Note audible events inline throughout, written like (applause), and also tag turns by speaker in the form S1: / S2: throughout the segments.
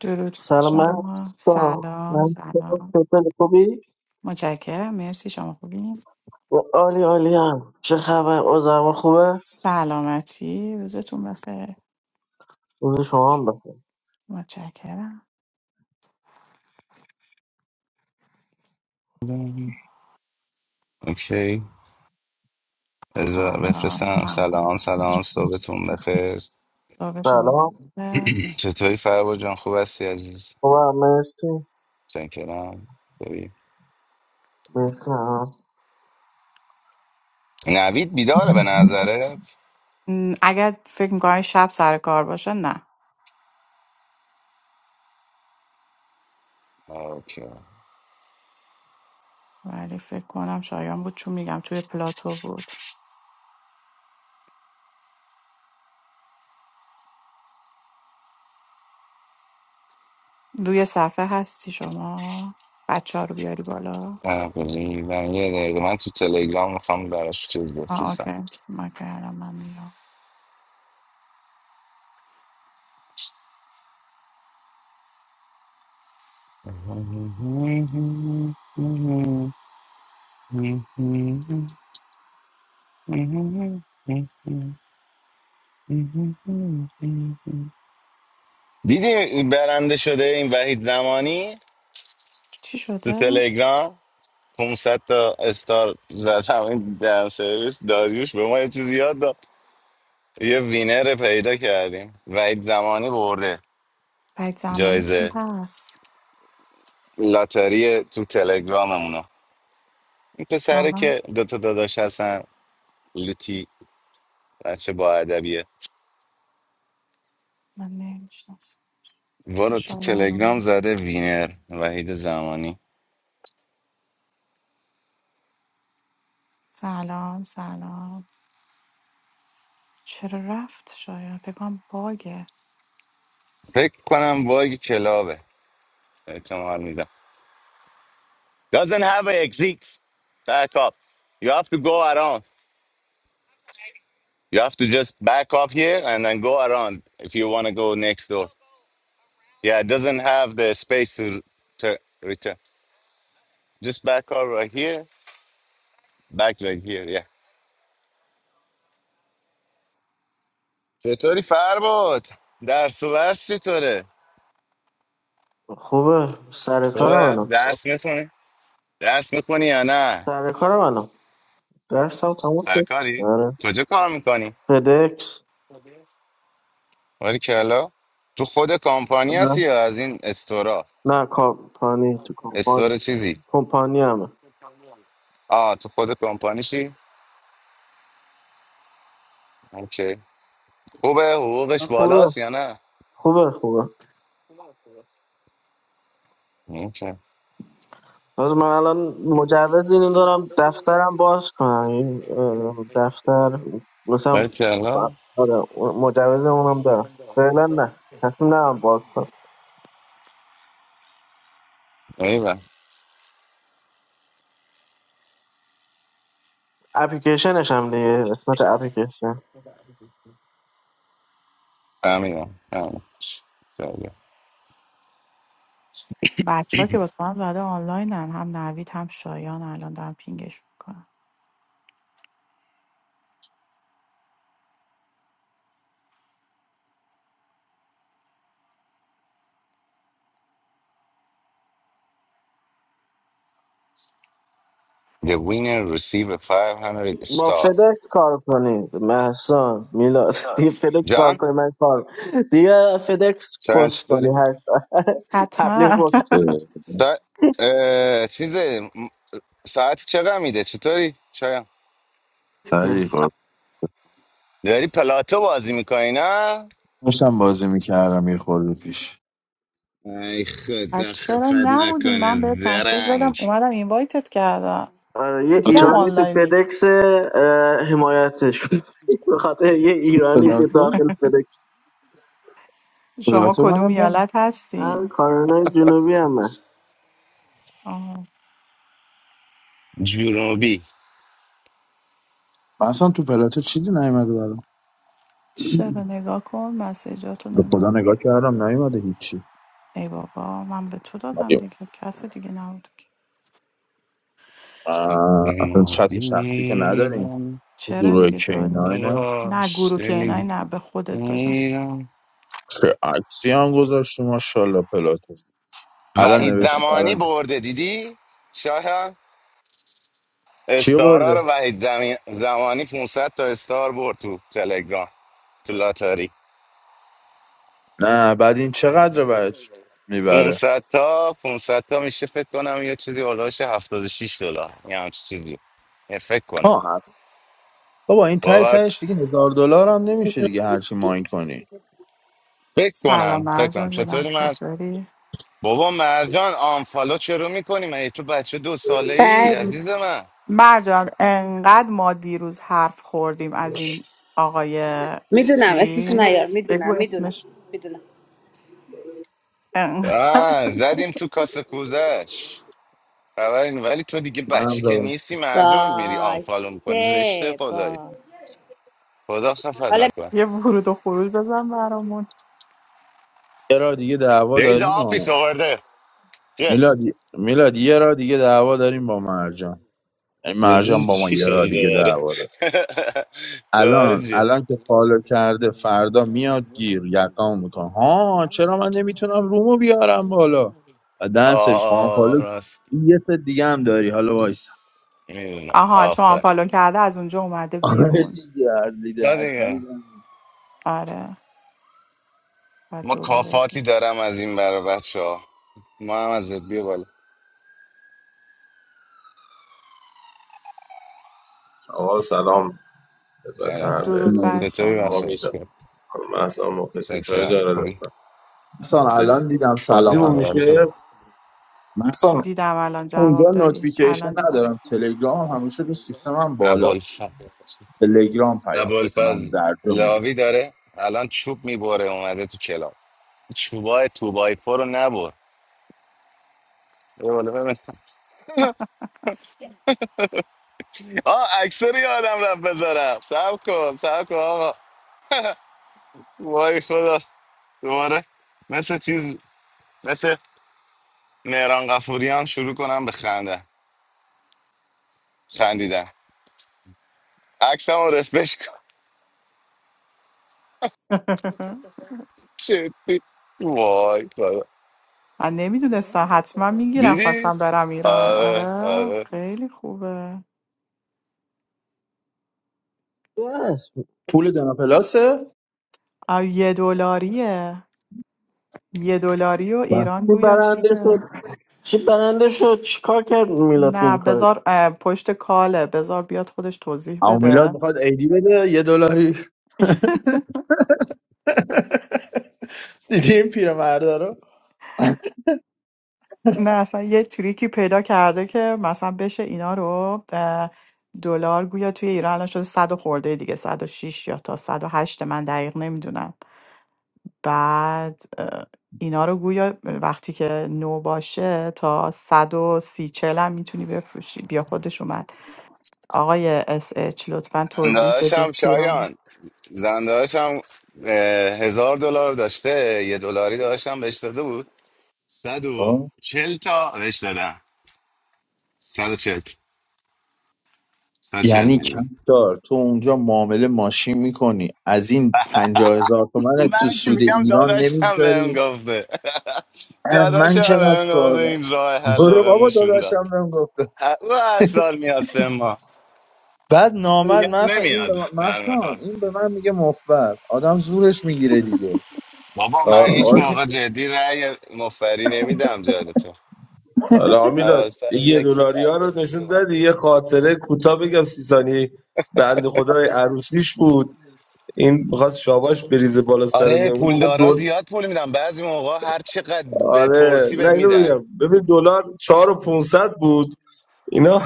S1: درود بر
S2: سلام من
S1: شما
S2: دوستا.
S1: سلام
S2: من
S1: سلام
S2: خیلی خوبی
S1: متشکرم مرسی شما خوبین
S2: و عالی عالی هم چه خبر اوزم خوبه
S1: سلامتی روزتون بخیر
S2: روز شما هم بخیر
S1: متشکرم
S3: اوکی بذار
S1: سلام
S3: بفرستم
S1: سلام
S3: سلام سلام صبحتون بخیر
S1: صبح شما
S2: سلام
S1: خوبه
S3: چطوری فربا جان خوب هستی عزیز
S2: خوبه مرسی
S3: چکرم خوبی؟
S2: مرسی هم.
S3: نوید بیداره به نظرت
S1: م، اگر فکر میکنم شب سر کار باشه نه
S3: اوکی
S1: ولی فکر کنم شایان بود چون میگم توی پلاتو بود روی صفحه هستی شما بچه ها رو بیاری بالا
S3: بلی، من یه دقیقه من تو تلگرام میخوام براش چیز
S1: آه
S3: بفرستم
S1: اوکی من کردم من میام
S3: دیدی برنده شده این وحید زمانی
S1: چی
S3: تو
S1: شده؟
S3: تلگرام 500 تا استار زدم این دن سرویس داریوش به ما یه چیزی یاد داد یه وینر پیدا کردیم وحید زمانی برده
S1: بعد زمانی کی
S3: جایزه
S1: هست؟
S3: لاتاری تو تلگراممونو این پسره
S1: واقعا
S3: که دوتا داداش هستن لوتی بچه با ادبیه
S1: من نمیشناسم
S3: وارو تو تلگرام
S1: شایانم
S3: زده وینر وحید زمانی
S1: سلام سلام چرا رفت شایان فکر کنم باگه
S3: فکر کنم باگ کلابه احتمال میدم doesn't have an exit back up you have to go around You have to just back up here and then go around if you want to go next door. Yeah, it doesn't have the space to to return. Just back up right here, back right here. Yeah. چطوری فرباد؟ درس و برس چطوره؟
S2: خوبه سر کار
S3: صبح
S2: منم
S3: درس میخونی؟ درس میخونی یا نه؟
S2: سر کار منم درسم تموم
S3: سرکاری
S2: شد
S3: کاری؟
S2: آره
S3: کجا کار میکنی؟
S2: فدکس
S3: ولی کلا تو خود کمپانی هستی
S2: آره.
S3: یا از این استورا؟
S2: نه کمپانی تو کمپانی
S3: استور چیزی؟
S2: کمپانی همه
S3: آه تو خود کمپانی چی؟ اوکی خوبه حقوقش
S2: خوبه
S3: بالاست یا نه؟
S2: خوبه خوبه
S3: اوکی
S2: باز من الان مجوز اینو دارم دفترم باز کنم این، اه، دفتر مثلا
S3: Marcelo,
S2: آره مجوز اونم دارم فعلا نه تصمیم ندارم باز کنم
S3: Eva,
S2: اپلیکیشنش هم دیگه قسمت اپلیکیشن
S3: amigo, amigo. So, yeah.
S1: بچه ها که واسه من زده آنلاینن هم نوید هم شایان الان دارم پینگش میکنم
S3: The winner receive a 500
S2: با
S3: star.
S2: فدکس کار کنید محسان میلاد (laughs) دیگه فدکس کار
S3: جان
S2: کنید من کار دیگه فدکس
S3: شایان
S2: پست کنی
S3: چطوری؟
S2: هر ساعت. (laughs) تبلیغ
S1: حتما
S2: بود
S1: (laughs)
S3: سا... اه... چیز ساعت چقدر میده چطوری؟ شایان
S4: طریقا
S3: داری پلاتو بازی میکنی نه؟
S4: داشتم بازی میکردم یه خورده پیش
S3: ای
S1: بعد
S3: خدا خفت
S1: چرا نبودی من بهت
S3: نکنه
S1: مسیج زدم
S3: زرنگ
S1: اومدم اینوایتت کردم
S2: آره یه
S1: دیدم
S4: پلاتو
S2: ایرانی تو
S1: آنلاینی
S2: فدکس اه، حمایتش بود. (laughs) به خاطر یه ایرانی که
S4: پلاتو
S2: داخل فدکس
S1: شما
S4: پلاتو
S1: کدوم
S4: منم من
S1: ایالت
S2: من
S1: هستین
S2: کارنای جنوبی هم من
S1: آه.
S3: جنوبی
S4: من اصلا تو پلاتو چیزی نیومده برام
S1: چرا نگاه کن مسیجاتو
S4: به
S1: نگاه
S4: خدا
S1: کن
S4: نگاه کردم نیومده هیچی
S1: ای بابا من به تو دادم
S4: مگه-
S1: دیگه کس دیگه نبود
S4: آه، اصلا چت
S3: جنوبی
S4: شخصی که نداریم تو
S1: چرا
S4: گروه
S1: دیگه داریم
S4: کینای نه
S1: نه
S3: باش،
S1: گروه که اینایی
S3: دلی.
S1: نه به خودت دادم
S4: چه عکسی هم گذاشتی ماشاءالله پلاتو الان
S3: وحید
S4: نوشت
S3: زمانی
S4: الان
S3: برده دیدی؟ شایان
S4: چی
S3: استارا
S4: برده
S3: رو وحید زمین زمانی 500 تا استار برد تو تلگرام تو لاتاری
S4: نه بعد این چقدر بچ میبره
S3: 500 تا 500 تا میشه فکر کنم یه چیزی هولوش هفتاد و شش دلار یه همچین چیزی یه فکر کنم
S4: آه بابا این ته
S3: باور
S4: تهش دیگه هزار دلار هم نمیشه دیگه هرچی ماین کنی
S3: فکر
S1: سلام
S3: کنم فکر کنم
S1: مرجان ببینم
S3: چطوری من
S1: چطوری
S3: بابا مرجان آنفالو چرا میکنی من تو بچه دو ساله ای
S5: بله
S3: عزیز من
S1: مرجان انقدر ما دیروز حرف خوردیم از این آقای
S5: میدونم اسمش نیار
S1: چیز بگو
S5: میدونم میدونم
S1: اسمش
S5: میدونم
S1: ان-
S3: آه زدیم تو کاسه کوزش خبری نی- ولی تو دیگه
S4: منم
S3: بچه که
S4: زدم
S3: نیستی مرجان میری آنفالو میکنی زشته
S5: باشه
S3: خدایی
S5: با
S3: خدا خفت
S5: حالا
S3: نکنه
S1: یه ورود و خروج بزن برامون
S4: یه را دیگه دعوا
S3: There is the
S4: داریم
S3: office
S4: ها.
S3: over there. Yes.
S4: میلاد میلاد یه را دیگه دعوا داریم با مرجان یعنی
S3: زدی
S4: مرجان با ما
S3: چی
S4: یه
S3: شده
S4: را دیگه
S3: دوباره
S4: دعوا داره
S3: (laughs) دوباره
S4: الان
S3: چیه
S4: الان که فالو کرده فردا میاد گیر یقام میکنه ها چرا من نمیتونم رومو بیارم بالا و دنسرش خواهم
S3: آه
S4: فالو
S3: راست
S4: یه سر دیگه هم داری حالا وایسا
S3: میدونم
S1: آها چون
S3: آفر
S1: آنفالو کرده از اونجا اومده
S4: آره
S1: بیرون
S4: دیگه از
S3: نه
S4: لیدر
S3: دیگه
S4: ادمین.
S1: آره بعد
S3: ما
S1: دوباره
S3: کافاتی
S1: چیز.
S3: دارم از این برا بچه ها ما هم ازت بیا بالا
S6: آقا سلام خدمت
S3: سلام
S6: همه
S1: درود بر
S3: چطوری
S6: آقا
S3: بچه
S1: شما
S3: ها
S6: میدم
S3: شکر
S6: خانم احسان مختصیم چای
S3: چکرم
S6: جارد
S3: خوبی
S6: هستم
S4: مثلا الان
S1: متشکرم
S6: مختصیم
S4: دیدم سلام
S6: بازیمون میشه
S4: هستی
S3: عبالفز
S4: تو. مثلا
S1: دیدم الان
S4: اونجا
S1: جواب دادی
S4: نوتیفیکیشن
S1: الان دیدم
S4: ندارم تلگرام هم همیشه رو سیستمم بالاست تلگرام پیام بده من
S3: عبالفز
S4: در رو میبینم
S3: لاوی داره الان چوب میبره اومده تو کلاب چوبای توبای پرو نبر یه بالا ببینم آه اکثر یادم رفت بذارم سب کن سب کن آقا (laughs) وای خدا دوباره مثل چیز مثل مهران قفوریان شروع کنم به خنده خندیدن عکسم رو رفرش کن
S1: (laughs)
S3: (laughs) جدی وای خدا
S1: من نمیدونستم حتما میگیرم
S3: دیدی؟
S1: خواستم برم ایران
S3: آره
S1: آره
S3: آره
S1: خیلی خوبه
S2: بس.
S4: پول دنا پلاسه
S1: آه، یه دلاریه یه دلاری و ایران
S2: چی
S1: گویا
S2: برنده
S1: چیزه
S2: شد چی برنده شد چی کار کرد میلاد که
S1: نه
S2: این کار
S1: بذار اه، پشت کاله بذار بیاد خودش توضیح
S4: اما میلاد
S1: بده
S4: میخواد ایدی بده یه دلاری
S1: (laughs)
S4: (laughs) دیدی این پیرمرده رو
S1: نه اصلا یه تریکی پیدا کرده که مثلا بشه اینا رو اه، دلار گویا توی ایران الان شده صد و خورده دیگه صد و شیش یا تا صد و هشت من دقیق نمیدونم بعد اه، اینا رو گویا وقتی که نو باشه تا 130 40 هم میتونی بفروشی بیا خودش اومد آقای اس اچ لطفا توضیح بدید
S3: زندهاشم
S1: پیرام
S3: شایان زندهاشم هزار دلار داشته یه دلاری داشتم بهش داده بود صد و
S4: آه.
S3: چل تا بهش دادم صد و چل صد و چل
S4: یعنی
S3: میلیون
S4: کم دار تو اونجا معامله ماشین میکنی از این پنجاه هزار تومن تو
S3: من که
S4: سود
S3: میگم
S4: ایران
S3: داداش هم بهم
S4: نمیگذاری
S3: گفته (laughs) داداش
S4: من
S3: هم
S4: چقدر
S3: بهم گفته
S4: سوالم
S3: این راه حل رو
S4: برو
S3: بهم
S4: بابا
S3: نشون داد
S4: داداشم بهم گفته
S3: او هر سال میاد سه ماه
S4: بعد نامرد
S3: دیگه
S4: من
S3: هم
S4: این
S3: نمیاد
S4: به من
S3: در
S4: مثلا
S3: نفر.
S4: این به من میگه مفبر آدم زورش میگیره دیگه
S3: بابا من
S6: آ-
S3: هیچ
S6: آ-
S4: (laughs)
S3: موقع جدی رأی مفری نمیدم جالتون
S6: حالا آمیلاد
S3: اول
S6: یه
S3: فضل کی
S6: دلاری ها رو
S3: عباسی
S6: نشون
S3: بیا
S6: دادی یه خاطره کوتاه بگم سی ثانی بند خدای عروسیش بود این میخواست شاباش بریزه بالا سر
S3: آره
S6: مهمون موقع
S3: پولدارا
S6: دل...
S3: زیاد پول میدم بعضی موقع هر چقدر
S6: آره
S3: بپرسی
S6: نه
S3: بهت
S6: اینو
S3: میدن (laughs)
S6: بگم ببین دلار چهار و 500 بود اینا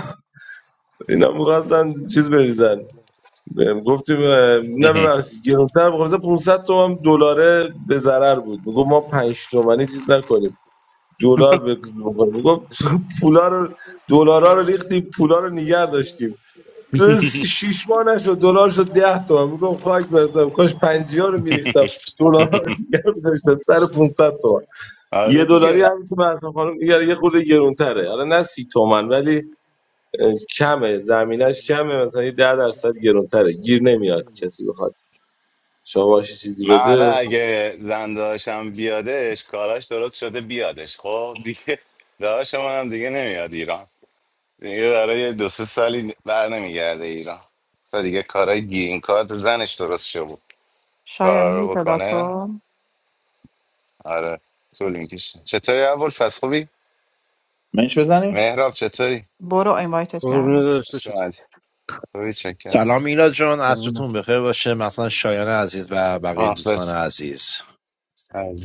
S6: اینا میخواستن چیز بریزن بهم گفتی به- نه ببخشید گرونتر بخوره 500 تومن دلاره به ضرر بود میگفت ما 5 تومنی چیز نکنیم دلار به- بکنیم میگفت (laughs) پولا رو دلارا رو ریختیم پولا رو نگه داشتیم تو شیش ماه نشد دلار شد 10 تومن میگم خاک برسم کاش 50 رو میریختم دلار رو نگه داشتم سر 500 تومن یه
S3: آره دیگه
S6: دلاری هم تو مرسان خانم دیگه یه خورده گرونتره حالا نه سی تومن ولی کمه زمینش کمه مثلا یه ده درصد گرونتره گیر نمیاد کسی بخواد شما باشی چیزی
S3: من حالا
S6: بده
S3: اگه زن داشتم بیادش کاراش درست شده بیادش خب دیگه داداش من هم دیگه نمیاد ایران دیگه برای یه دو سه سالی بر نمیگرده ایران تا دیگه کارای گیرین کارت زنش درست شده بود
S1: شایان
S3: کارا
S1: میری
S3: رو بکنه
S1: پلاتو
S3: آره طول میکشه چطوری اول فس خوبی؟
S4: منش بزنیم
S3: مهراب چطوری؟
S1: برو اینوایتت
S7: قربونه
S1: کردم
S7: داشته
S3: خوش
S7: چطور
S3: اومدی خوبی چکر
S8: سلام میلاد جان
S7: قربونه
S8: عصرتون بخیر باشه مثلا شایان عزیز و بقیه دوستان
S3: مخلص
S8: عزیز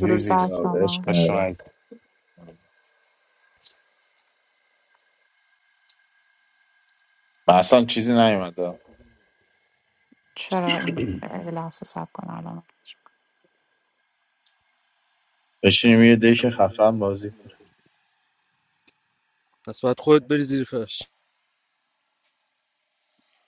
S1: درود بر شما
S4: عشق
S3: خوش اومدی.
S4: من اصلا چیزی نیومده
S1: چرا این یه لحظه سب کن الان
S4: بشینیم یه دک خفن بازی کنیم.
S7: پس باید خودت بری زیر فرش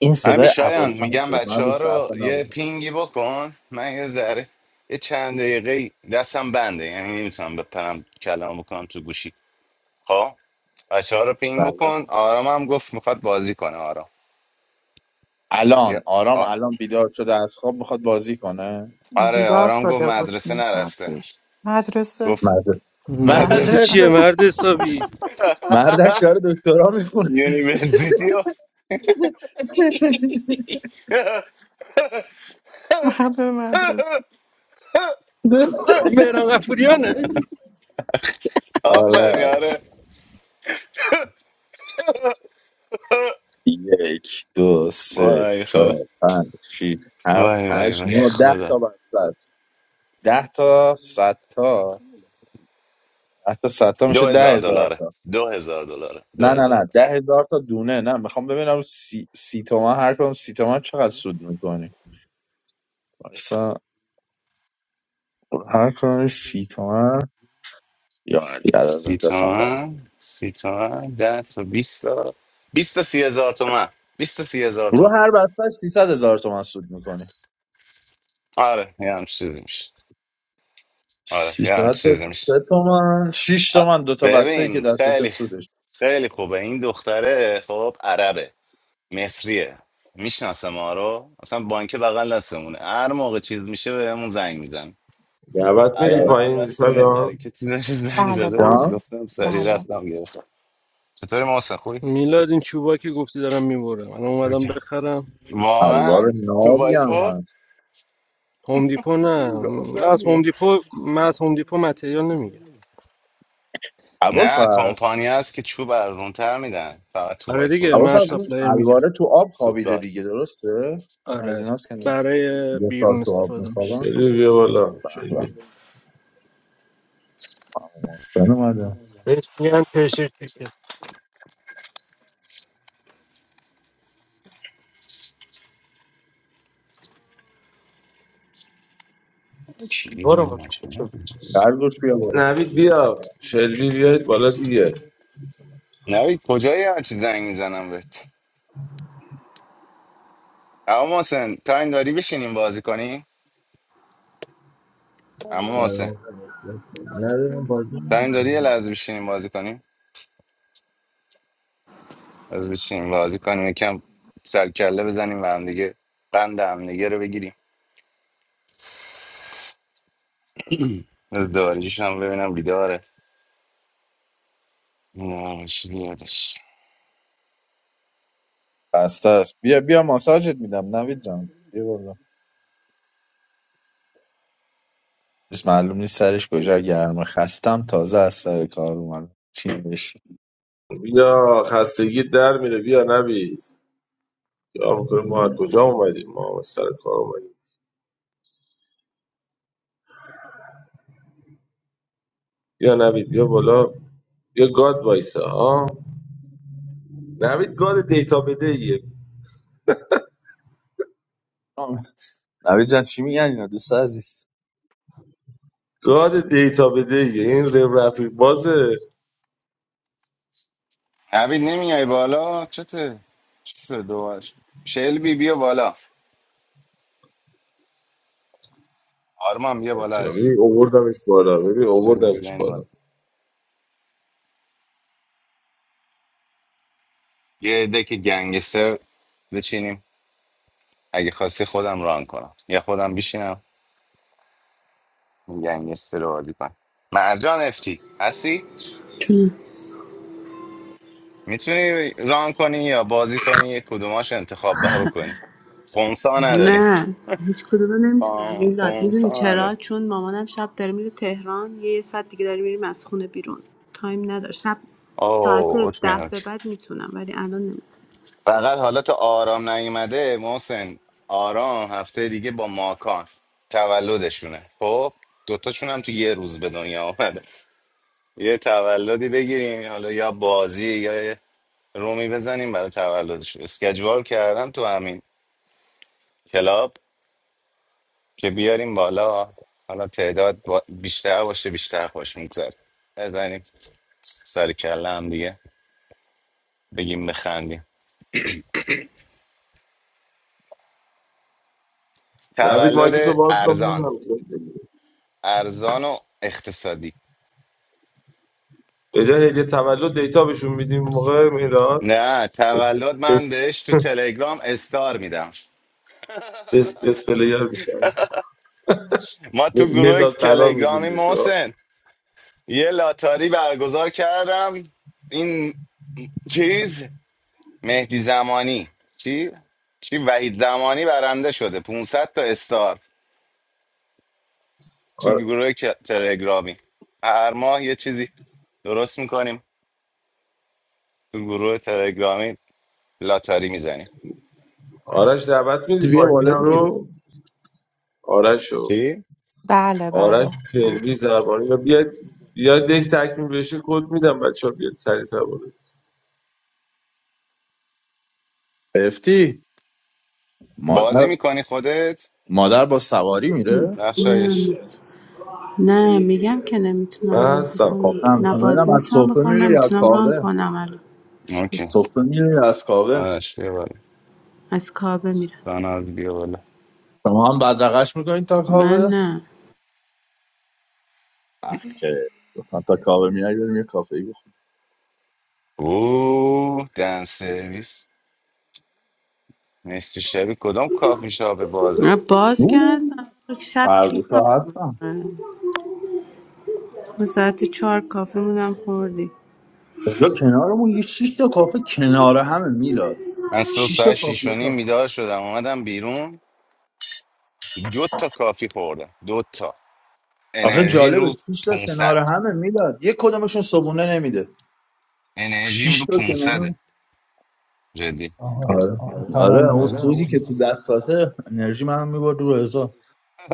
S4: این
S3: همین
S4: صدای
S3: شایان
S4: ابوالفضل
S3: میگم
S4: بود
S3: بچه
S4: من رو
S3: ها
S4: صرفه
S3: رو یه
S4: نبودم
S3: پینگی بکن من یه ذره یه چند دقیقه دستم بنده یعنی نمیتونم بپرم کلام بکنم تو گوشی خب بچه ها رو پینگ
S4: بله
S3: بکن آرام هم گفت میخواد بازی کنه آرام یا-
S4: الان آرام
S3: آ-
S4: الان بیدار شده از خواب میخواد بازی کنه
S3: آره
S1: بیدار
S3: آرام گفت
S1: شده بود
S3: مدرسه
S1: نیم ساعت
S3: نرفته
S1: پیش مدرسه
S3: گفت
S4: مدرسه
S1: آره.
S7: مدرسه
S3: مدرسه
S4: مدرسه
S7: چیه
S1: (laughs)
S7: مرد حسابی
S4: مردک داره دکترا میخونه
S3: یونیورسیتی و
S1: مدرسه مدرسه
S7: این
S3: (laughs)
S7: مهران قفوریانه
S4: آره
S3: آفرین
S4: آره
S3: آره
S4: یک دو سه
S3: وای خدا
S4: چهار پنج شیش هفت
S3: وای وای
S4: هشت
S3: وای
S4: نه ده
S3: خدا
S4: تا بچه است ده تا صد تا ده تا صد تا
S3: دو
S4: میشه ده
S3: هزار
S4: هزار
S3: دلاره
S4: تا
S3: دو هزار دلاره
S4: نه
S3: دو
S4: نه نه
S3: هزار
S4: ده هزار تا دونه نه میخوام ببینم سی, سی تومن هر کدوم سی تومن چقدر سود میکنی مثلا هر کدوم سی تومن یا علی
S3: سی
S4: عدد دستم در
S3: تومن سی تومن ده تا بیست تا بیست تا سی هزار تومن بیست تا سی هزار
S4: رو
S3: تومن
S4: هر بستش 300 هزار تومن سود میکنی
S3: آره یه هم چیزی میشه آره یه
S4: 300
S3: هم
S4: تا
S3: چیزی
S4: 3
S3: میشه
S4: تومن 6
S3: آ،
S4: تومن دو تا بسته ای که
S3: ببین
S4: دستت
S3: خیلی
S4: سودش
S3: خیلی خوبه این دختره خب عربه مصریه میشناسه ما رو اصلا بانک بغل دستمونه هر موقع چیز میشه بهمون زنگ میزن
S6: دعوت
S4: اه،
S6: میدی
S3: الان هم
S6: پایین
S3: رفتیم یه
S6: سلام
S3: حرکتی داشت زنگ
S1: بله
S3: زده بود
S4: یا
S1: بله
S3: گفتم سریع
S1: بله
S3: رفتم گرفتم چطوری محسن خوبی؟
S7: میلاد این چوبایی که گفتی دارم میبرم من اومدم بخرم
S3: واقعا
S4: الوار
S3: تو
S4: نابی
S3: بای
S4: هم
S3: فور؟
S4: هست
S7: هوم دیپو نه من
S3: گفتم
S7: از هوم
S3: دیگه
S7: دیپو من از هوم دیپو متریال نمیگیرم
S3: نه
S4: ابوالفضل
S3: کمپانی هست که چوب از اون تر میدن فقط تو
S7: آره
S3: وای فور
S7: دیگه من از
S3: میفروشن
S4: ابوالفضل این
S7: سپلایر میگیرم
S4: الواره تو آب خوابیده
S3: سوپلار
S4: دیگه درسته از
S7: آره
S4: ایناست که
S7: برای
S4: یه سال
S7: بیرون
S4: تو آب
S7: استفاده میشه
S4: میخوابم
S6: سلوی بیا بالا
S4: به به.
S6: شلبی
S4: سلام محسن اومدم.
S7: بهش میگن پرشر تیکت
S3: چی میدونم ماشینا کجاست
S4: برداشت بیا بالا
S6: نوید بیا شلبی بیاید بالا دیگه
S3: نوید کجایی هرچی زنگ میزنم بهت اما محسن تایم داری بشینیم بازی کنیم اما
S9: Sarı I
S3: محسن
S9: don't
S3: تایم داری
S9: know.
S3: یه لحظه بشینیم بازی کنیم از بشینیم بازی کنیم یکم سرکله بزنیم و هم دیگه قند هم دیگه رو بگیریم از داریش هم ببینم بیداره نه ماشی بیادش.
S4: بسته است بیا بیا ماساژت میدم نوید جان بیا بالا بس معلوم نیست سرش کجا گرمه خستم تازه از سر کار اومدم چی بشه
S6: بیا خستگی در میره بیا نوید یا میکنه ما از کجا اومدیم ما از سر کار اومدیم بیا نوید بیا بالا بیا گاد وایسا ها نوید گاد دیتا بده ایه
S4: آه. نوید جان چی میگن اینا دوست عزیز
S6: گاد دیتا بده ایه این رفیق بازه
S3: عبید نمیای بالا چته چی شد دوبارش شلبی بیا بالا آرمان بیا بالا
S6: بچه‌ها،
S3: از
S6: ببین اووردمش بالا ببین
S3: شلبی
S6: اووردمش
S3: بیا این
S6: بالا
S3: بالا یه دک گنگستر بچینیم اگه خواستی خودم ران کنم یا خودم بشینم گنگستر رو بازی کنم مرجان افتی هستی
S5: میتونم.
S3: میتونی ران کنی یا بازی کنی یه کدوماش انتخاب به بکنی خونسا نداریم
S5: نه هیچ کدوم رو نمیتونم
S3: خون-
S5: میلاد میدونی
S3: خونسا
S5: چرا
S3: نداریم
S5: چون مامانم شب داره میره تهران یه یه ساعت دیگه داره میریم از خونه بیرون تایم نداره شب ساعت
S3: اوه اوکی
S5: ده به
S3: اوکی
S5: بعد میتونم ولی الان نمیتونم
S3: فقط حالا تا آرام نیومده محسن آرام هفته دیگه با ماکان تولدشونه خب دوتاشون هم تو یه روز به دنیا آمده یه تولدی بگیریم حالا یا بازی یا یه رومی بزنیم برای تولدش اسکجوال کردم تو همین کلاب که بیاریم بالا حالا تعداد با- بیشتر باشه بیشتر خوش میگذره بزنیم سر کله هم دیگه بگیم بخندیم
S6: نوید مایک تو
S3: تولد
S6: باز کن
S3: ارزان
S6: ببینم چه می‌گی.
S3: ارزان و اقتصادی
S6: به جای هدیه تولد دیتا بهشون میدیم موقع میلاد
S3: نه
S6: اس
S3: تولد
S6: اس
S3: من بهش تو تلگرام استار میدم
S6: اس اس پلیر میشن
S3: ما تو گروه
S6: مدال طلا میدیم
S3: تلگرامی
S6: بهشون
S3: محسن یه لاتاری برگزار کردم این چیز مهدی زمانی چی؟ چی وحید زمانی برنده شده 500 تا استار تو
S6: آ-
S3: گروه ک- تلگرامی هر ماه یه چیزی درست میکنیم تو گروه تلگرامی لاتاری میزنیم
S6: آرش دعوت میدی
S4: بیا بالا
S6: پایینا
S4: دیگه
S6: رو آرشو
S3: چی؟
S1: بله
S6: آرش
S1: بله بله
S6: شلبی زربانی رو بیاد بیاد دک تکمیل بشه کد میدم بچه‌ها بیاد سریع تر بود
S4: افتی
S3: بازی
S4: مادر
S3: میکنی خودت؟
S4: مادر با سواری میره
S3: نقشایش
S5: نه نه میگم که نمیتونم
S6: من
S5: بازی
S6: هستم
S4: خب
S5: کنم
S4: نه
S5: نه
S4: میخوام ببینم
S5: بازی
S4: از
S5: میتونم
S4: سفره
S5: بکنم
S4: میره یا
S5: نمیتونم ران
S4: کاوه
S5: کنم الان هیچ
S4: از
S3: اوکی
S5: کدوم.
S4: سفره میره یا از کاوه
S3: آرش بیا بالا.
S5: از کابه میرم
S3: ساناز بیا بالا
S4: شما هم بدرقش میکنین تا
S5: من
S4: کاوه
S5: نه
S4: آخه گفتم تا کاوه میای بریم یه کافه ای بخوریم
S3: اوه دن سرویس نصف شبی کدام کافی شاپ بازه
S5: نه باز که
S4: اوه،
S5: هستم تو شب کی
S4: خرگوش
S5: کافه
S4: ها هستن
S5: میکنه ما ساعت چهار کافه بودم خوردی
S4: اینجا کنارمون یه 6 تا کافه کنار همه میلاد
S3: من صبح
S4: 6 تا
S3: ساعت شیش
S4: کافه
S3: و نیم
S4: شاپ.
S3: بیدار شدم اومدم بیرون دو تا کافی خوردم دو تا
S4: آخه
S3: انرژی
S4: جالبه
S3: رو
S4: 6 تا کنار
S3: 500
S4: همه میلاد یه کدومشون صبونه نمیده
S3: انرژیم
S4: 6
S3: رو
S4: تا
S3: 500
S4: کنار
S3: جدی
S10: آها
S4: آره
S10: آها، سلام
S4: آره
S10: بر
S4: اون
S10: آره همون
S4: سودی
S10: همگی
S4: که تو
S10: سودی که
S4: دستاته انرژی منو میبرد رو حساب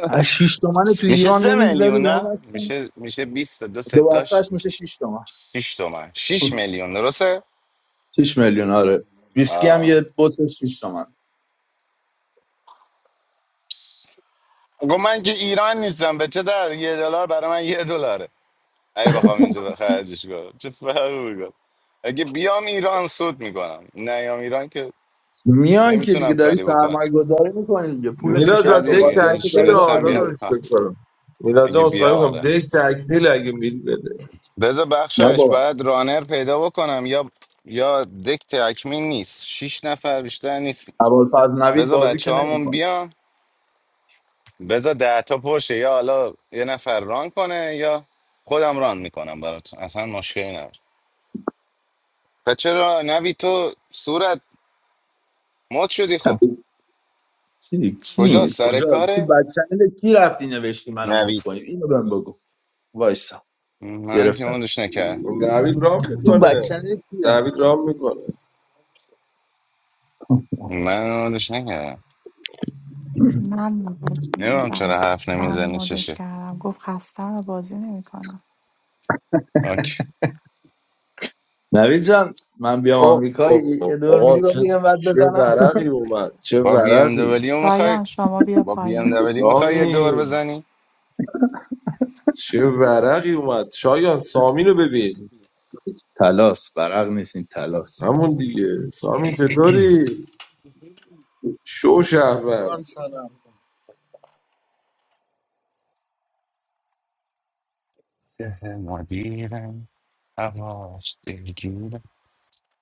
S4: از 6 تومن تو
S3: میشه
S4: ایران
S3: سه
S4: نمیگذری
S3: میلیون
S4: لام
S3: نه
S4: هستن
S3: میشه میشه بیست تا دو
S4: دو
S3: ستاش
S4: بستهش میشه 6 تومن
S3: 6 تومن 6 میلیون درسته
S4: شیش میلیون آره ویسکی هم
S3: آه.
S4: یه بطل 6 تومن
S3: آقا من که ایران نیستم به چه در یه دلار برای من یه دلاره اگه بخوام اینجا به خرجش کنم چه فرقی میکنم اگه بیام ایران سود میکنم نیام ایران که
S4: میای که دیگه
S3: نمیتونم
S4: داری
S3: کاری بکنم
S4: سرمایه گذاری میکنی دیگه پول
S6: میلاد
S4: تیشرت
S3: ها
S6: جان دک
S3: دیگه
S4: سوقاتیاتو
S3: هیچ
S6: تکمیل
S4: داری در
S3: تونستم
S6: آداد رو
S3: بیام
S4: میاری
S3: ها.
S6: ریسپکت کنم میلاد
S3: اگه
S6: جان اصخایی
S3: بیام
S6: میکنم
S3: آره
S6: دک تکمیل اگه میدی بده
S3: بذار بخشایش
S4: نه
S3: باید رانر پیدا بکنم یا یا دک تکمیل نیست شیش نفر بیشتر نیست
S4: ابوالفضل نوید
S3: بذار
S4: بازی که
S3: بچه هامون
S4: نمیکنه
S3: بیام بذار ده تا پرشه یا حالا یه نفر ران کنه یا خودم ران میکنم براتون اصلا مشکلی نداره پس چرا نوی تو صورت مد شدی خب
S4: کی
S3: کجا
S4: کی
S3: سر
S4: کجا تو
S3: کاره
S4: بچنل کی رفتی نوشتی منو مد
S3: نوید
S4: کنیم اینو بهم بگو وایسا
S3: من که
S4: گرفتم
S3: مادش نکرد
S6: نوید رام
S4: تو
S6: میکنه
S4: بچنل کی رفتی
S6: نوید رام میکنه
S4: (laughs)
S3: من مادش نکردم
S1: من مدش
S3: نمیدونم
S1: میدم
S3: چرا حرف
S1: من
S3: نمیزنی
S1: مدش
S3: چشه
S1: کردم گفت خستم و بازی نمیکنم
S3: اوکی.
S4: نوید جان من بیام
S6: اوه
S4: آمریکا
S6: اوه اوه
S4: یه دور
S6: آقا
S4: میدی با
S6: چه
S4: بیام بعد
S6: چه
S4: بزنم
S6: ورقی اومد چه
S3: با بی ام
S6: ورقی
S3: دبلیو میخوای
S1: شایان شما بیا
S3: با بی ام
S1: پایین
S3: دبلیو میخوای یه
S6: سامی
S3: دور بزنی
S6: چه ورقی اومد شایان سامین رو ببین
S4: (laughs) تلاس برق نیست این تلاس
S6: همون دیگه سامین چطوری شو شهروند
S11: بان سلام
S3: ده مدیرم هماش دلگیرم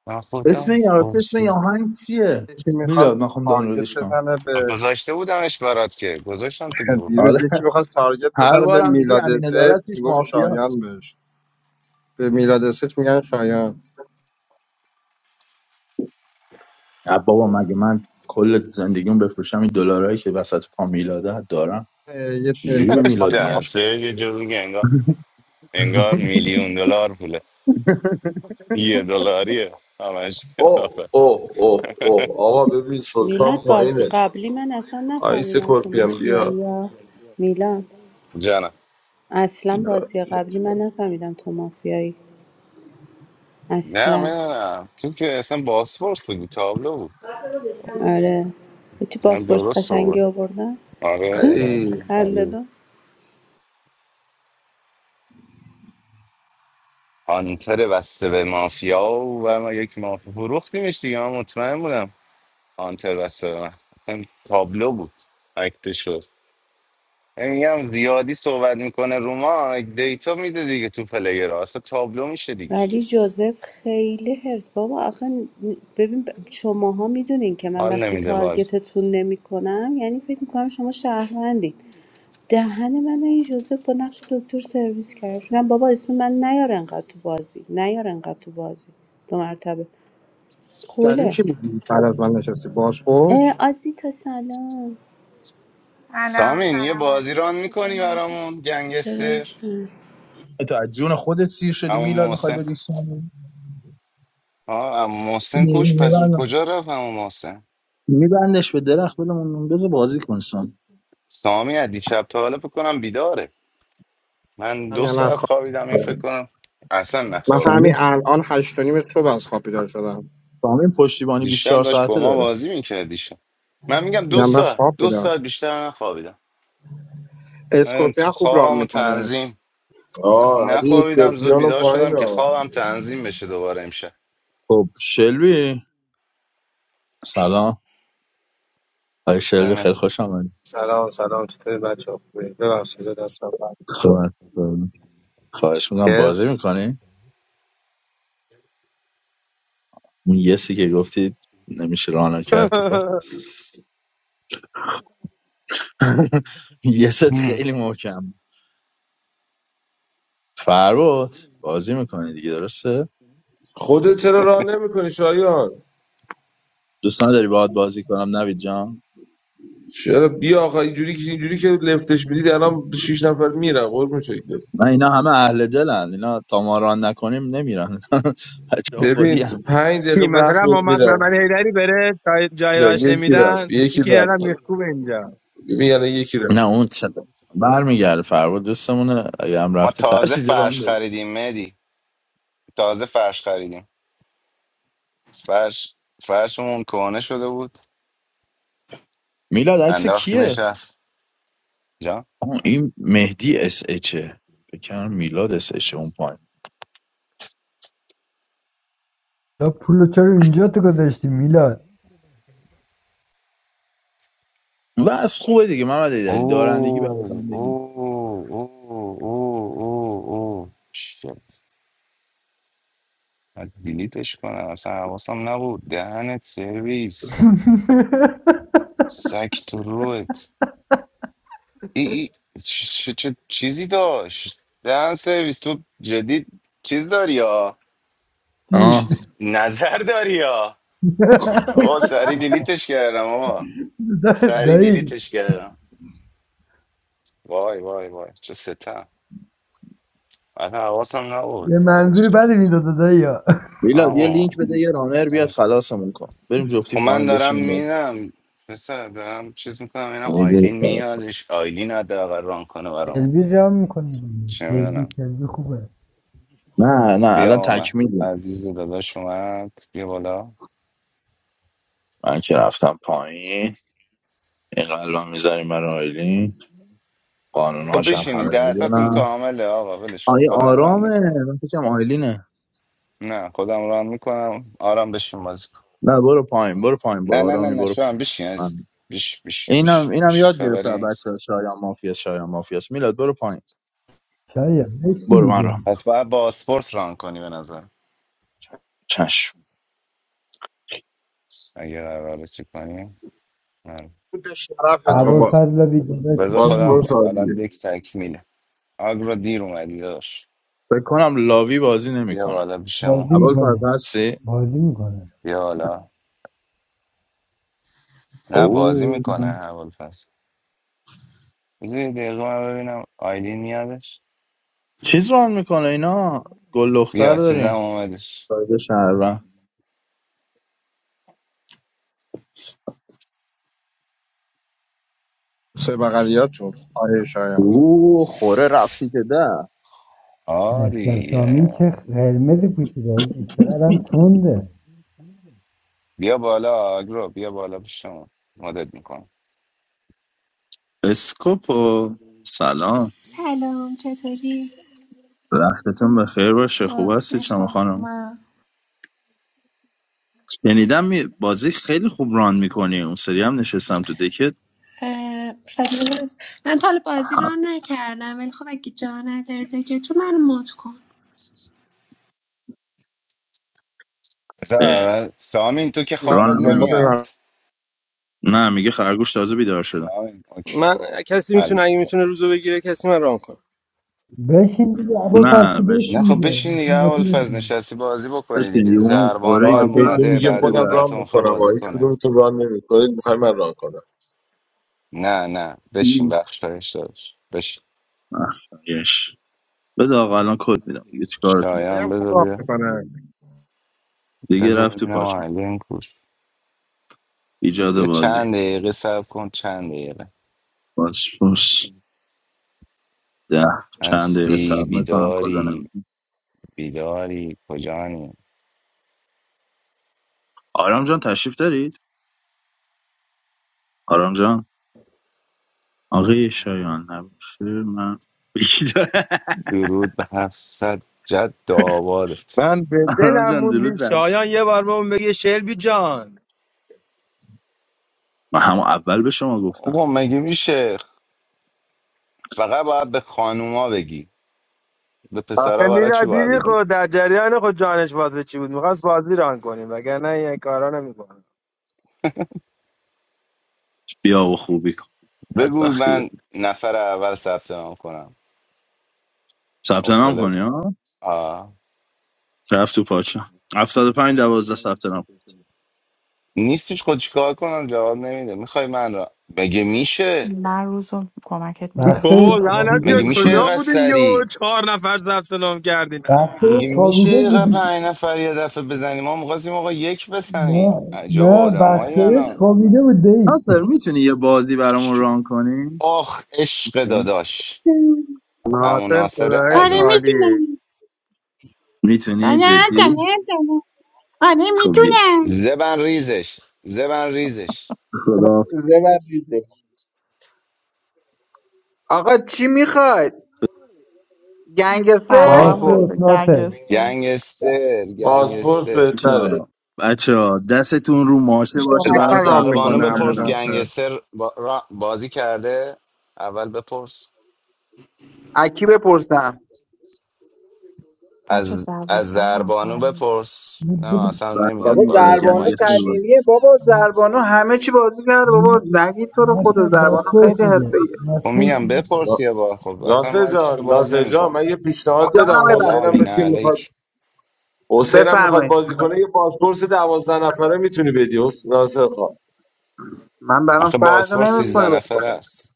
S3: من خدا
S4: اسم این راستی اسم این
S3: خورشید
S4: آهنگ چیه
S11: یکی میخواست
S4: میلاد من خوام
S11: تارگت
S4: دانلودش کنم
S11: بزنه به
S3: گذاشته بودمش برات که گذاشتم تو گروه
S11: دیروز
S4: آره
S11: یکی میخواست تارگت
S4: هر
S11: بزنه به
S4: بارم میگی
S11: میلاد
S4: امین
S11: سچ
S4: عدالت پیش
S11: میگفت
S4: مافیا
S11: شایان بهش به میلاد سچ میگن شایان
S4: نه بابا مگه من کل زندگیم بفروشم این دلارایی که وسط پا میلاده دارم
S11: اه، یه
S4: چجوری به میلاد
S11: تلفن
S4: میگشت
S3: دسته یه جو دیگه انگار انگار
S4: (laughs)
S3: میلیون دلار پوله یه دلاریه همش
S6: اوه
S3: کثافه
S6: اوه اوه اوه آقا ببین
S5: میلاد
S6: سلطان
S5: بازی
S6: پایینه
S5: قبلی من اصلا
S6: آیس
S5: نفهمیدم تو
S6: کورپیان بیا
S5: مافیایی یا میلاد
S3: جانم
S5: اصلا
S6: بیا
S5: بازی
S6: بیا.
S5: قبلی من نفهمیدم تو مافیایی
S3: نه
S5: اصلا
S3: میدونم تو که اصلا باسپورس بودی تابلو بود
S5: آره چی
S3: اصلا
S5: بازپرس
S3: درست
S5: قشنگی
S3: بود
S5: آوردن؟
S3: آره آره
S6: علی
S5: خنده
S3: ولی
S5: دار.
S3: هانتر بسته به مافیا و ما یک مافیا فروختیمش دیگه من مطمئن بودم هانتر بسته به من اصلا تابلو بود اکته شد یعنی میگم زیادی صحبت میکنه روما دیتا میده دیگه تو پلیر اصلا تابلو میشه دیگه
S5: ولی جوزف خیلی هرس بابا آخه ن- ببین ب- شماها میدونین که من
S3: حال
S5: وقتی
S3: نمیده باز
S5: تارگتتون نمیکنم یعنی فکر میکنم شما شهروندین دهن من این جوزف با نقش دکتر سرویس کرد شدم بابا اسم من نیار انقدر تو بازی نیار انقدر تو بازی دو مرتبه
S11: کردیم
S5: خوله
S11: چی بودی بعد از من نشستی باز
S5: اه،
S11: پرس
S5: آزیتا سلام
S12: سلام
S3: سامین یه
S12: سلام
S3: بازی ران
S12: چطوری
S3: میکنی
S12: مریم؟
S3: برامون
S5: چرا؟
S3: گنگستر
S4: تو از جون خودت سیر شدی
S3: اما
S4: میلاد میخوای
S3: محسن
S4: بدی سامی
S3: آه اما محسن کوش پس کجا رفت اما محسن
S4: میبندش به درخت بلمون بذار بازی کن سامی
S3: سامی از دیشب تا حالا فکر کنم بیداره من
S11: همین
S3: دو
S11: الان
S3: ساعت
S11: خواب
S3: خوابیدم این فکر کنم اصلا
S11: من
S3: نخوابیده
S11: همین
S4: سامی
S11: الان هشت و نیم صبح از خواب بیدار شدم
S4: سامی پشتیبانی
S3: دیشب
S4: 24
S3: داشت با
S4: ساعته
S3: ما
S4: داره
S3: بازی میکرد دیشب من میگم دو
S11: میگم من
S3: ساعت
S11: خواب
S3: دو ساعت
S11: بودم
S3: بیشتر نخوابیدم من ت-
S11: اسکورپیان خوب رام
S3: خوابم و
S11: میکنه
S3: تنظیم
S6: آه علی
S3: نخوابیدم زود
S6: اسکورپیان و
S3: بیدار
S6: پایین
S3: شدم که خوابم تنظیم بشه دوباره امشب
S4: خب شلوی سلام آقای شلوی خیلی
S3: سمتی
S4: خوش آمدید
S13: سلام سلام چطوری بچه خوبی ببخشید زد دستم
S4: خب، از- خواهش میکنم بازی
S13: یس
S4: میکنی اون یسی که گفتید نمیشه رانا کرد تو
S13: (laughs)
S4: پات (laughs) یست
S3: هم.
S4: خیلی محکم فربات بازی میکنی دیگه درسته
S6: خودت چرا راه نمیکنی شایان
S4: دوستان داری باهات بازی کنم نوید جان
S6: چرا بیا آقا اینجوری که اینجوری که لفتش میدید الان شیش نفر میرن قربون شکلت
S4: نه اینا همه اهل دلن اینا تا ما ران نکنیم نمیرن (laughs) بچه ها خودی
S6: ببین تو
S4: هن.
S6: پنج دقیقه
S13: چی
S6: وقت
S13: مثلا
S6: بهت
S13: محمد
S6: میدم
S13: محمد حیدری بره تا جای
S6: یا
S13: راش
S6: یکی رفت
S13: نمیدن این
S6: یکی
S13: که
S6: رفت
S13: الان
S6: حالا
S13: میخکوب اینجا
S6: ببین یعنی یکی رفت
S4: نه اون چه برمیگرده فرود دوستمونه اگه هم
S3: ما
S4: رفته
S3: تازه
S4: ترسیده ران
S3: فرش
S4: بره.
S3: خریدیم مدی تازه فرش خریدیم فرش فرشمون کهنه شده بود
S4: میلاد عکس
S3: انداختیمش
S4: کیه
S3: رفت جان
S4: آه، این مهدی اس اچه بکنم میلاد اس اچه اون پایین
S10: لا پولو چرا اینجا تو گذاشتی میلاد
S4: و از خوبه دیگه محمد ایدری دارندگی برای
S3: Oh, oh,
S4: زندگی
S3: oh, oh, oh, oh. Shit. من دیلیتش کنم اصلا حواسم نبود دهنت سرویس
S10: (laughs)
S3: سگ تو روت ای ای چه, چه, چه چیزی داشت دهن سرویس تو جدید چیز داری یا
S10: چی
S3: چ-
S4: آه
S3: نظر داری یا آقا سری دیلیتش کردم آقا
S10: دا-
S3: سری
S10: دایی
S3: دیلیتش کردم وای وای وای چه ستم اصلا حواسم نبود
S10: یه منظوری
S3: چه-
S10: بدی میداد دایی ها
S4: میلاد یه لینک بده یه رانر بیاد
S3: آه.
S4: خلاصمون کن بریم
S3: خب
S4: جفتی
S3: من
S4: پایین
S3: دارم
S4: بشینیم باز.
S3: میدم پسر دارم چیز میکنم اینا آیلین
S4: می‌دونی. خب.
S3: میادش آیلین حداقل ران کنه برام
S10: کلبی جمع میکنی
S3: چه
S10: کلبی
S3: میدونم
S10: کلبی خوبه
S4: نه نه
S3: بیا
S4: الان
S3: آمد
S4: تکمیلیم
S3: عزیز داداش اومد بیا بالا
S4: من که رفتم پایین این قلبم میذاریم برای آیلین
S3: خب
S4: قانوناش هم
S3: بشینید
S4: همه
S3: دهتاتون
S4: میدونن
S3: کامله آقا ولش کن.
S4: آیه
S3: خودم ران
S4: آرامه
S3: میکنم
S4: من فکرم آیلینه
S3: نه خودم ران میکنم آرام بشین بازی کن
S4: نه برو پایین برو پایین
S3: نه
S4: با
S3: نه نه
S4: آرامی
S3: نه
S4: برو
S3: شوام بشین از
S4: پایین
S3: بش بش
S4: اینم
S3: بش
S4: اینم
S3: بش
S4: یاد گرفته
S3: خبری
S4: از بچه
S3: نیست
S4: شایان مافیاس شایان مافیاس میلاد برو پایین
S10: شاید یکی
S4: برو من رام
S10: میگه
S3: پس باید با اسپورت ران کنی به نظر
S4: چشم
S3: اگه قراره چی کنی آره.
S11: بود به
S4: آه،
S6: آقا
S11: شرفتون
S6: با
S10: ابوالفضل بیدادا چی
S3: بذار خودم
S6: پاسپورت
S10: شدی
S3: الان
S6: سالیه
S3: یک تکمیله آگرا دیر اومدی داشت
S4: فکر کنم لاوی بازی
S3: بیا
S4: نمیکنه
S3: بالا پیش ما
S10: بازی
S4: اول فرز
S10: میکنه
S4: هستی
S10: بازی میکنه
S3: بیا بالا نه بازی
S4: اوه
S3: میکنه اول فصل بذار یه دقیقه من ببینم آیلین میادش
S4: چیز ران میکنه اینا گل دختر
S3: بیا چیزم
S4: داریم
S3: اومدش
S4: سایده شهروند
S11: سه بغلیاتون آره شایان
S4: اوه خوره رفتی که ده
S10: مستر سامین
S3: آریه
S10: چه قرمزی پوشیده آجی چقدر هم تنده
S3: بیا بالا آگرا بیا بالا پیش ما مدد میکنم
S4: اسکوپو سلام
S14: سلام چطوری؟
S4: وقتتون بخیر باشه خوب هستی
S14: قربون
S4: شما خانم
S14: شما
S4: شنیدم می- بازی خیلی خوب ران میکنی اون سری هم نشستم تو دکت
S14: اه، سلام هست. من تا حالا بازی رو نکردم ولی خب اگه جا ندارده که تو منو مات کن
S3: بذار
S4: اه،
S3: اول سامین تو که
S4: ران
S3: خوابت
S11: میگم
S4: هم
S11: دنبال
S4: نمی-
S3: نمیاد
S11: رام
S4: نه میگه خرگوش تازه بیدار شدم
S3: سامین اوکی
S7: من کسی
S3: حل
S7: میتونه اگه میتونه روزو بگیره کسی من ران کنه
S10: بشین دیگه ابوالفضل
S4: نه
S10: تو
S4: بش
S3: نه
S10: بشین
S3: خب
S10: دیگه
S3: بشین دیگه
S10: میخوام با تو
S3: اول
S10: بازی
S3: فاز
S10: کنم.
S3: نشستی بازی بکنی
S4: بشینی
S3: دیگه
S4: اون
S3: زربانو
S4: خوره
S6: آقا
S4: که
S3: هم
S6: تو
S4: تو
S3: اومده
S4: رفتی
S6: میگه
S4: تو
S3: بعد
S6: خودم
S4: درختی
S6: ران
S3: مدت میخواد
S6: میکنم آقا
S3: بازی
S6: هیچ
S3: کنه
S6: کدوم تو ران نمیکنید میخوای من ران کنم
S3: نه نه بشین بخش فرش دادش
S4: آخیش بده آقا الان کد میدم دیگه چیکارتون کنم؟
S11: خیلی
S3: شایان
S11: هم خوب
S3: بذار
S11: رام
S3: بیا
S11: میکنه
S4: دیگه
S3: بذار
S4: رفت تو
S3: ببینم
S4: پاشم
S3: آهنگ کوش
S4: ایجاد
S3: یه
S4: بازی
S3: چند دقیقه صبر کن چند دقیقه
S4: پاسپورس ده چند دقیقه
S3: هستی
S4: صبر میکنم کدا
S3: بیداری
S4: نمیدم
S3: بیداری کجانی
S4: آرام جان تشریف دارید آرام جان آقای شایان نباشه من یکی داره.
S3: درود به هفتصد جد
S4: (laughs)
S3: آبادت
S13: من به
S4: آرام
S13: دلم
S4: جان
S13: موندی
S4: درود
S13: شایان یه بار بهمون بگه شلبی جان
S4: من همون اول به شما گفتم
S3: آقا مگه میشه فقط باید به خانوما بگی به
S13: آخه
S3: پسرا برای
S13: میلا
S3: چی باید
S13: دیدی
S3: بگی
S13: خود در جریان خود جانش باز به چی بود میخواست بازی ران کنیم وگرنه این کارا نمیکنه
S4: بیا و خوبی کن
S3: بگو
S4: بدبختی
S3: من
S4: داری
S3: نفر اول ثبت نام کنم
S4: ثبت نام
S3: حوصله
S4: کنی ها
S3: آه.
S4: رفت تو پاچه 75 12 ثبت نام کن.
S3: نیستش خود چیکار کنم جواب نمیده میخوای من را مگه میشه
S1: من روز رو کمکت میگیرم
S13: بابا
S10: بخشایش
S1: شایان
S13: لعنت
S10: خوابیده
S13: یا
S3: مگه میشه
S13: کجا
S4: مرسی.
S3: اینقدر
S13: بودین
S3: سری
S13: یو چهار نفر ثبت نام کردین آه.
S10: بخشایش
S3: میگه میشه
S10: خوابیده
S3: یه
S10: بودی
S3: پنج نفر یه دفعه بزنیم ما میخواستیم آقا یک بزنیم
S10: نه
S3: عجب
S10: نه
S3: آدمایی
S10: بخشایش
S3: انا
S10: خوابیده بود دایی
S4: ناصر میتونی یه بازی برامون ران کنی
S3: آخ عشق داداش امو
S13: ناصر
S3: ناصر
S13: خدایت
S15: آره
S3: عزیزم
S13: عالیه
S15: میتونم نه
S4: میتونی
S15: نه
S4: جدی
S15: نه آره
S4: خب بیا
S15: میتونم
S3: زبن ریزش زبن ریزش
S4: خدا
S15: ببخشید آقا چی میخواد گنگسه
S1: سلام هم
S6: پاسپورت
S1: مناسب
S10: بازپرس ناصر
S1: گنگسته
S3: گنگستر
S6: پاسپورت
S3: گنگستر
S6: بهتره
S4: بچه ها دستتون رو ماشه باشه
S3: بذار از
S4: برای
S11: راحت‌تر رام
S4: ثبت
S3: زربانو
S11: میکنه
S4: نام
S11: امروز
S3: بپرس
S4: کردن
S11: آخه
S3: گنگستر با- را- بازی کرده اول بپرس
S15: اکی بپرسم
S1: بچه
S3: از از
S1: دوازده
S3: زربانو
S1: نفرین
S3: بپرس
S10: نه،
S3: نه
S10: بده-
S3: اصلا نمیاد
S15: بابا
S4: زربان آره
S3: بالا رو
S15: زربانو
S4: گنگستر
S3: مایکش
S4: باز
S15: قدیمیه بابا زربانو همه چی بازی کرده بابا
S10: نه،
S15: نگی تو رو خود
S10: ناصر
S15: زربانو
S10: بازپرس
S15: خیلی
S10: بوده
S15: حرفه‌ایه
S3: خب
S10: بازپرس
S3: میگم بپرس
S6: نا-
S3: یه بار خب اصلا
S6: ناصر
S3: مایکش
S6: جان
S3: رو باز
S6: ناصر جان
S3: نمیکنه
S6: من یه پیشنهاد
S15: جانم
S3: نه
S6: بدم
S15: آقای
S6: حسینم
S3: سلامی
S15: بختیاری
S3: نه
S6: مثل که میخواد
S3: علیک
S6: حسینم میخواد
S15: بفرمایید
S6: بازی کنه یه پاسپورت دوازده نفره میتونی بدی حس- ناصر خان
S15: من برام
S3: آخه
S15: فرق
S3: باسفور سیزده
S15: نمیکنه به
S3: نفر
S15: خدا
S3: است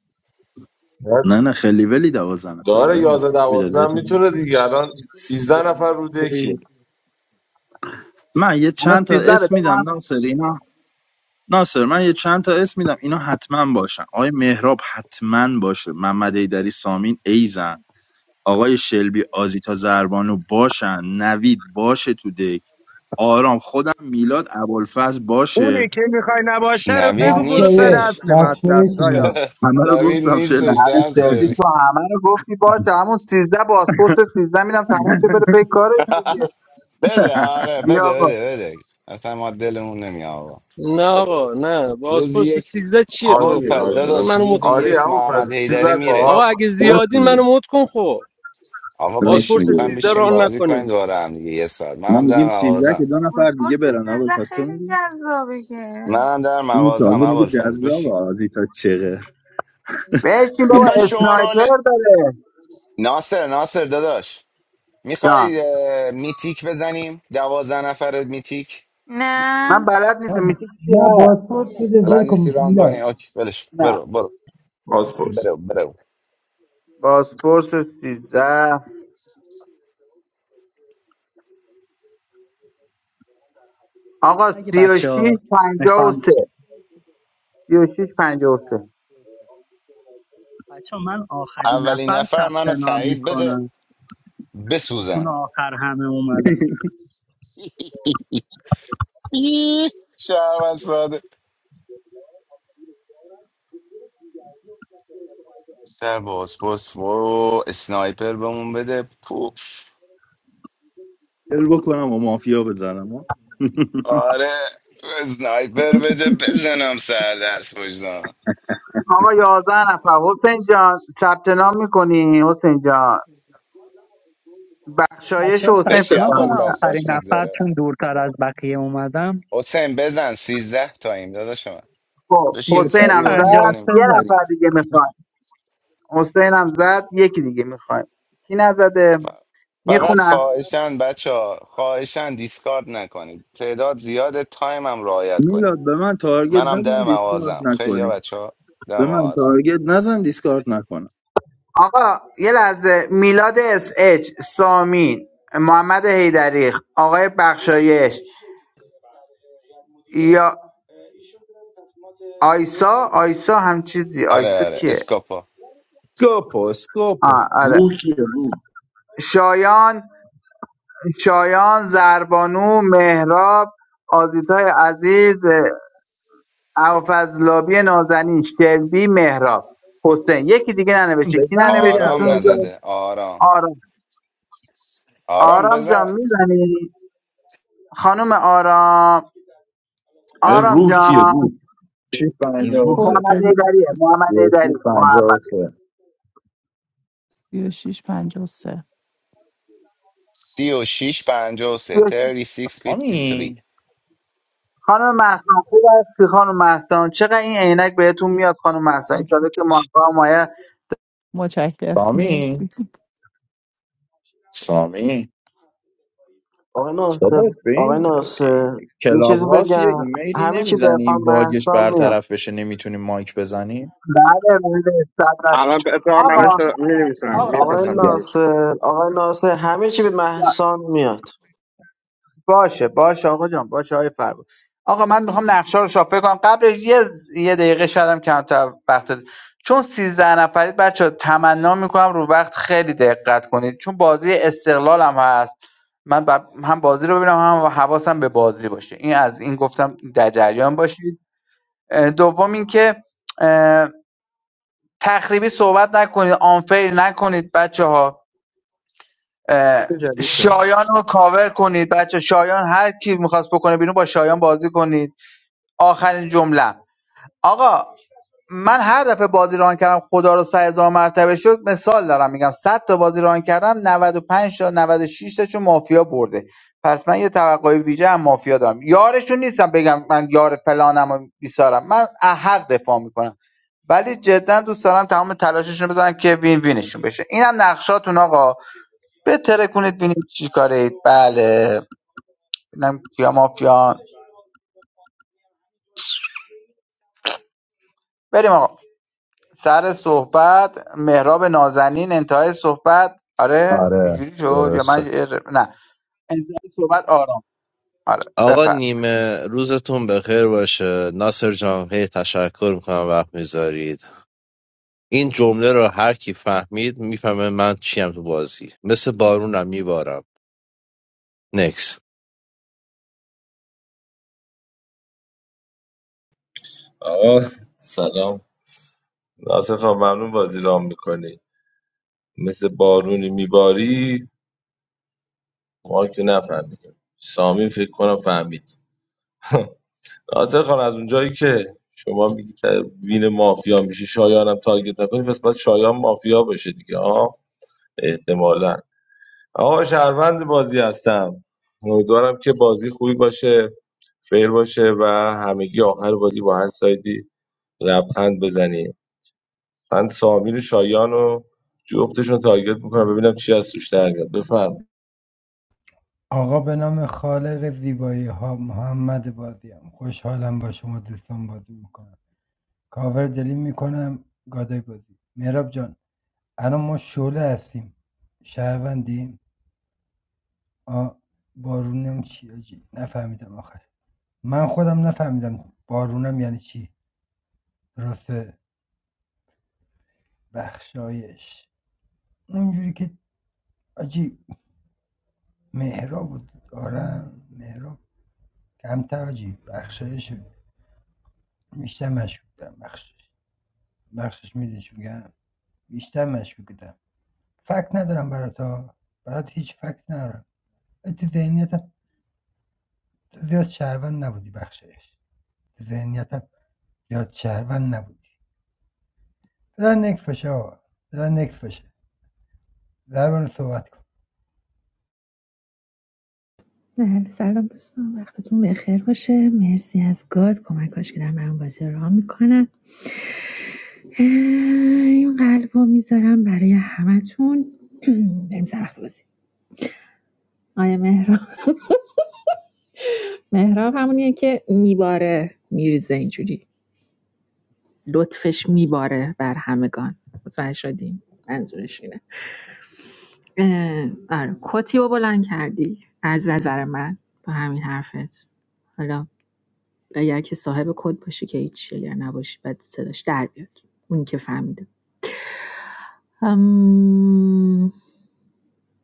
S4: نه نه خیلی ولی دوازن نفری
S6: داره
S4: ولی
S6: 11 12
S4: نمیداد
S6: میتونه دیگه الان 13 نفر رو
S16: خوبی
S6: دکیم
S4: من یه
S15: الان
S4: چند تا
S15: 13
S4: اسم میدم
S15: بدم
S4: ناصر این ناصر من یه چند تا اسم میدم اینا حتما باشن آقای مهراب حتما باشه محمد ایدری سامین ایزن آقای شلبی آزیتا زربانو باشن نوید باشه تو دک آرام خودم میلاد ابوالفضل
S13: اونی
S4: باشه
S13: که میخوای نباشه رو
S3: نوید
S13: بگو برو سر
S10: بخشایش
S3: نیستش
S13: اصل مطلب
S10: بخشایش بوده
S13: شایان
S4: همه رو
S3: نوید
S4: گفتم
S15: نه
S3: نیستش
S4: شلبی
S3: ده
S15: سرویس تو
S3: سرویس
S15: همه رو گفتی باشه همون 13 بازپرس 13 میدم تموم شه
S4: (laughs)
S15: بره پی کارش دیگه.
S3: بده آره
S15: بیا
S3: بده
S15: آقا
S3: بده بده اصلا ما دلمون نمی آقا
S7: نه
S3: بده بده
S7: آقا نه
S3: روزی
S7: بازپرس
S3: یک
S7: 13 چیه تو رو
S3: اول
S6: عالی
S3: فضل
S7: خدا
S6: عالی
S7: بذار
S3: داشت
S7: منو مت
S3: روزی
S7: کن
S6: عالی
S3: یک
S6: همون فضل
S3: محمد
S6: چیز
S3: حیدری
S6: نکن
S3: میره
S6: آقا
S7: آقا اگه
S6: خوبه
S4: راست
S7: زیادین منو
S4: میگه
S7: مت کن خب
S3: آقا
S4: راست
S3: بشین
S7: بازپرس
S4: میگه
S3: میخوایم
S7: 13
S3: بشین
S7: ران
S3: بازی کنیم
S7: نکنیم
S3: دوباره هم دیگه یه ساعت
S4: ما
S3: منم
S4: میگیم
S3: در
S4: 13 که
S3: مغازم
S4: دو نفر
S12: بازپرس
S4: دیگه برن
S12: سیزده
S4: ابوالفضل تو
S12: خیلی
S4: میگی
S12: جذابه که
S3: منم در
S4: این
S3: مغازم
S4: تازه میگه
S3: اول فضل
S4: جذاب
S3: بشین
S4: آزیتا چقه
S15: بشین بابا
S3: میخوای شورال
S15: اسنایپر داره
S3: ناصر ناصر داداش
S15: جان
S3: میخوای میتیک بزنیم دوازده نفر میتیک
S15: من
S12: نه
S15: بلد نیستم
S10: نه
S15: میتی چی
S10: نه،
S15: هست
S10: بازپرس بوده دل
S3: بلد نیستی
S10: کن
S3: ران کنی
S10: میلاد
S3: آکی ولش کن.
S15: نه
S3: برو برو
S6: پاسپورت
S3: برو برو
S15: پاسپورت 13 آقا
S16: اگه
S15: 36
S16: بچه ها میخوان
S15: 53 36 53
S16: بچه ها من آخرین
S3: اولین
S16: نفر
S3: نفر
S16: ثبت
S3: منو
S16: نام
S3: تایید بده
S16: میکنم چون
S3: بسوزن
S16: آخر همه اومدم
S3: ای، شهر ساده سر باز باز برو اسنایپر بهمون بده پوف
S4: ال بکنم و مافیا بزنم ها. (laughs)
S3: آره اسنایپر بده بزنم سر دست بجنم
S15: آقا 11 نفر حسین جان ثبت نام میکنی حسین جان
S16: بچه
S15: بخشایش و
S16: ها ثبت
S15: حسین فکر
S3: بشی
S16: نام
S15: کنم
S3: اول
S16: کنن
S15: موندن
S3: پس
S16: آخرین
S3: خوش
S16: نفر
S3: میگذره
S16: چون دورتر از بقیه اومدم
S3: حسین بزن سیزده تایم داداش من
S15: خب
S16: سی
S3: بشین
S16: و
S15: حسین
S16: شیش
S15: هم
S3: سریع بازی
S16: پنجاه و
S15: زد
S3: کنیم
S16: سه
S15: یه
S16: زد
S3: بریم
S15: نفر دیگه میخواد حسین هم زد یکی دیگه میخواد کی نزده
S3: ف- فقط
S15: میخونم
S3: خواهشن بچه ها خواهشن دیسکارد نکنید تعداد زیاده تایم هم رعایت کنید
S4: میلاد به من تارگت
S3: منم ده
S4: نزن دیسکارد
S3: موازم خیلی ها
S4: نکنی
S3: بچه ها ده
S4: به من
S3: موازم
S4: تارگت نزن دیسکارد نکنم
S15: آقا یه لحظه میلاد اس اچ سامین محمد حیدری آقای بخشایش یا آیسا آیسا هم چیزی
S3: آره
S15: آیسا
S3: آره
S15: کیه
S3: اسکاپا
S4: سکوپو سکوپو
S15: آه آره
S6: روح کیه روح
S15: شایان شایان زربانو مهراب آزیتای عزیز اوفضلابی نازنین شلبی مهراب حسین یکی دیگه ننوشته کی
S4: بزن دیگه
S15: ننوشته تو
S3: آرام
S15: اینجا
S4: الافون
S3: نزده آرام
S15: آرام
S3: آرام
S15: آرام جان
S3: بزن
S15: میزنی خانم آرام
S6: آره
S15: آرام
S6: روح کیه
S15: جان
S6: روح
S4: شیش
S6: این
S4: پنجه و
S6: روح
S1: خود
S4: سه
S15: محمد
S1: بدید
S15: ایدریه محمد
S4: یکی
S15: ایدری
S4: پنجه و
S15: محمد
S4: سه
S1: سی و شیش پنج و سه
S3: سی و شیش پنجاه و سه تری سیکس فیفتی تری
S4: آمین
S15: خانم مهسان خوب است که خانم مهسان چقدر این عینک بهتون میاد خانم مهسان ان که ماها مایه
S1: متشکرم مرسی
S4: سامی سامی
S2: آقای ناصر
S4: داداش به
S2: آقای
S4: این
S2: ناصر یه
S4: کلاب
S2: چیزی
S4: هاست یه
S2: بگم
S4: ایمیلی
S2: همه چی به
S4: نمیزنی
S2: خان
S4: این باگش
S2: محسان میاد
S4: برطرف بشه نمیتونی مایک بزنی
S15: بعد مورد استفاده
S11: الان به اتفاق براش
S15: آقا
S11: مینویسم
S15: آقا
S2: آقای
S11: میفرستم بهش
S2: ناصر آقای ناصر همه چی به محسان میاد
S15: باشه باشه آقا جان باشه های فربا آقا من میخوام نقشه رو شافل کنم قبلش یه یه دقیقه شدم کمتر وقت ده. چون سیزده نفرید بچه تمنا میکنم رو وقت خیلی دقت کنید چون بازی استقلال هم هست من ب- هم بازی رو ببینم هم حواسم به بازی باشه این از این گفتم در جریان باشید اه، دوم اینکه اه، تخریبی صحبت نکنید آنفیل نکنید بچه ها اه،
S11: چه جدیده
S15: شایان رو کاور کنید بچه شایان هر کی میخواست بکنه بیرون با شایان بازی کنید آخرین جمله آقا من هر دفعه بازی ران کردم خدا رو سه هزار مرتبه شد مثال دارم میگم 100 تا بازی ران کردم 95 تا 96 تاشون مافیا برده پس من یه توقعی ویژه هم مافیا دارم یارشون نیستم بگم من یار فلانم و بیسارم من از حق دفاع میکنم ولی جدا دوست دارم تمام تلاششون بذارم که وین وینشون بشه اینم نقشاتون آقا بترکونید ببینیم چی کارید بله ببینم کیا مافیان بریم آقا سر صحبت مهراب نازنین انتهای صحبت آره
S8: آره
S15: اینجوری شد یا من
S8: درسته
S15: یه ر- نه انتهای صحبت آرام آره
S8: آقا
S15: بفر
S8: نیمه روزتون بخیر باشه ناصر جان هی تشکر میکنم وقت میذارید این جمله رو هر کی فهمید میفهمه من چیم تو بازی مثل بارونم میبارم نکس
S6: آقا سلام ناصر خان ممنون بازی رام میکنی مثل بارونی میباری ما که نفهمیدیم سامی فکر کنم فهمید ناصر خان از اونجایی که شما میگی وین مافیا میشه شایانم تارگت نکنی پس باید شایان مافیا بشه دیگه آه احتمالا آقا شهروند بازی هستم امیدوارم که بازی خوبی باشه فیر باشه و همگی آخر بازی با هر سایدی لبخند بزنیم من سامیر و شایان رو جفتشون رو تارگت میکنم ببینم چی از توش در میاد بفرم
S10: آقا به نام خالق زیبایی ها محمد بازیم خوشحالم با شما دوستان بازی میکنم کاور دلیم میکنم گادای بازی مهراب جان الان ما شعله هستیم شهروندی آ بارونم چی آجی نفهمیدم آخر من خودم نفهمیدم بارونم یعنی چی راسته بخشایش اونجوری که آجی مهراب بود دارم مهراب کمتر آجی بخشایش رو بیشتر مشکوک بودم بخشش بخشش میدیش بگم بیشتر مشکوک بودم فکت ندارم برات ها برات هیچ فکت ندارم تو ذهنیتم زیاد شهروند نبودی بخشایش تو ذهنیتم زیاد شهروند نبودی دارن نکفش آقا دارن زبان صحبت کن
S17: بله سلام دوستان وقتتون بخیر باشه مرسی از گاد کمکاش که دارن برام بازی را میکنن این قلب رو میذارم برای همتون (clears throat) بریم سر وقت بازی آیا مهراب مهراب همونیه که میباره میریزه اینجوری لطفش میباره بر همگان متوجه شدیم منظورش اینه اه، آره کتی رو بلند کردی از نظر من با همین حرفت حالا اگر که صاحب کد باشی که هیچی اگر نباشی بعد صداش در بیاد اونی که فهمیده هم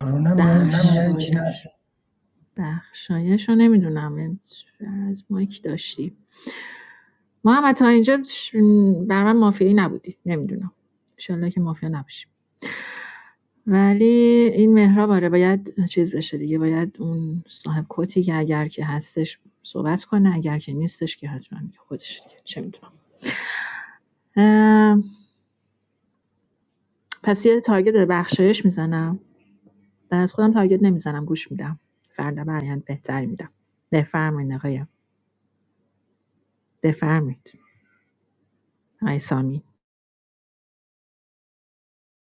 S10: کرونم یعنی
S17: منم
S10: چی
S17: یکی
S10: نشه
S17: بخشایش بخشایش رو نمیدونم از مایک داشتی محمد تا اینجا ش- بر من مافیایی نبودی نمیدونم انشالله که مافیا نباشی ولی این مهراب آره باید چیز بشه دیگه باید اون صاحب کتی که اگر که هستش صحبت کنه اگر که نیستش که حتما خودش دیگه چه میدونم پس یه تارگت به بخشایش میزنم و از خودم تارگت نمیزنم گوش میدم فردا برایند بهتری میدم بفرمایید آقایم بفرمایید آقای سامی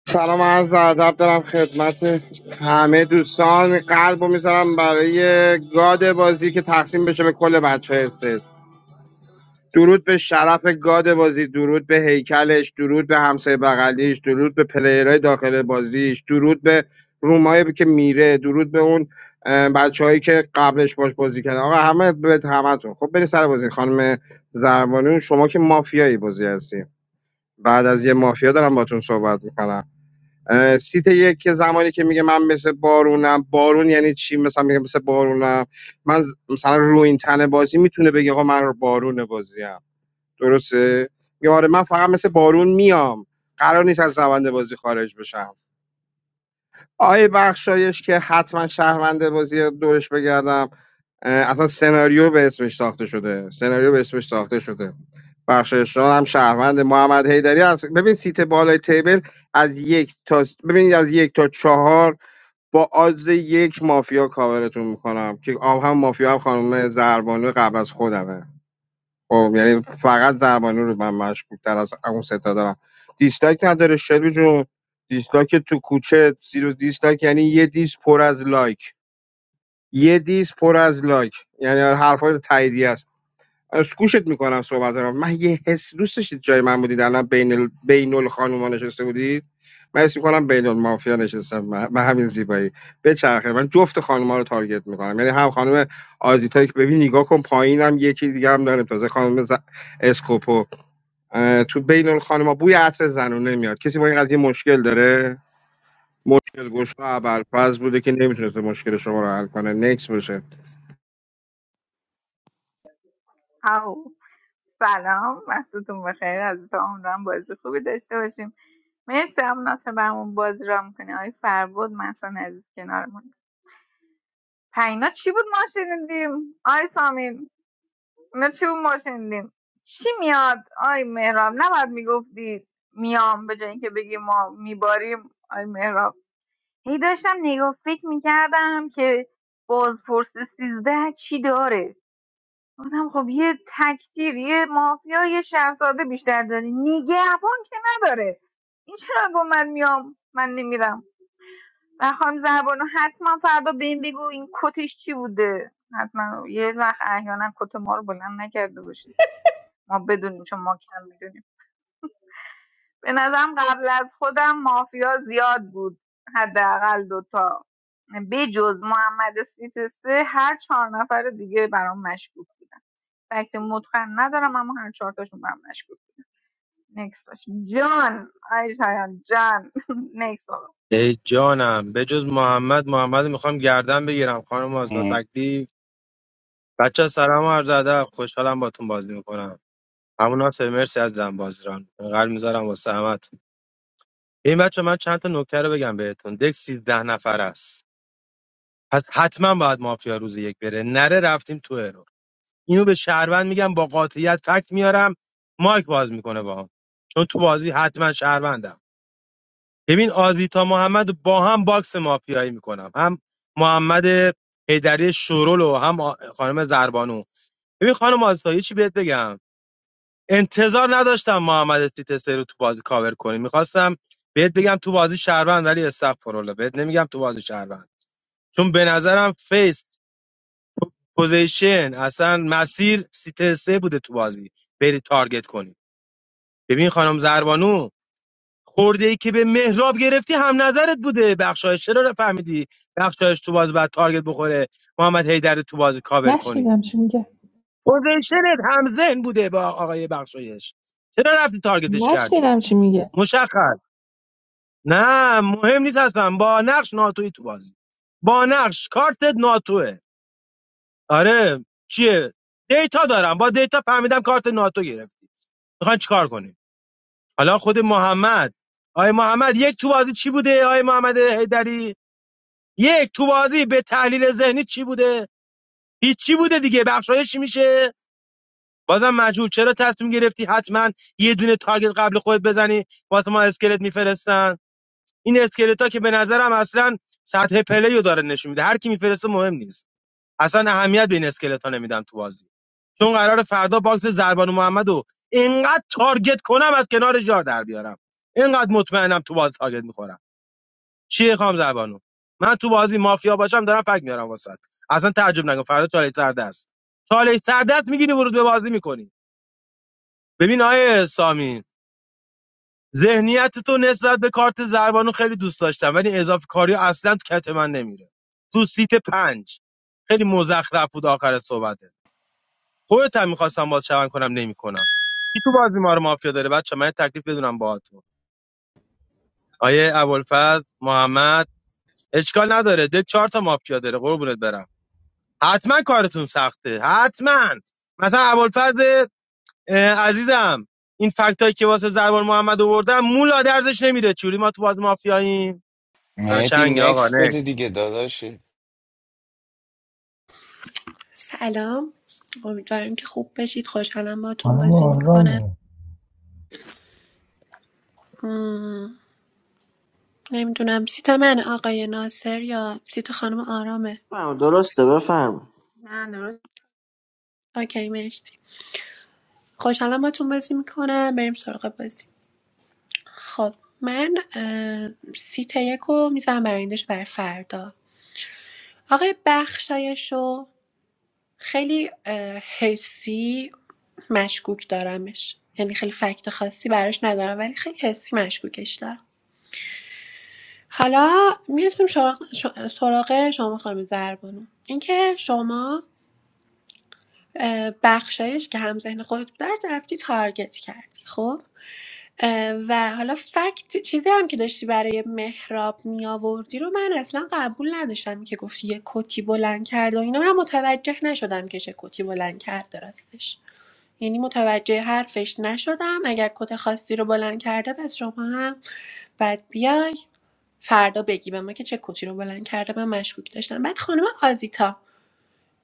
S11: سلام عرض ادب دارم خدمت همه دوستان قلبو میذارم برای گاد بازی که تقسیم بشه به کل بچه درود به شرف گاد بازی درود به هیکلش درود به همسایه بغلیش درود به پلیرهای داخل بازیش درود به رومایی که میره درود به اون بچه که قبلش باش بازی کردن آقا همه به همتون خب بریم سر بازی خانم زربانون شما که مافیایی بازی هستی بعد از یه مافیا دارم باتون صحبت میکنم سیت یک که زمانی که میگه من مثل بارونم بارون یعنی چی مثلا میگه مثل بارونم من مثلا روی این تن بازی میتونه بگه آقا من رو بارون بازیم درسته میگه آره من فقط مثل بارون میام قرار نیست از روند بازی خارج بشم آقای بخشایش که حتما شهروند بازی دورش بگردم اه، اصلا سناریو به اسمش ساخته شده سناریو به اسمش ساخته شده بخشایش جان هم شهروند محمد حیدری هست ببین سیت بالای تیبل از یک تا ببین از یک تا چهار با آدز یک مافیا کاورتون میکنم که آم هم مافیا هم خانم زربانو قبل از خودمه خب یعنی فقط زربانی رو من مشکوک تر از اون ستا دارم دیسلایک نداره شلبی جون دیسلایک تو کوچه زیرو دیسلایک یعنی یه دیس پر از لایک یه دیس پر از لایک یعنی حرفای تاییدی از گوشت میکنم صحبت رو من یه حس دوست داشتید جای من بودید الان بین ال... بین الخانوما نشسته بودید من حس میکنم بین المافیا نشستم به به همین زیبایی بچرخه من جفت خانوما رو تارگت میکنم یعنی هم خانم آزیتا که ببین نگاه کن پایینم یکی دیگه هم داریم تازه خانم ز... اسکوپو اه، تو بین الخانوما بوی عطر زنونه میاد کسی با این قضیه مشکل داره مشکل گوش ابوالفضل بوده که نمیتونه مشکل شما رو حل کنه نکس باشه
S12: او سلام وقتتون بخیر از تا عمرم بازی خوبی داشته باشیم مرسی هم ناصر برمون بازی را میکنه آی فربود مثلا عزیز کنارمون پینا چی بود ما شنیدیم آی سامین اینا چی بود ما شنیدیم چی میاد آی مهراب نباید میگفتی میام به جای اینکه بگی ما میباریم آی مهراب هی داشتم نگاه فکر میکردم که بازپرس سیزده چی داره گفتم خب یه تکتیر یه مافیا یه شهرزاده بیشتر داره نگهبان که نداره این چرا گفت من میام من نمیرم و خانم زربانو حتما فردا به این بگو این کتش چی بوده حتما یه وقت احیانا کت ما رو بلند نکرده باشیم ما بدونیم چون ما کم میدونیم به نظرم قبل از خودم مافیا زیاد بود حداقل دوتا بجز محمد سیت سه هر چهار نفر دیگه برام مشکوک بودن فکت متقن ندارم اما هر چهار تاشون برام مشکوک بود نکس باش جان آی شایان جان (laughs) نکس آقا
S13: ای جانم به جز محمد محمد رو میخوام گردن بگیرم خانم آزاد تکلیف بچه سلام و عرض ادب خوشحالم باتون بازی میکنم همون ناصر مرسی از زن بازیران قلب میذارم واسه همت این بچه من چند تا نکته رو بگم بهتون دک سیزده نفر است پس حتما باید مافیا روز یک بره نره رفتیم تو ارور اینو به شهروند میگم با قاطعیت فکت میارم مایک باز میکنه باهام چون تو بازی حتما شهروندم ببین آزیتا محمد رو با هم باکس مافیایی میکنم هم محمد حیدری شورول و هم آ- خانم زربانو ببین خانم آزیتا یه چی بهت بگم انتظار نداشتم محمد سیتسه رو تو بازی کاور کنی میخواستم بهت بگم تو بازی شهروند ولی استغفرالله بهت نمیگم تو بازی شهروند چون به نظرم فیس پوزیشن اصلا مسیر سیتسه بوده تو بازی بری تارگت کنی ببین خانم زربانو خورده ای که به مهراب گرفتی هم نظرت بوده بخشایش چرا فهمیدی بخشایش تو بازی بعد تارگت بخوره محمد حیدر رو تو بازی کاور کنی
S17: نشنیدم چی میگه
S13: پوزیشنت همزن بوده با آقای بخشایش چرا رفتی تارگتش کردی
S17: نشنیدم چی میگه
S13: مشخص نه مهم نیست اصلا با نقش ناتوی تو بازی با نقش کارتت ناتوه آره چیه دیتا دارم با دیتا فهمیدم کارت ناتو گرفتی میخوان چیکار کنی حالا خود محمد آقای محمد یک تو بازی چی بوده آقای محمد هیدری یک تو بازی به تحلیل ذهنی چی بوده هیچی بوده دیگه بخشایش چی میشه بازم مجهول چرا تصمیم گرفتی حتما یه دونه تارگت قبل خودت بزنی واسه ما اسکلت میفرستن این اسکلتا که به نظرم اصلا سطح پلیو داره نشون میده هر کی میفرسته مهم نیست اصلا اهمیت به این اسکلت ها نمیدم تو بازی چون قرار فردا باکس زربان محمد اینقدر تارگت کنم از کنار جار در بیارم اینقدر مطمئنم تو بازی تارگت میخورم چیه خام زبانو من تو بازی مافیا باشم دارم فک میارم واسات اصلا تعجب نکن فردا چالش سرده است چالش سرده است میگیری ورود به بازی میکنی ببین آیه سامین ذهنیت تو نسبت به کارت زربانو خیلی دوست داشتم ولی اضافه کاری اصلا تو کت من نمیره تو سیت پنج خیلی مزخرف بود آخر صحبته خودت هم میخواستم باز شون کنم نمیکنم کی تو بازی ما رو مافیا داره بچه من یه تکلیف بدونم باهاتون آیه ابوالفضل محمد اشکال نداره ده چهار تا مافیا داره قربونت برم حتما کارتون سخته حتما مثلا ابوالفضل اه، عزیزم این فکتایی که واسه زربان محمد آوردم مولا درزش نمیره چوری ما تو باز مافیاییم
S3: مهدی
S13: قشنگ آقا
S3: نکس
S13: نه
S3: بده دیگه داداشی
S14: سلام امیدوارم که خوب بشید خوشحالم باتون
S10: خانم
S14: بازی میکنم
S10: آرامه
S14: نمیدونم سیت من آقای ناصر یا سیت خانم آرامه
S2: بفرمایید، درسته بفهم
S12: من درست
S14: اوکی مرسی خوشحالم باتون بازی میکنم بریم سراغ بازی خب من اه، سیت یک رو میزنم برای برای فردا آقای بخشایش رو خیلی اه، حسی مشکوک دارمش یعنی خیلی فکت خاصی براش ندارم ولی خیلی حسی مشکوکش دارم حالا میرسیم سراغ ش- سراغ شما خانم زربانو اینکه شما اه، بخشایش که هم ذهن خودت بود رو رفتی تارگت کردی خب اه، و حالا فکت چیزی هم که داشتی برای مهراب می آوردی رو من اصلا قبول نداشتم که گفتی یه کتی بلند کرد و اینا من متوجه نشدم که چه کتی بلند کرده راستش یعنی متوجه حرفش نشدم اگر کت خاصی رو بلند کرده پس شما هم بعد بیای فردا بگی به ما که چه کتی رو بلند کرده من مشکوک داشتم بعد خانم آزیتا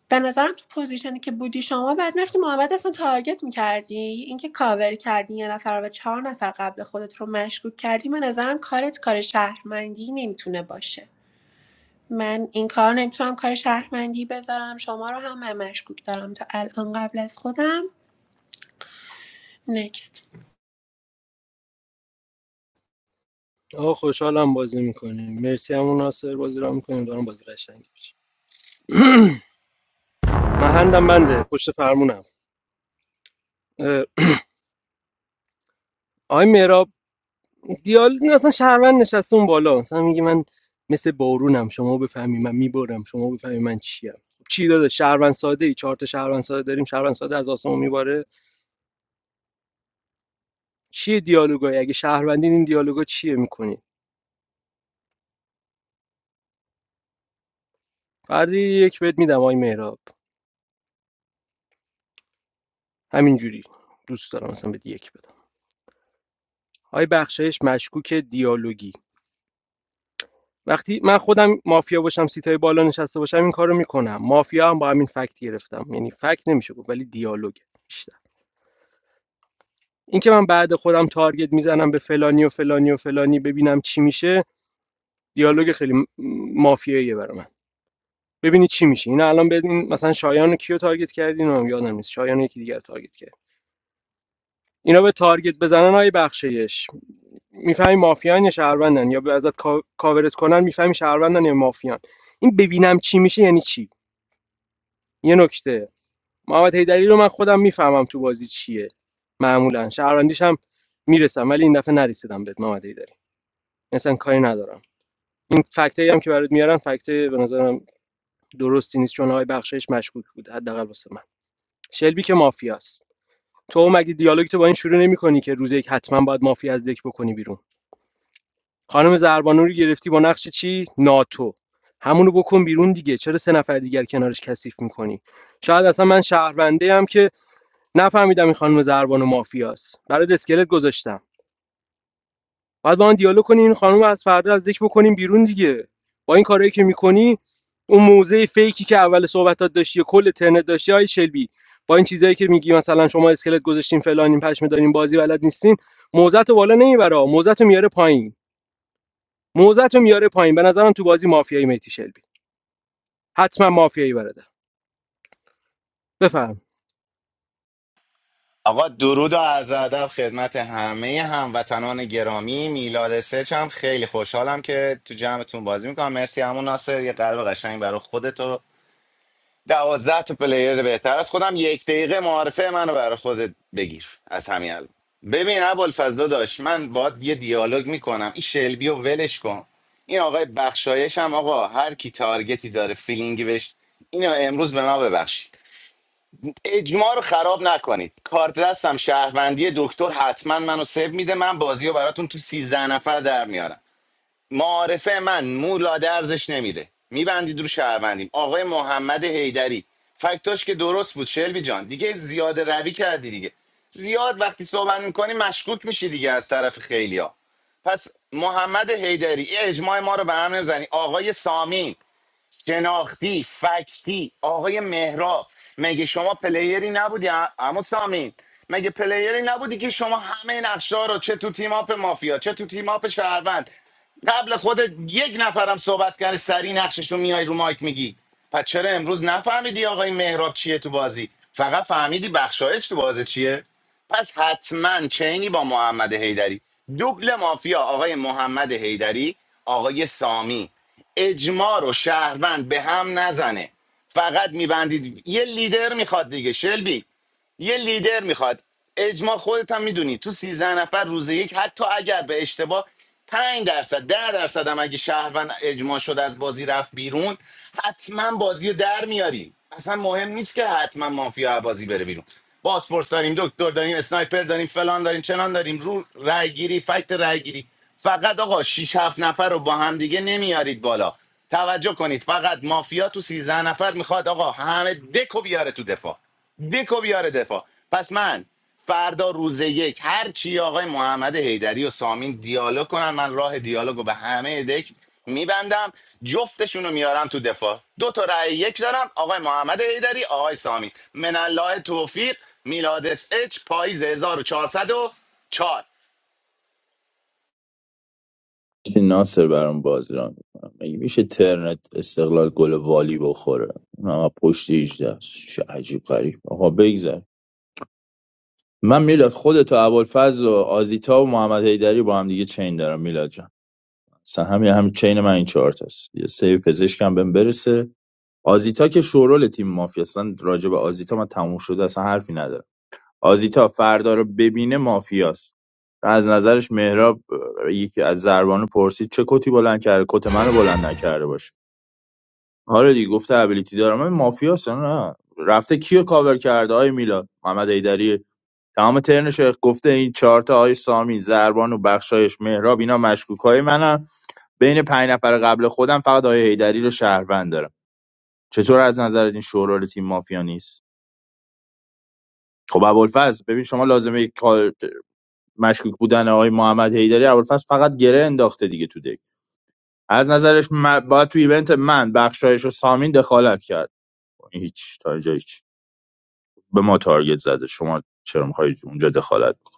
S14: به نظرم تو پوزیشنی که بودی شما بعد میرفتی محمد اصلا تارگت میکردی اینکه کاور کردی یه نفر و چهار نفر قبل خودت رو مشکوک کردی به نظرم کارت کار شهرمندی نمیتونه باشه من این کار نمیتونم کار شهرمندی بذارم شما رو هم من مشکوک دارم تا الان قبل از خودم نکست
S7: آقا خوشحالم بازی میکنیم مرسی همون ناصر بازی ران میکنیم دارم بازی قشنگی میشه (clears throat) محندم بنده پشت فرمونم اه، آقای مهراب دیال این اصلا شهروند نشسته اون بالا مثلا میگه من مثل بارونم شما بفهمی من میبارم شما بفهمی من چیم خب چی داده شهروند ساده ای چهار تا شهروند ساده داریم شهروند ساده از آسمون میباره چیه دیالوگای اگه شهروندین این دیالوگا چیه میکنی فردا یه یک بهت میدم آی مهراب همینجوری دوست دارم مثلا بهت یک بدم آی بخشایش مشکوک دیالوگی وقتی من خودم مافیا باشم سیتای بالا نشسته باشم این کارو میکنم مافیا هم با همین فکت گرفتم یعنی فکت نمیشه گفت ولی دیالوگ بیشتر اینکه من بعد خودم تارگت میزنم به فلانی و فلانی و فلانی ببینم چی میشه دیالوگ خیلی مافیاییه برای من ببینی چی میشه اینا الان بدین مثلا شایان رو کیو تارگت کردین هم یادم نیست شایان یکی دیگر تارگت اینا به تارگت بزنن های بخشش میفهمی مافیان یا شهروندن یا به ازت کا- کاورت کنن میفهمی شهروندن یا مافیان این ببینم چی میشه یعنی چی یه نکته محمد حیدری رو من خودم میفهمم تو بازی چیه معمولا شهروندیش هم میرسم ولی این دفعه نرسیدم بهت محمد حیدری مثلا کاری ندارم این فکتایی هم که برات میارن فکتای به نظرم درستی نیست چون های بخشش مشکوک بود حداقل واسه من شلبی که مافیاست تو مگه دیالوگ تو با این شروع نمیکنی که روز یک حتما باید مافیا از دک بکنی بیرون خانم زربانو رو گرفتی با نقش چی ناتو همونو بکن بیرون دیگه چرا سه نفر دیگر کنارش کثیف میکنی شاید اصلا من شهرونده هم که نفهمیدم این خانم زربانو مافیاست برای اسکلت گذاشتم بعد با آن دیالوگ کنی این خانم رو از فردا از دک بکنیم بیرون دیگه با این کارهایی که میکنی اون موزه فیکی که اول صحبتات داشتی کل ترنت داشتی های شلبی با این چیزایی که میگی مثلا شما اسکلت گذاشتین فلانین پشم دارین بازی بلد نیستین موزه رو بالا نمیبره موزت رو میاره پایین موزت رو میاره پایین به نظرم تو بازی مافیایی میتی شلبی حتما مافیایی برده بفهم
S3: آقا درود و عرض ادب خدمت همه هموطنان گرامی میلاد سچ هم خیلی خوشحالم که تو جمعتون بازی میکنم مرسی همون ناصر یه قلب قشنگ برای خودت و دوازده تا پلیر بهتر از خودم یک دقیقه معارفه منو برای خودت بگیر از همین الان ببین ابوالفضل داشت من باید یه دیالوگ میکنم این شلبی و ولش کن این آقای بخشایش هم آقا هر کی تارگتی داره فیلینگی بهش اینو امروز به ما ببخشید اجماع رو خراب نکنید کارت دستم شهروندی دکتر حتما منو سیو میده من بازی رو براتون تو 13 نفر در میارم معارفه من مو لاده ارزش نمیده میبندید رو شهروندیم آقای محمد حیدری فکتاش که درست بود شلبی جان دیگه زیاد روی کردی دیگه زیاد وقتی صحبت میکنی مشکوک میشی دیگه از طرف خیلیا پس محمد حیدری اجماع ما رو به هم نمیزنی آقای سامین شناختی فکتی آقای مهراب مگه شما پلیری نبودی اما سامین مگه پلیری نبودی که شما همه نقشه رو چه تو تیماپ مافیا چه تو تیماپ شهروند قبل خودت یک نفرم صحبت کرده سری نقشش رو میای رو مایک میگی پس چرا امروز نفهمیدی آقای مهراب چیه تو بازی فقط فهمیدی بخشایش تو بازی چیه پس حتما چینی با محمد حیدری دوبل مافیا آقای محمد حیدری آقای سامی اجماع رو شهروند به هم نزنه فقط میبندید یه لیدر میخواد دیگه شلبی یه لیدر میخواد اجماع خودت هم میدونی تو سیزده نفر روز یک حتی اگر به اشتباه پنج درصد ده درصد هم اگه شهروند اجماع شد از بازی رفت بیرون حتما بازی در میاریم اصلا مهم نیست که حتما مافیا بازی بره بیرون بازپرس داریم دکتر داریم اسنایپر داریم فلان داریم چنان داریم رو رای گیری فکت رای گیری فقط آقا شش 7 نفر رو با هم دیگه نمیارید بالا توجه کنید فقط مافیا تو سیزده نفر میخواد آقا همه دکو بیاره تو دفاع دکو بیاره دفاع پس من فردا روز یک هر چی آقای محمد حیدری و سامین دیالوگ کنن من راه دیالوگو به همه دک میبندم جفتشونو میارم تو دفاع دو تا رأی یک دارم آقای محمد حیدری آقای سامین من الله توفیق میلادس اچ پاییز 1404
S4: مرسی ناصر برام بازی را میکنم مگه میشه ترنت استقلال گل والی بخوره اون هم از پشت 18 است. چه عجیب غریب آقا بگذر من میلاد خودت و ابوالفضل و آزیتا و محمد حیدری با هم دیگه چین دارم میلاد جان اصلا همین هم چین من این چهار تاست یه سیو پزشکم بهم برسه آزیتا که شورول تیم مافیا اصلا راجع به آزیتا من تموم شده اصلا حرفی ندارم آزیتا فردا رو ببینه مافیاست از نظرش مهراب اه، یکی از زربانو پرسید چه کتی بلند کرده کت منو بلند نکرده باشه حالا دیگه گفته ابیلیتی دارم من مافیاست نه رفته کیو کاور کرده آی میلاد محمد ایدری تمام ترنش رو گفته این چهار تا آی سامی زربانو بخشایش مهراب اینا مشکوکای منن بین پنج نفر قبل خودم فقط آی ایدری رو شهروند دارم چطور از نظر این شورال تیم مافیا نیست خب ابوالفضل ببین شما لازمه مشکوک بودن آقای محمد حیدری ابوالفضل فقط گره انداخته دیگه تو دک از نظرش من باید تو ایونت من بخشایش و سامین دخالت کرد هیچ تا اینجا هیچ به ما تارگت زده شما چرا میخواید اونجا دخالت کنید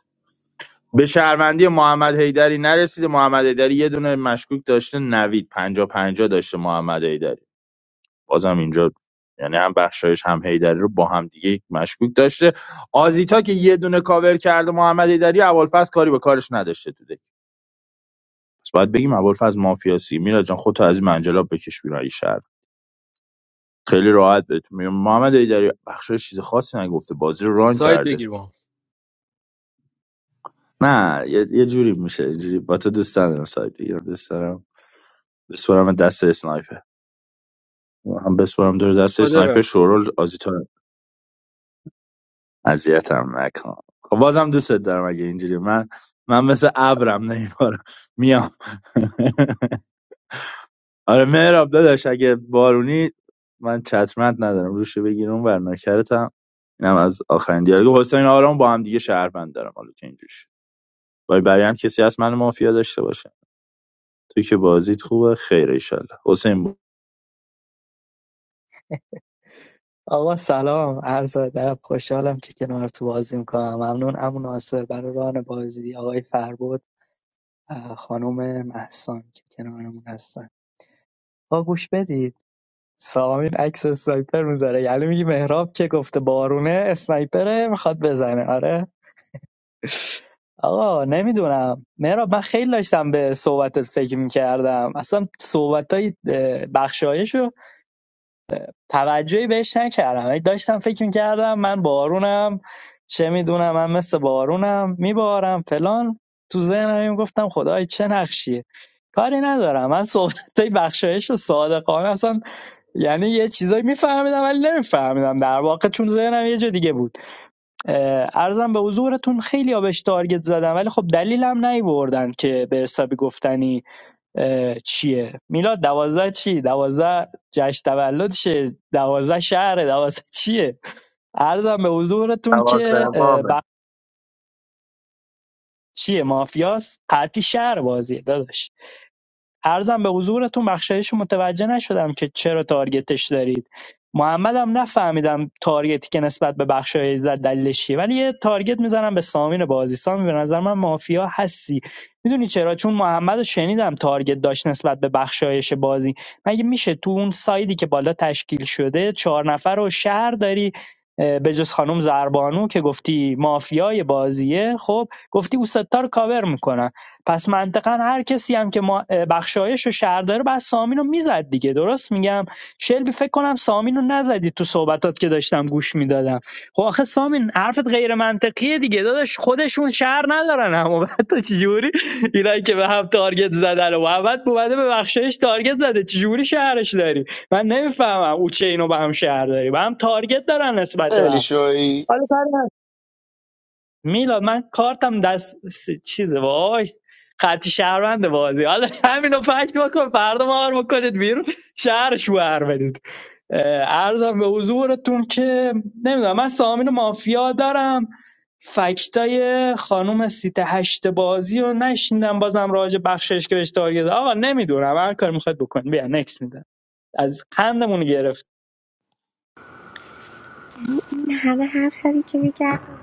S4: به شهروندی محمد حیدری نرسیده محمد حیدری یه دونه مشکوک داشته نوید 50 50 داشته محمد حیدری بازم اینجا یعنی هم بخشایش هم حیدری رو با هم دیگه مشکوک داشته آزیتا که یه دونه کاور کرده محمد حیدری اول کاری به کارش نداشته تو پس باید بگیم ابوالفضل مافیاسی میلاد جان خودتو از این منجلاب بکش بیرون اگه شهر خیلی راحت بهتون میگم محمد ایدری بخشای چیز خاصی نگفته بازی رو ران
S7: ساید
S4: کرده
S7: بگیر با هم
S4: نه یه, یه جوری میشه اینجوری با تو دوست ندارم سایت بگیرم دوست دارم بسپرم دست اسنایپر هم بسپرم دور دست اسنایپر
S7: قادرم
S4: شورول آزیتا اذیتم نکن خب بازم دوست دارم اگه اینجوری من من مثل ابرم نمیبارم میام (laughs) آره مهراب داداش اگه بارونی من چترمند ندارم روشو بگیر اون ور نکرتم اینم از آخرین دیالوگ حسین آرام با هم دیگه شهروند دارم حالا که اینجوش وای برایند کسی هست من مافیا داشته باشه توی که بازیت خوبه خیر ایشالله حسین با.
S16: آقا سلام عرض ادب خوشحالم که کنار تو بازی میکنم ممنون امو ناصر برای ران بازی آقای فربود اه، خانم محسان که کنارمون هستن آقا گوش بدید سامین عکس اسنایپر میذاره یعنی میگی مهراب که گفته بارونه اسنایپره میخواد بزنه آره آقا نمیدونم مهراب من خیلی داشتم به صحبتت فکر میکردم اصلا صحبت های بخشایش توجهی بهش نکردم ولی داشتم فکر میکردم من بارونم چه میدونم من مثل بارونم میبارم فلان تو ذهنم گفتم خدای چه نقشیه کاری ندارم من صحبت بخشایش و صادقانه اصلا یعنی یه چیزایی میفهمیدم ولی نمیفهمیدم در واقع چون ذهنم یه جا دیگه بود اه، عرضم به حضورتون خیلی آبش تارگت زدم ولی خب دلیلم نیوردن که به حسابی گفتنی چیه میلاد دوازده چی دوازده جشن تولدشه دوازده شهره دوازده چیه عرضم به حضورتون
S13: ما
S16: که اه، بق... چیه مافیاست قطعی شهر بازیه داداش عرضم به حضورتون بخشایش متوجه نشدم که چرا تارگتش دارید محمدم نفهمیدم تارگتی که نسبت به بخشایش زد دلیلش چیه ولی یه تارگت میزنم به سامین بازی سامین به نظر من مافیا هستی میدونی چرا چون محمد شنیدم تارگت داشت نسبت به بخشایش بازی مگه میشه تو اون سایدی که بالا تشکیل شده چهار نفر رو شهر داری به جز خانم زربانو که گفتی مافیای بازیه خب گفتی او ستا کاور میکنم پس منطقا هر کسی هم که ما بخشایش و شهر داره بعد سامین رو میزد دیگه درست میگم شلبی فکر کنم سامین رو نزدی تو صحبتات که داشتم گوش میدادم خب آخه سامین حرفت غیر منطقیه دیگه داداش خودشون شهر ندارن اما (laughs) بعد تو چجوری اینایی که به هم تارگت زدن و بعد بوده به بخشایش تارگت زده چجوری شهرش داری من نمیفهمم او چه اینو به هم شهر داری به هم تارگت دارن نسبت به
S3: خیلی
S16: هم
S3: شوی
S16: حالا کاری میلاد من کارتم دست س- چیزه وای خطی شهروند بازی حالا همینو فکت بکن فردا ما رو بکنید بیرون شهر شوهر بدید اه، عرضم به حضورتون که نمیدونم من سامین مافیا دارم فکتای خانوم سیت هشت بازی رو نشیندم بازم راج بخشش که بهش تارگت زد. آقا نمیدونم هر کاری میخواد بکن بیا نکس میدم از قندمون گرفت
S18: همه حرف زدی که بگردم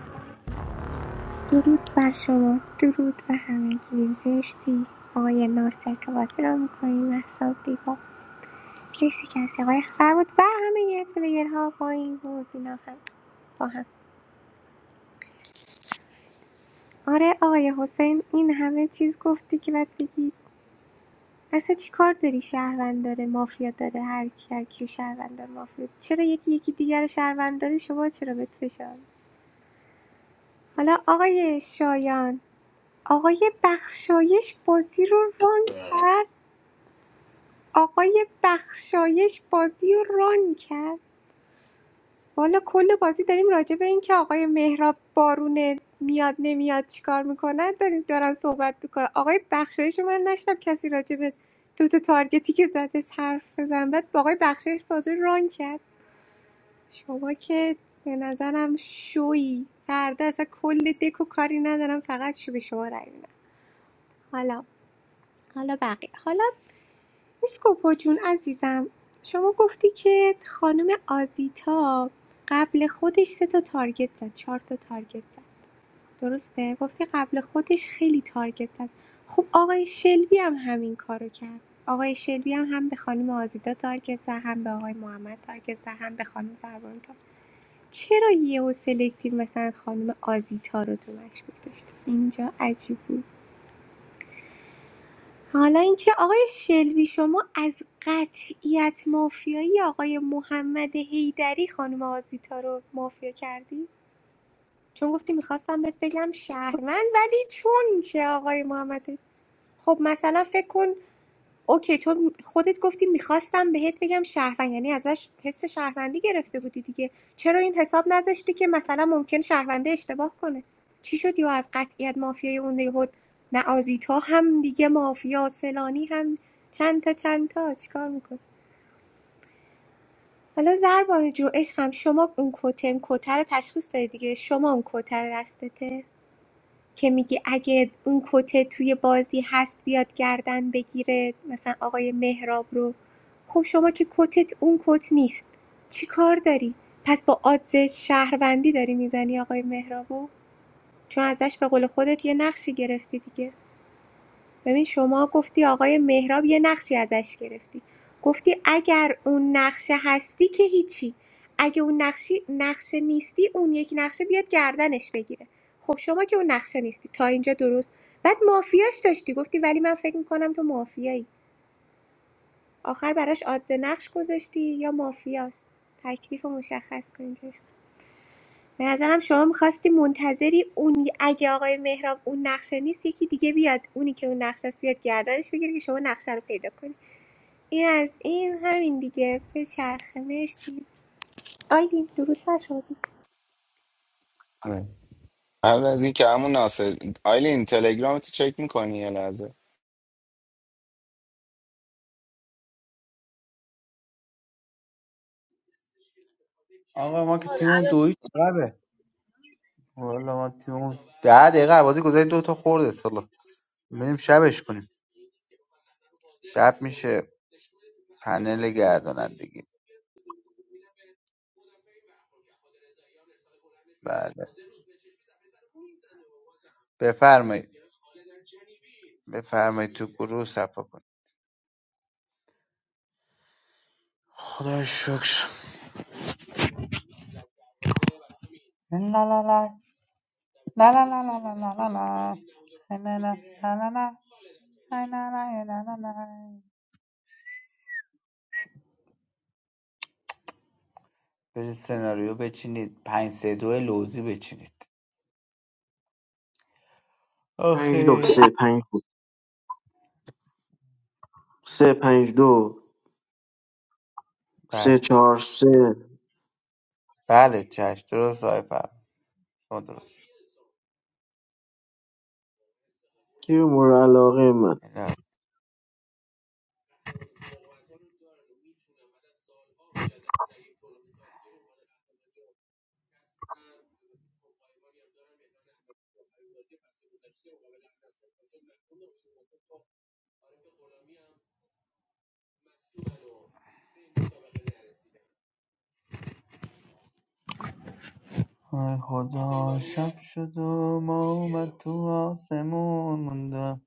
S18: درود بر شما درود بر همگی مرسی آقای ناصر که بازی را میکنیم محسان زیبا مرسی که از آقای اخبر بود و همه پلیرها با این بود اینا هم با هم آره آقای حسین این همه چیز گفتی که باید بگی اصلا چی کار داری شهروند داره مافیا داره هر کی هر کیو شهروند داره مافیا چرا یکی یکی دیگر رو شهروند داره شما چرا بهت فشار حالا آقای شایان آقای بخشایش بازی رو ران کرد آقای بخشایش بازی رو ران کرد والا کل بازی داریم راجع به این که آقای مهراب بارون میاد نمیاد چیکار میکنن داریم دارن صحبت میکنن آقای بخشایش رو من نشتم کسی راجع به دو تا تارگتی که زده حرف بزن بعد با آقای بخشایش بازی رو ران کرد شما که به نظرم شویی فردا اصلا کل دکو کاری ندارم فقط شو به شما رای میدم حالا حالا بقیه حالا اسکوپو جون عزیزم شما گفتی که خانم آزیتا قبل خودش سه تا تارگت زد چهار تا تارگت زد درسته گفتی قبل خودش خیلی تارگت زد خب آقای شلبی هم همین کارو کرد آقای شلبی هم هم به خانم آزیتا تارگت زد هم به آقای محمد تارگت زد هم به خانم زربانو تارگت چرا یهو سلکتیو مثلا خانم آزیتا رو تو مشکوک داشت اینجا عجیب بود حالا اینکه آقای شلبی شما از قطعیت مافیایی آقای محمد حیدری خانم آزیتا رو مافیا کردی چون گفتی میخواستم بهت بگم شهروند ولی چون که آقای محمد خب مثلا فکر کن اوکی تو خودت گفتی میخواستم بهت بگم شهروند یعنی ازش حس شهروندی گرفته بودی دیگه چرا این حساب نذاشتی که مثلا ممکن شهرونده اشتباه کنه چی شدی و از قطعیت مافیای اون یهود نه آزیتا هم دیگه مافیاس فلانی هم چند تا چند تا چیکار میکن حالا زربانه جو عشقم شما اون کتن کتر تشخیص دادی دیگه شما اون کتر دستته که میگی اگه اون کته توی بازی هست بیاد گردن بگیره مثلا آقای مهراب رو خب شما که کتت اون کت نیست چی کار داری پس با آدز شهروندی داری میزنی آقای مهرابو چون ازش به قول خودت یه نقشی گرفتی دیگه ببین شما گفتی آقای مهراب یه نقشی ازش گرفتی گفتی اگر اون نقشه هستی که هیچی اگه اون نقشی نقشه نیستی اون یک نقشه بیاد گردنش بگیره خب شما که اون نقشه نیستی تا اینجا درست بعد مافیاش داشتی گفتی ولی من فکر میکنم تو مافیایی آخر براش آدز نقش گذاشتی یا مافیاست تکلیف رو مشخص کنید به نظرم شما میخواستی منتظری اون اگه آقای مهراب اون نقشه نیست یکی دیگه بیاد اونی که اون نقشه است بیاد گردنش بگیره که شما نقشه رو پیدا کنی این از این همین دیگه به چرخه مرسی آیدیم درود بر شما
S3: آره. قبل از این که همون ناصر آیلین تلگرام تو چک میکنی یه لحظه
S15: آقا ما که
S19: Oh,
S15: تیممون دویش عقبه والا ما تیممون ده دقیقه بازی گذاری دو تا خورد اصلا بریم شبش کنیم شب میشه پنل گردانندگی بله بفرمایید بفرمایید تو گروه صفا کنید خدا شکر La la la la la la la la la la la Na na na na na na na na na na na na. برید سناریو بچینید پنج سه دو لوزی بچینید
S2: پنج دو
S15: آخه
S2: سه پنج دو سه پنج دو سه
S15: بله
S2: چهار سه
S15: بله چش درست های پر شما درست
S2: You more alone, man.
S15: بله. ای خدا شب شد و ما اومد تو آسمون موندم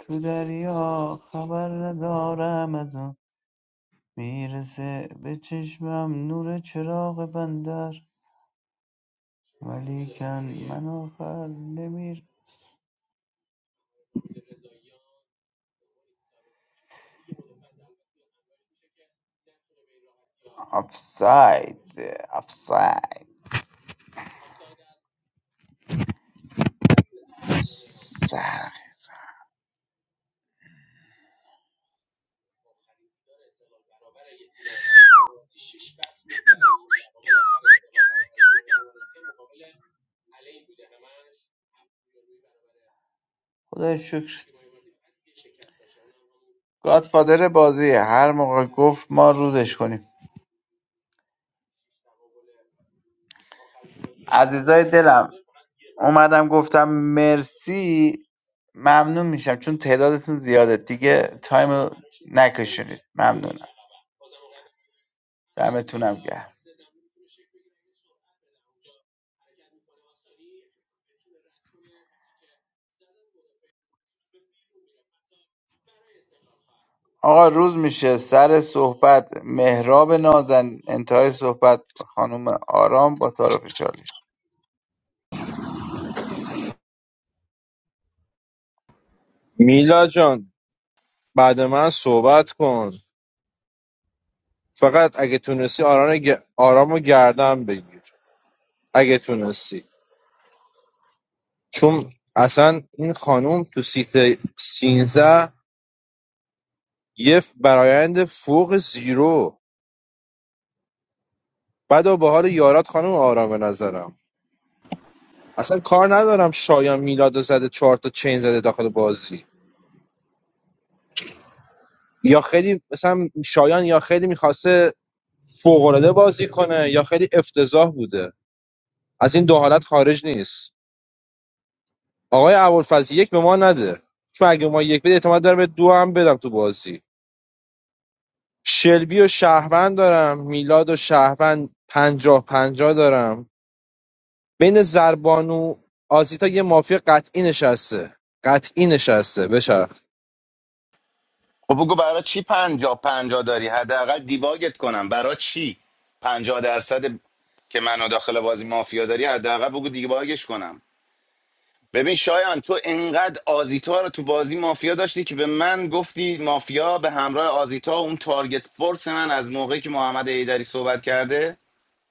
S15: تو دریا خبر ندارم از اون میرسه به چشمم نور چراغ بندر ولیکن من آخر نمیر آفساید آفساید سر. خدا شکر گادفادر بازی هر موقع گفت ما روزش کنیم عزیزای دلم اومدم گفتم مرسی ممنون میشم چون تعدادتون زیاده دیگه تایم رو نکشونید ممنونم دمتونم گرم آقا روز میشه سر صحبت مهراب نازن انتهای صحبت خانم آرام با تعارف چالش
S8: میلا جان بعد من صحبت کن فقط اگه تونستی آرام, آرام گردن بگیر اگه تونستی چون اصلا این خانوم تو سیت 13 یه برایند فوق زیرو بعد به حال یارات خانم آرام به نظرم اصلا کار ندارم شایان میلاد رو زده چهار تا چین زده داخل بازی یا خیلی مثلا شایان یا خیلی میخواسته فوقالعاده بازی کنه یا خیلی افتضاح بوده از این دو حالت خارج نیست آقای ابوالفضل یک به ما نده چون اگه ما یک بده اعتماد دارم به دو هم بدم تو بازی شلبی و شهروند دارم میلاد و شهروند پنجاه پنجاه دارم بین زربان و آزیتا یه مافیا قطعی نشسته قطعی نشسته بچرخ
S3: خب بگو برای چی پنجا پنجا داری حداقل دیباگت کنم برای چی پنجا درصد که منو داخل بازی مافیا داری حداقل بگو دیباگش کنم ببین شایان تو انقدر آزیتا رو تو بازی مافیا داشتی که به من گفتی مافیا به همراه آزیتا اون تارگت فورس من از موقعی که محمد ایدری صحبت کرده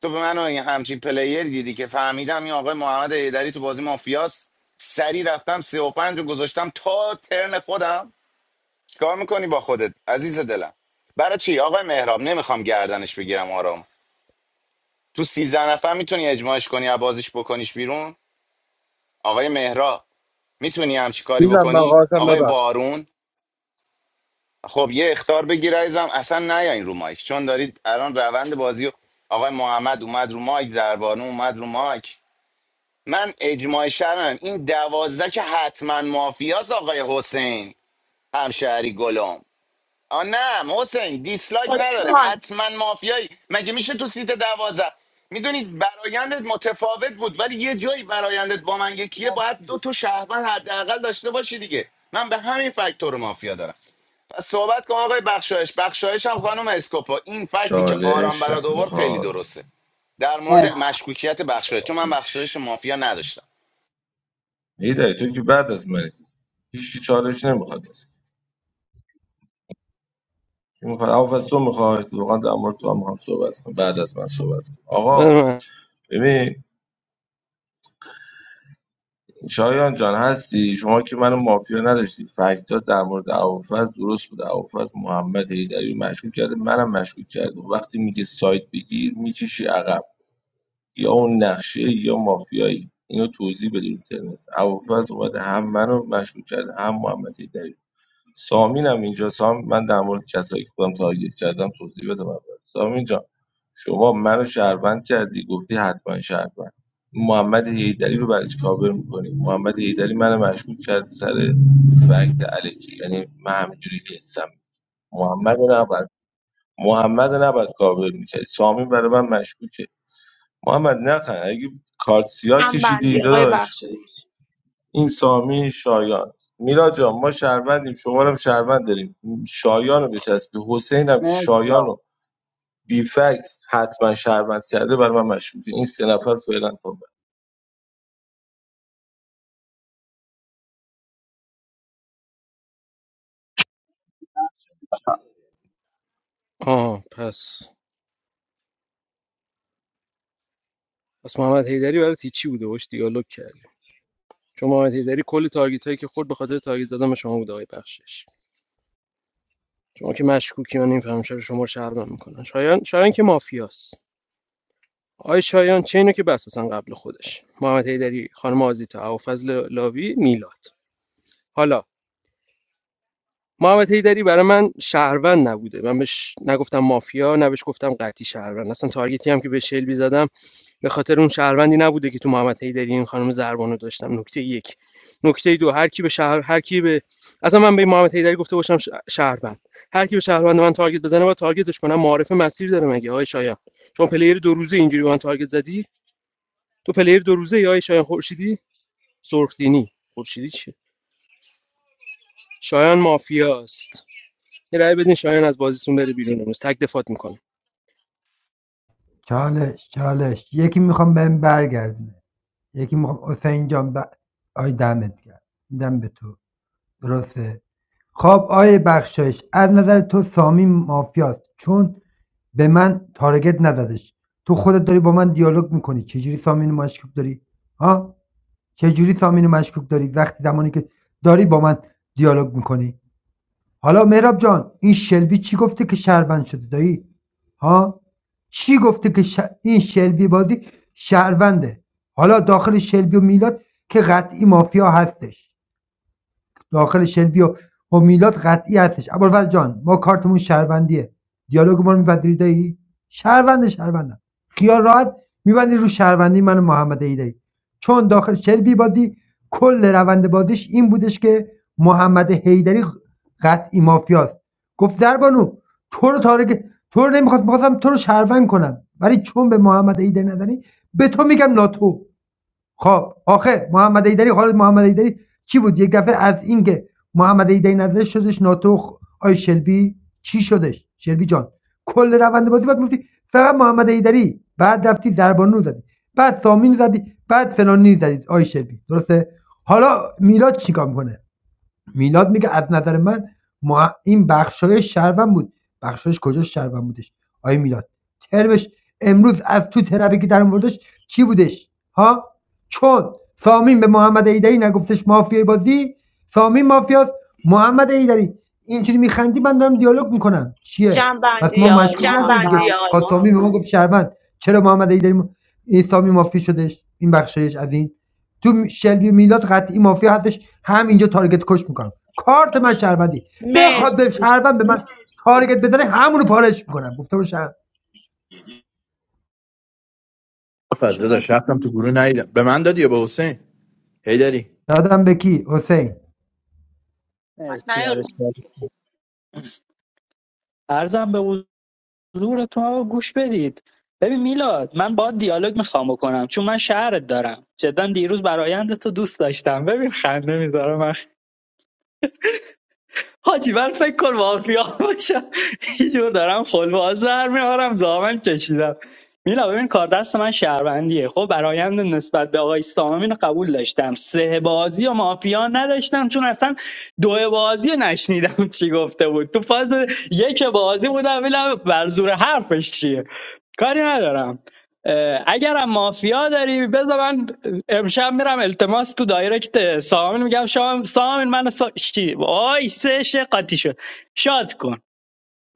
S3: تو به من این همچین پلیر دیدی که فهمیدم این آقای محمد ایدری تو بازی مافیاست سری رفتم سه و پنج رو گذاشتم تا ترن خودم چیکار میکنی با خودت عزیز دلم برای چی آقای مهراب نمیخوام گردنش بگیرم آرام تو سیزده نفر میتونی اجماعش کنی از بازیش بکنیش بیرون آقای مهراب میتونی همچی کاری
S8: میلاد من
S3: بکنی
S8: قاسم
S3: آقای
S8: ببخش
S3: بارون خب یه اختار بگیر عزیزم اصلا نیاین رو مایک چون دارید الان روند بازی رو- آقای محمد اومد رو مایک دربانو اومد رو مایک من اجماع شرم این دوازده که حتما مافیاس آقای حسین همشهری گلم آ نه حسین دیسلایک
S19: come
S3: نداره
S19: on!
S3: حتما مافیایی مگه میشه تو سیت دوازده میدونید برایندت متفاوت بود ولی یه جایی برایندت با من یکیه باید دو تا شهروند حداقل داشته باشی دیگه من به همین فاکتور مافیا دارم پس صحبت کن آقای بخشایش بخشایش هم خانم اسکوپا این فکتی که آرام
S6: چالش
S3: برات
S6: کسی
S3: آورد خیلی
S6: میخواد
S3: درسته در مورد مشکوکیت بخشایش چون من بخشایش
S6: چالش
S3: مافیا نداشتم
S6: هیدری تو که بعد از منی هیچ چالش نمیخواد اصلا کی میخواد اول از تو میخواد واقعا در مورد تو هم میخوام صحبت کنم بعد از من صحبت کن
S7: بده
S6: آقا
S7: من
S6: ببین شایان جان هستی شما که منو مافیا نداشتی فکتات در مورد هوافز درست بود هوافز محمد حیدری رو مشکوک کرده منم مشکوک کرده وقتی میگه سایت بگیر میکشی عقب یا اون نقشه یا مافیایی اینو توضیح بده اینترنت هوافز اومده هم منو مشکوک کرده هم محمد حیدری سامین هم اینجا سام من در مورد کسایی که خودم تارگت کردم توضیح بدم اول سامین جان شما منو شهروند کردی گفتی حتما شهروند محمد حیدری رو برای چی کاور میکنی محمد حیدری منو مشکوک کرد سر فکت الکی یعنی من همینجوری هستم محمد رو نباید محمد رو نباید کاور میکرد سامین برای من مشکوکه محمد نخن اگه کارت سیاه
S19: Jam band,
S6: کشیدی
S19: you're a
S6: داداش
S19: bachelor.
S6: این سامی شایان میلاد جان ما شهروندیم شما رو هم شهروند داریم شایان رو بچسبی حسین هم که
S15: مرسی
S6: شایان رو بی فکت حتما شهروند کرده برای من مشروطه این سه نفر فعلا تا بعد.
S15: آقا
S7: آه پس پس محمد حیدری برات هیچی بوده باش دیالوگ کردی چون محمد حیدری کل تارگیت هایی که خورد به خاطر تارگت زدن به شما بوده آقای بخشش شما که مشکوکی من نمیفهمم چرا شما رو شهروند میکنن شایان شایان که مافیاست آقای شایان چه اینو که بس اصلا قبل خودش محمد حیدری خانم آزیتا ابوالفضل لاوی میلاد حالا محمد حیدری برای من شهروند نبوده من بهش نگفتم مافیا نه بهش گفتم قطعی شهروند اصلا تارگتی هم که به شلبی زدم به خاطر اون شهروندی نبوده که تو محمد حیدری این خانم زربانو داشتم نکته یک نکته دو هر کی به شهر هر کی به اصلا من به این محمد حیدری گفته باشم ش- شهروند هر کی به شهروند من تارگت بزنه با تارگتش کنم معارف مسیر داره مگه آهای شایان شما پلیر دو روزه اینجوری به من تارگت زدی تو پلیر دو روزه یا آقای شایان خورشیدی سرخدینی خورشیدی چی شایان مافیاست یه رأی بدین شایان از بازیتون بره بیرون امروز تک دفات میکنم.
S10: چالش چالش یکی میخوام بهم برگردونه یکی میخوام حسین جان ب... آی دمت گرم میدم به تو درسته خب آیه بخشایش از نظر تو سامی مافیاست چون به من تارگت نزدش تو خودت داری با من دیالوگ میکنی چجوری سامین رو مشکوک داری ها چجوری سامین رو مشکوک داری وقتی زمانی که داری با من دیالوگ میکنی حالا مهراب جان این شلبی چی گفته که شهروند شده دایی ها چی گفته که ش- این شلبی بازی شهرونده حالا داخل شلبی و میلاد که قطعی مافیا هستش داخل شلبی و همیلات قطعی هستش ابوالفضل جان ما کارتمون شهروندیه دیالوگ ما رو میبندی دایی شهروند شهروندم خیال راحت میبندی رو شهروندی من و محمد ایدایی چون داخل شلبی بازی کل روند بازیش این بودش که محمد حیدری قطعی مافیاست گفت دربانو تو رو تارگ تو رو نمیخواست میخواستم تو رو شهروند کنم ولی چون به محمد ایدری نزنی به تو میگم ناتو خب آخه محمد ایدری حالا محمد ایدری چی بود یک دفعه از اینکه محمد ایدری نزدش شدش ناتوخ آی شلبی چی شدش شلبی جان کل روند بازی بعد میگفتی فقط محمد ایدری بعد رفتی زربانو رو زدی بعد سامین زدی بعد فلانی زدی آی شلبی درسته حالا میلاد چیکار میکنه میلاد میگه از نظر من ما این بخشایش شهروند بود بخشایش کجا شهروند بودش آیه میلاد ترمش امروز از تو ترپی که در موردش چی بودش ها چون سامین به محمد ایدری نگفتش مافیای بازی سامین مافیاست محمد ایدری اینجوری میخندی من دارم دیالوگ میکنم چیه
S19: Jam band,
S10: پس ما
S19: you're
S10: مشکوک
S19: my
S10: نداره دیگه جنبندی
S19: man.
S10: سامی به ما محمد گفت شهروند چرا محمد ایدری م... این سامی مافی شدش این بخشایش از این تو شلبی میلاد قطعی مافیا هستش همینجا تارگت کش میکنم کارت من شهروندی بخواد به
S19: Messi,
S10: شهروند به من تارگت بزنه همونو پارش میکنم گفتم به شهر
S16: حالش شد
S4: فضل داشت رفتم تو گروه ندیدم به من دادی یا به حسین هی داری
S10: دادم به کی حسین
S19: what's
S16: مرسی
S19: your
S16: برش عرضم به حضور زورتون رو گوش بدید ببین میلاد من با دیالوگ میخوام بکنم چون من شهرت دارم جدا دیروز برایند تو دوست داشتم ببین خنده میذارم حاجی من فکر کن مافیا باشم یه جور دارم خلواز در میارم زامن کشیدم میلا ببین کار دست من شهروندیه خب برایند نسبت به آقای سامم اینو قبول داشتم سه بازی و مافیا نداشتم چون اصلا دو بازی نشنیدم چی گفته بود تو فاز یک بازی بودم ببینم بر زور حرفش چیه کاری ندارم اه، اگرم مافیا داری بذار من امشب میرم التماس تو دایرکت سامین میگم شام سامین من سا... چی وای سه شه قاطی شد شاد کن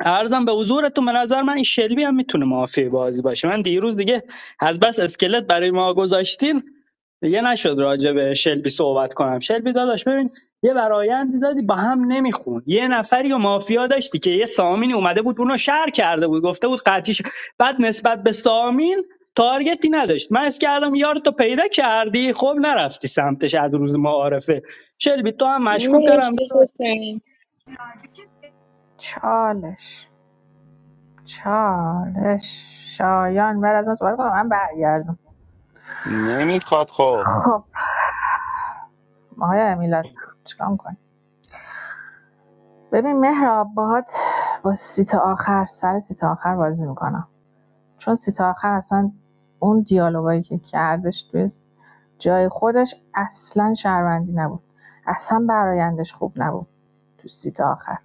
S16: ارزم به حضورتون به نظر من این شلبی هم میتونه مافی بازی باشه من دیروز دیگه از بس اسکلت برای ما گذاشتین دیگه نشد راجع به شلبی صحبت کنم شلبی داداش ببین یه برایندی دادی با هم نمیخون یه نفری و مافیا داشتی که یه سامینی اومده بود اونو شهر کرده بود گفته بود قطیش بعد نسبت به سامین تارگتی نداشت من اس کردم یارتو پیدا کردی خب نرفتی سمتش از روز معارفه شلبی تو هم
S19: name?
S16: مشکوک دارم
S19: Messi,
S16: داداش
S19: what's your name?
S17: چالش چالش شایان بعد از من صحبت کنم من برگردم
S3: نمیخواد خب
S17: خب آقای امیلاد چیکار می‌کنی؟ ببین مهراب باهات با سیت آخر سر سیت آخر بازی میکنم چون سی تا آخر اصلا اون دیالوگایی که کردش توی جای خودش اصلا شهروندی نبود اصلا برایندش خوب نبود تو سیت آخر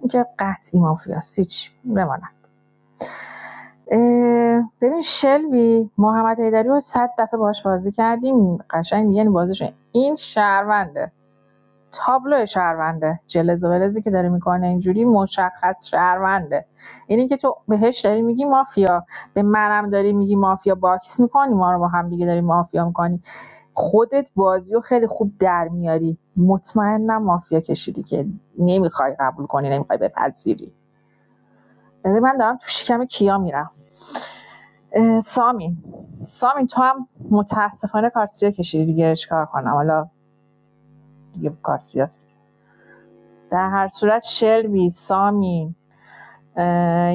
S17: این که قطعی مافیاست هیچ بمانم اه، ببین شلبی محمد حیدری رو صد دفعه باهاش بازی کردیم قشنگ دیگه یعنی بازیش این شهرونده تابلو شهرونده جلز و ولزی که داره میکنه اینجوری مشخص شهرونده اینی که تو بهش داری میگی مافیا به منم داری میگی مافیا باکس میکنی ما رو با هم دیگه داری مافیا میکنی خودت بازیو خیلی خوب در میاری مطمئنم مافیا کشیدی که نمیخوای قبول کنی نمیخوای بپذیری یعنی من دارم تو شکم کیا میرم سامین سامین تو هم متاسفانه کارسیا کشیدی دیگه چیکار کنم حالا دیگه کارسیاست در هر صورت شلبی سامی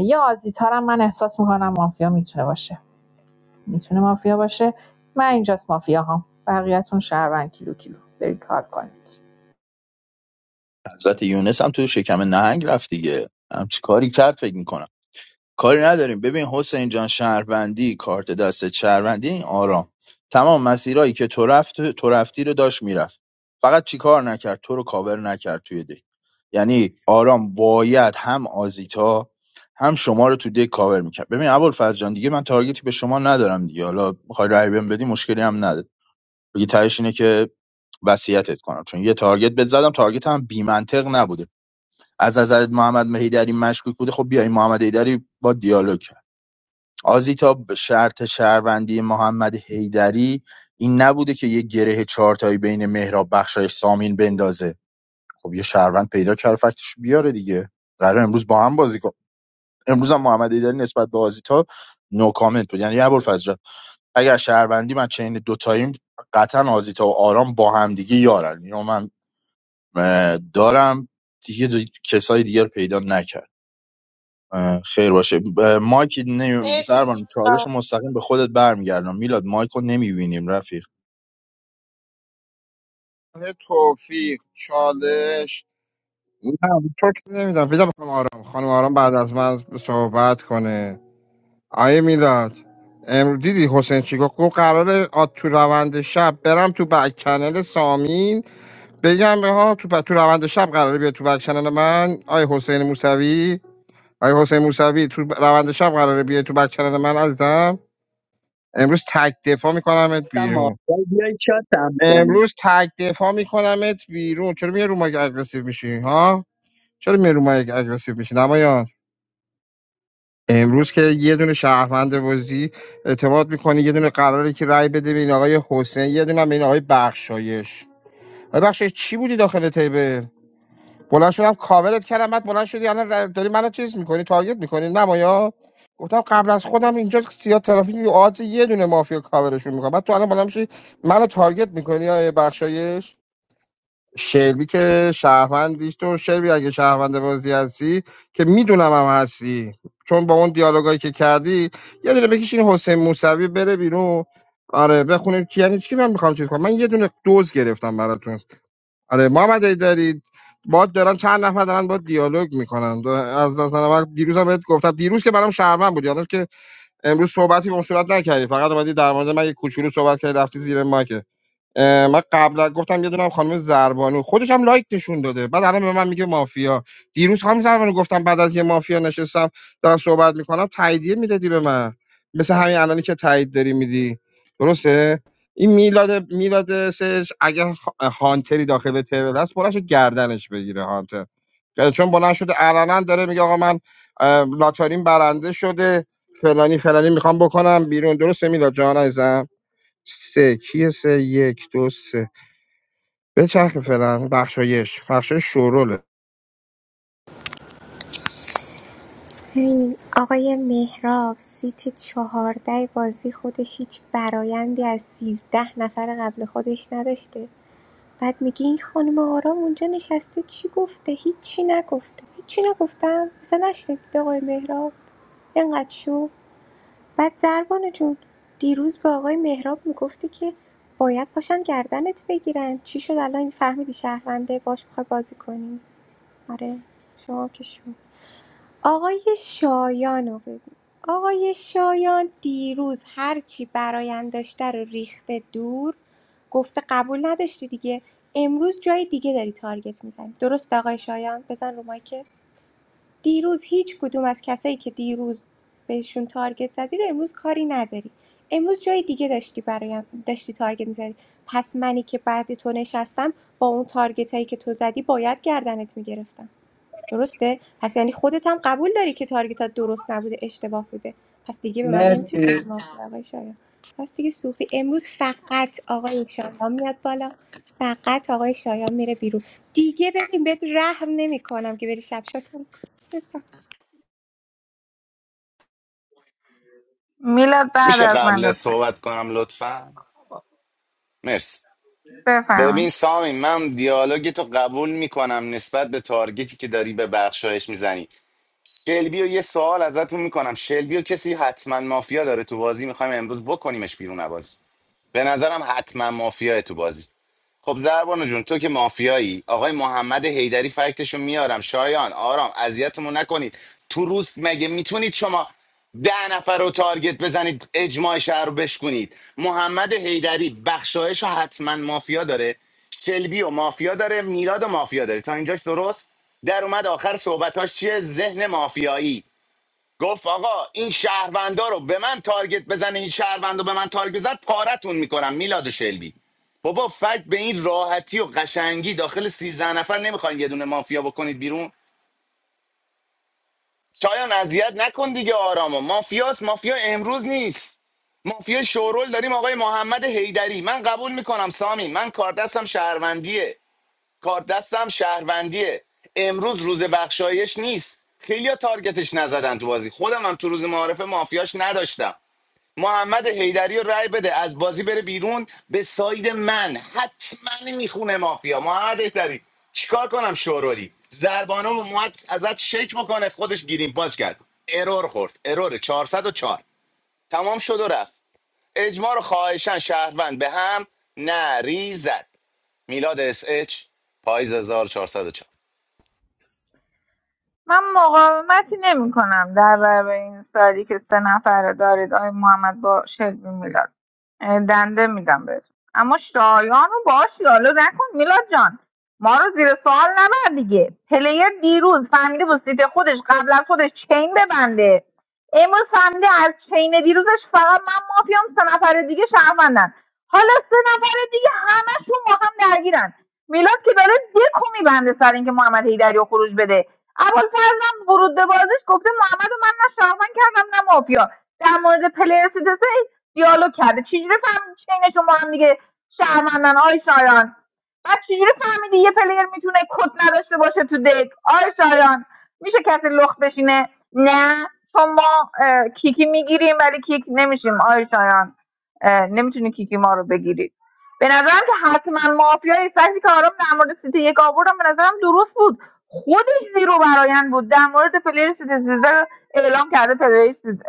S17: یا آزیتا رو هم من احساس میکنم مافیا میتونه باشه میتونه مافیا باشه من اینجاست مافیا هم بقیهتون شهروند کیلو کیلو برید کار کنید
S4: حضرت یونس هم تو شکم نهنگ رفت دیگه همچی کاری کرد فکر می‌کنم کاری نداریم ببین حسین جان شهروندی کارت دست شهروندی این آرام تمام مسیرهایی که تو رفت تو رفتی رو داشت میرفت فقط چیکار نکرد تو رو کاور نکرد توی دک یعنی آرام باید هم آزیتا هم شما رو تو دک کاور میکرد ببین ابوالفضل جان دیگه من تارگتی به شما ندارم دیگه حالا میخوای رای بهم بدی مشکلی هم نداره دیگه تهش اینه که وصیتت کنم چون یه تارگت بهت زدم تارگت هم بی نبوده از نظرت محمد مهیدری مشکوک بوده خب بیای محمد هیدری با دیالوگ آزیتا شرط شهروندی محمد حیدری این نبوده که یه گره چهارتایی بین مهراب بخشایش سامین بندازه خب یه شهروند پیدا کرد فکتش بیاره دیگه قرار امروز با هم بازی کن امروز هم محمد حیدری نسبت به آزیتا نو کامنت بود یعنی ابوالفضل جان، اگر شهروندی من چین دوتاییم قطعا آزیتا و آرام با هم دیگه یارن اینو من دارم دیگه دو- کسای دیگر پیدا نکردم اه، خیر باشه ب- مایک
S19: Messi,
S4: نمی...
S19: what's
S4: سربان
S19: your name?
S4: چالش رو مستقیم به خودت برمیگردم میلاد مایک رو نمیبینیم رفیق
S11: توفیق چالش نه چرت نمیدم ویدم بخوام آرام خانم آرام بعد از من صحبت کنه آیه میلاد امروز دیدی حسین چی گفت گفت قراره آ- تو روند شب برم تو بک چنل سامین بگم ها تو ب- تو روند شب قراره بیاد تو بک چنل من آیه حسین موسوی آیه حسین موسوی تو ب- روند شب قراره بیاد تو بک چنل من عزیزم امروز تک دفاع میکنمت
S16: گفتم
S11: بیرون
S16: مافیا بیای چاتم کنی
S11: امروز تک دفاع میکنمت بیرون چرا میای رو مایک اگریسیو میشی ها چرا میای رو مایک اگریسیو میشی نمایان امروز که یه دونه شهروند بازی اعتماد میکنه یه دونه قراره که رای بده به این آقای حسین یه دونه هم به این آقای بخشایش آقای بخشایش چی بودی داخل تیبه بلند شدم کاورت کردم بعد بلند شدی الان ر- داری منو چیز میکنی تارگت میکنی نمایا گفتم قبل از خودم اینجا سیاه ترافیک یه آدز یه دونه مافیا کاورشون میکنم بعد تو الان بلند میشی منو تارگت میکنی آقای بخشایش شلبی که شهروندیش تو شلبی اگه شهروند بازی هستی که میدونم هم هستی چون با اون دیالوگایی که کردی یه دونه بکشین حسین موسوی بره بیرون آره بخونیم کی یعنی چی من میخوام چیز کنم من یه دونه دوز گرفتم براتون آره محمد ای دارید باد دارن چند نفر دارن با دیالوگ میکنن از نظر من دیروز هم بهت گفتم دیروز که برام شهروند بود یادم که امروز صحبتی به اون صورت نکردی فقط اومدی در مورد من یه کوچولو صحبت کردی رفتی زیر مایک اه، من قبلا گفتم یه دونم خانم زربانو خودش هم لایک نشون داده بعد الان به من میگه مافیا دیروز خانم زربانو گفتم بعد از یه مافیا نشستم دارم صحبت میکنم تاییدیه میدادی به من مثل همین الانی که تایید داری میدی درسته این میلاد میلاد سش اگه خ- هانتری داخل تیبل هست بلند شد گردنش بگیره هانتر یعنی چون بلند شده علنا داره میگه آقا من اه، لاتارین برنده شده فلانی فلانی میخوام بکنم بیرون درسته میلاد جان عزیزم سه کیه سه یک دو سه به چرخ فعلا بخشایش بخشایش شوروله
S18: هی، آقای مهراب سیت چهارده بازی خودش هیچ برایندی از سیزده نفر قبل خودش نداشته بعد میگه این خانم آرام اونجا نشسته چی گفته هیچی نگفته هیچی نگفتم مثلا نشنیدید آقای مهراب اینقدر شو بعد زربانو جون دیروز با آقای مهراب میگفتی که باید پاشن گردنت بگیرن چی شد الان فهمیدی شهرونده باش میخوای بازی کنی آره شما که شد آقای شایانو رو ببین آقای شایان دیروز هرچی براین داشته رو ریخته دور گفته قبول نداشتی دیگه امروز جای دیگه داری تارگت میزنی درست آقای شایان بزن رو مایک. دیروز هیچ کدوم از کسایی که دیروز بهشون تارگت زدی رو امروز کاری نداری امروز جای دیگه داشتی برایم داشتی تارگت میزدی پس منی که بعد تو نشستم با اون تارگت هایی که تو زدی باید گردنت میگرفتم درسته پس یعنی خودت هم قبول داری که تارگتات درست نبوده اشتباه بوده پس دیگه به من نمیتونی بگی
S15: مرسی
S18: مافیا آقای شایان پس دیگه سوختی امروز فقط آقای شایان میاد بالا فقط آقای شایان میره بیرون دیگه ببین بهت رحم نمیکنم که بری شب شاتم
S12: میلاد بعد
S3: میشه
S12: از من
S3: قبل
S12: لطفا
S3: صحبت کنم لطفا مرسی
S12: بفرمایید
S3: ببین سامی من دیالوگ تو قبول میکنم نسبت به تارگتی که داری به بخشایش میزنی شلبی و یه سوال ازتون میکنم شلبی و کسی حتما مافیا داره تو بازی میخوایم امروز بکنیمش بیرون بازی به نظرم حتما مافیاه تو بازی خب زربانو جون تو که مافیایی آقای محمد حیدری فکتشو میارم شایان آرام اذیتمون نکنید تو روز مگه میتونید شما ده نفر رو تارگت بزنید اجماع شهر رو بشکنید محمد حیدری بخشایش رو حتما مافیا داره شلبی و مافیا داره میلاد و مافیا داره تا اینجاش درست در اومد آخر صحبتاش چیه ذهن مافیایی گفت آقا این شهروندا رو به من تارگت بزنه این شهروندا به من تارگت بزن پارتون میکنم میلاد و شلبی بابا فکت به این راحتی و قشنگی داخل سیزده نفر نمیخواین یه دونه مافیا بکنید بیرون شایان اذیت نکن دیگه آرامو مافیاس مافیا امروز نیست مافیا شورول داریم آقای محمد حیدری من قبول میکنم سامی من کار دستم شهروندیه کار دستم شهروندیه امروز روز بخشایش نیست خیلیا تارگتش نزدن تو بازی خودم هم تو روز معارفه مافیاش نداشتم محمد حیدری رو رای بده از بازی بره بیرون به ساید من حتما میخونه مافیا محمد حیدری چیکار کنم شورولی زربانو اومد ازت شک بکنه خودش گیریم پاش کرد ارور خورد ارور 404 تمام شد و رفت اجماع رو خواهشن شهروند به هم نریزد میلاد اس اچ پاییز 1404
S12: من مقاومتی نمی‌کنم در برابر این سالی که سه نفره دارید آقای محمد با شلبی میلاد اه، دنده میدم بهتون اما شایان رو باش دیالوگ نکن میلاد جان ما رو زیر سوال نبر دیگه پلیر دیروز فهمیده با سیت خودش قبل از خودش چین ببنده امروز فهمیده از چین دیروزش فقط من مافیام سه نفر دیگه شهروندن حالا سه نفر دیگه همشون با هم درگیرن میلاد که داره دکو میبنده سر اینکه محمد هیدری رو خروج بده ابوالفضلم ورود به بازیش گفته محمد و من نه شهروند کردم نه مافیا در مورد پلیر سیتسه دیالوگ کرده چجوری فهمیدی چینشون با هم دیگه شهروندن آی شایان بعد چجوری فهمیدی یه پلیر میتونه کد نداشته باشه تو دک آی شایان میشه کسی لخت بشینه نه چون ما اه، کیکی میگیریم ولی کیک نمیشیم آی شایان اه، نمیتونی کیکی ما رو بگیری به نظرم که حتما مافیای فکتی که آرام در مورد سیتی یک آوردم به نظرم درست بود خودش زیرو برایند بود در مورد پلیر سیتی سیزده اعلام کرده پلیر سیز-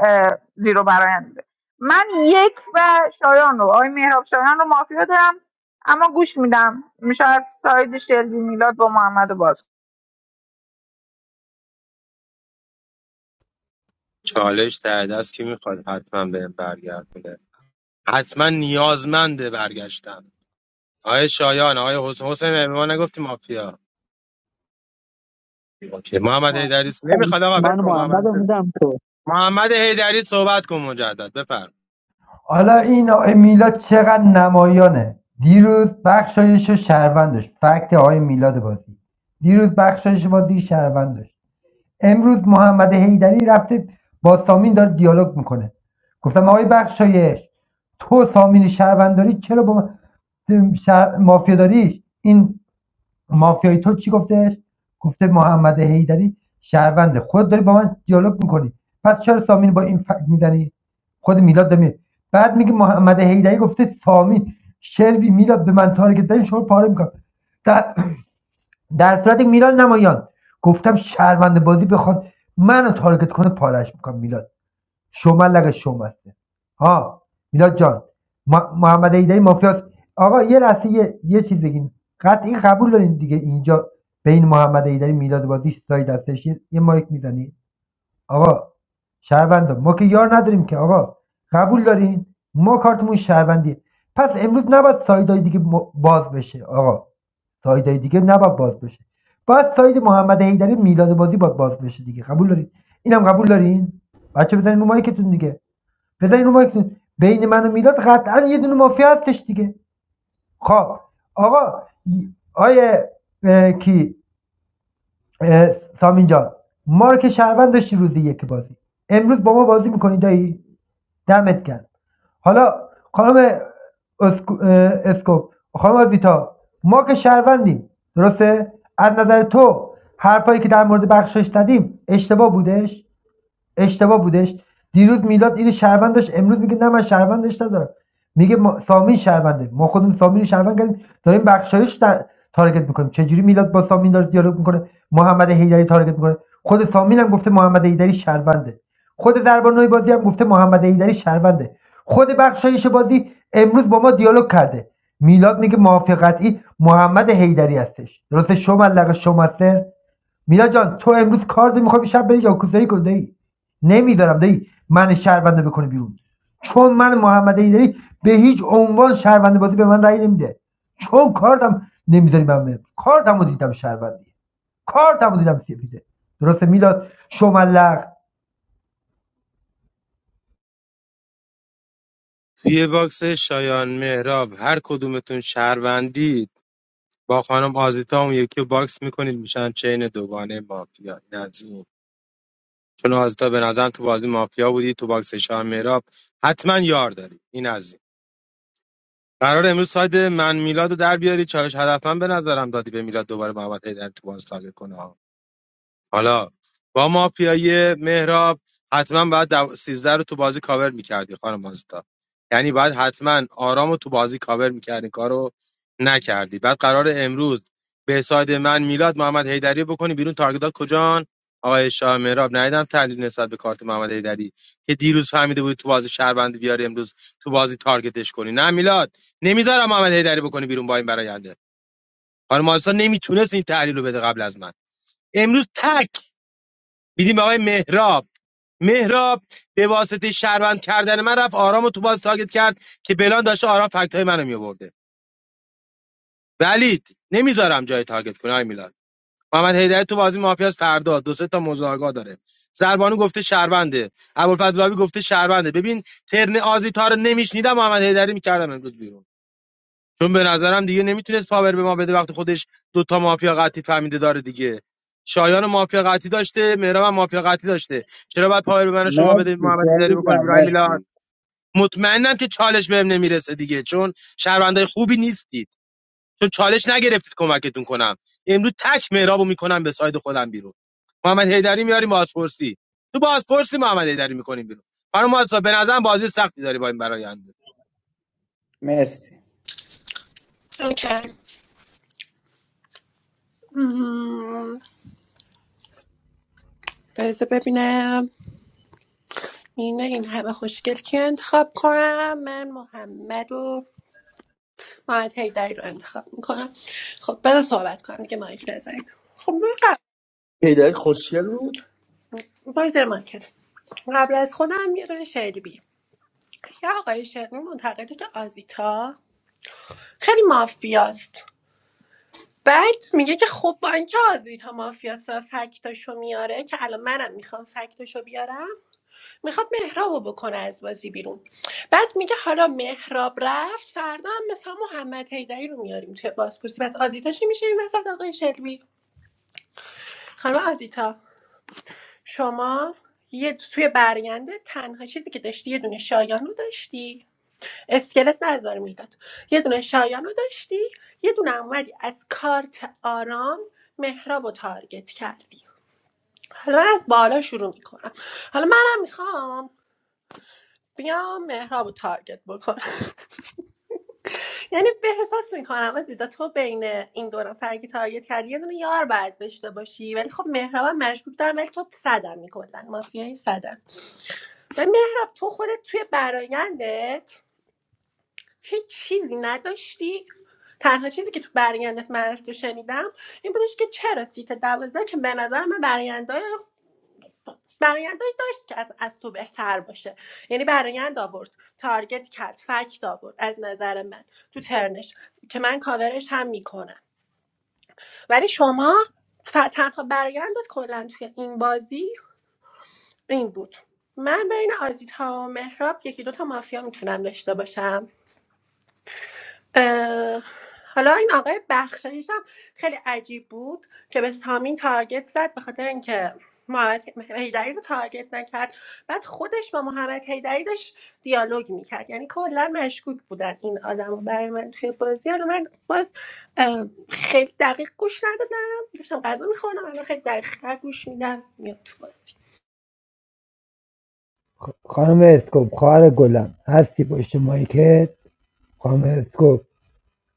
S12: زیرو برایند بوده من یک و شایان رو آقای مهراب شایان رو مافیا دارم اما گوش میدم شاید ساید شلبی میلاد با محمد رو باز
S13: چالش ته دست کی میخواد حتما بهم برگردونه حتما نیازمنده برگشتن آقای شایان آقای حسین حسین به ما نگفتی مافیا اوکی. محمد حیدری نمیخواد آقا
S16: من
S13: ول کن محمد
S16: محمد رو
S13: حیدری.
S16: میدم تو
S13: محمد حیدری صحبت کن مجدد بفرمایید
S10: حالا این آقای میلاد چقدر نمایانه دیروز بخشایش و شهروند داشت فکت آقای میلاد بازی دیروز بخشایش بازی شهروند امروز محمد حیدری رفته با سامین داره دیالوگ میکنه گفتم آقای بخشایش تو سامین شهروند داری چرا با من- شهر... مافیا این مافیای تو چی گفته گفته محمد حیدری شهرونده خود داری با من دیالوگ میکنی پس چرا سامین با این فکت میزنی خود میلاد دمی بعد میگه محمد حیدری گفته سامین شلبی میلاد به من تارگت دادن شو پاره میکنم در, در صورت میلاد نمایان گفتم شهرونده بازی بخواد منو تارگت کنه پارهش میکنم میلاد şomerlere şomersin. Ha Milad Can Ma- محمد ایدری مافیاست آقا یه لحظه یه, یه چیز بگین قطعی قبول دارین دیگه اینجا بین محمد ایدری میلاد بازی ساید هستش یه مایک میزنی آقا شهروندا ما که یار نداریم که آقا قبول دارین ما کارتمون شهروندیه پس امروز نباید سایدای دیگه باز بشه آقا سایدای دیگه نباید باز بشه باید ساید محمد حیدری میلاد بازی باید باز بشه دیگه قبول دارین اینم قبول دارین بچه بزنین رو مایکتون دیگه بذار اینو وایس بین من و میلاد قطعا یه دونه مافیا هستش دیگه خب آقا آیه اه، کی سامین جان ما رو که شهروند داشتی روز یک بازی امروز با ما بازی میکنی دایی دمت گرم حالا خانم اسکو- اسکوپ خانم آزیتا ما که شهروندیم درسته از نظر تو حرفایی که در مورد بخشش زدیم اشتباه بودش اشتباه بودش دیروز میلاد اینو شهروند داشت امروز میگه نه من شهروندش ندارم میگه سامین شهرونده ما خودمون سامین رو شهروند کردیم داریم بخشایش در تارگت میکنیم چجوری میلاد با سامین داره دیالوگ میکنه محمد حیدری تارگت میکنه خود سامین هم گفته محمد حیدری شهرونده خود دربانوی بازی هم گفته محمد حیدری شهرونده خود بخشایش بازی امروز با ما دیالوگ کرده میلاد میگه موافق محمد حیدری هستش درسته شما لغ شما سر میلا جان تو امروز کار داری میخوای شب بری یاکوزایی کنی دایی نمیذارم دایی من شهرونده بکنه بیرون چون من محمد ایدری به هیچ عنوان شهرونده بازی به من رأی نمیده چون کارتم نمیذاری من برم کارتمو دیدم شهروندی کارتمو دیدم سیفیده درسته میلاد شملق
S13: توی باکس شایان مهراب هر کدومتون شهروندید با خانم آزیتا اون یکی رو باکس میکنید میشن چین دوگانه مافیا این از این چون آزیتا به نظرم تو بازی مافیا بودی تو باکس شایان مهراب حتما یار داری این از این قرار امروز ساید من میلاد رو در بیاری چالش هدفم به نظرم دادی به میلاد دوباره محمد حیدر تو باز ساله کنه حالا با مافیای مهراب حتما باید دو... 13 رو تو بازی کاور میکردی خانم آزتا یعنی باید حتما آرام رو تو بازی کاور میکردی کارو نکردی بعد قرار امروز به ساید من میلاد محمد حیدری بکنی بیرون تارگتات کجان آقای شاه مهراب ندیدم تحلیل نسبت به کارت محمد حیدری که دیروز فهمیده بود تو بازی شهروند بیاری امروز تو بازی تارگتش کنی نه میلاد نمیذارم محمد حیدری بکنی بیرون با این براینده خانم آزتا نمیتونست این تحلیل رو بده قبل از من امروز تک میدیم به آقای مهراب مهراب به واسطه شهروند کردن من رفت آرام رو تو باز تاگت کرد که بلان داشته آرام فکتای منو میآورده ولید نمیذارم جای تاگت کنه آقای میلاد محمد هیدری تو بازی مافیاس فردا دو سه تا موضوع آگاه داره زربانو گفته شهرونده ابوالفضل بابی گفته شهرونده ببین ترن آزیتا رو نمیشنیدم محمد هیدری میکردم امروز بیرون چون به نظرم دیگه نمیتونست پاور به ما بده وقتی خودش دوتا مافیا قطعی فهمیده داره دیگه شایان مافیا قطعی داشته مهراب مافیا قطعی داشته چرا باید پاور به من و شما بده محمد هیدری بکنه بیرون میلاد مطمئنم که چالش بهم نمیرسه دیگه چون شهروندای خوبی نیستید چون چالش نگرفتید کمکتون کنم امروز تک مهرابو میکنم به ساید خودم بیرون محمد هیدری میاریم بازپرسی تو بازپرسی محمد هیدری میکنیم بیرون خانم آسا به نظرم بازی سختی داری با این براینده
S15: مرسی
S14: اوکی مم. بذار ببینم این این همه خوشگل که انتخاب کنم من محمد و محمد هیدری رو انتخاب میکنم خب بذار صحبت کنم دیگه مایک نزنیم خب من قبل
S4: پیدر خوشگل بود
S14: باز در مایکت قبل از خودم یه دونه شلبی یه آقای شلبی معتقده که آزیتا خیلی مافیاست بعد میگه که خب با اینکه آزیتا مافیاست و فکتاشو میاره که الان منم میخوام فکتاشو بیارم میخواد مهرابو بکنه از بازی بیرون بعد میگه حالا مهراب رفت فردا هم مثلا محمد حیدری رو میاریم چه بازپرسی پس آزیتا چی میشه این وسط آقای شلبی خانم آزیتا شما یه توی برگنده تنها چیزی که داشتی یه دونه شایان رو داشتی اسکلت نظر میداد یه دونه شایان رو داشتی یه دونه اومدی از کارت آرام مهراب رو تارگت کردی حالا من از بالا شروع میکنم حالا منم میخوام بیام مهراب رو تارگت بکنم یعنی به احساس میکنم آزیتا تو بین این دو نفر که تارگت کردی یه دونه یار باید داشته باشی ولی خب مهرابم مشکوک دارم ولی تو صدم کلا مافیای صدم و مهراب تو خودت توی برایندت هیچ چیزی نداشتی تنها چیزی که تو برایندت من از تو شنیدم این بودش که چرا سیت دوازده که به نظر من برایندای برایندای داشت که از, از تو بهتر باشه یعنی برایند آورد تارگت کرد فکت آورد از نظر من تو ترنش که من کاورش هم میکنم ولی شما ف... تنها برایندت کلا توی این بازی این بود من بین آزیتا و مهراب یکی دوتا مافیا میتونم داشته باشم اه، حالا این آقای بخشایش هم خیلی عجیب بود که به سامین تارگت زد به خاطر اینکه محمد هیدری رو تارگت نکرد بعد خودش با محمد هیدری داشت دیالوگ میکرد یعنی کلا مشکوک بودن این آدم برای من توی بازی حالا من باز اه، خیلی دقیق گوش ندادم داشتم غذا میخوردم الان خیلی دقیق گوش میدم میاد تو بازی
S10: خانم اسکوپ خواهر گلم هستی پشت مایکت خانم اسکوپ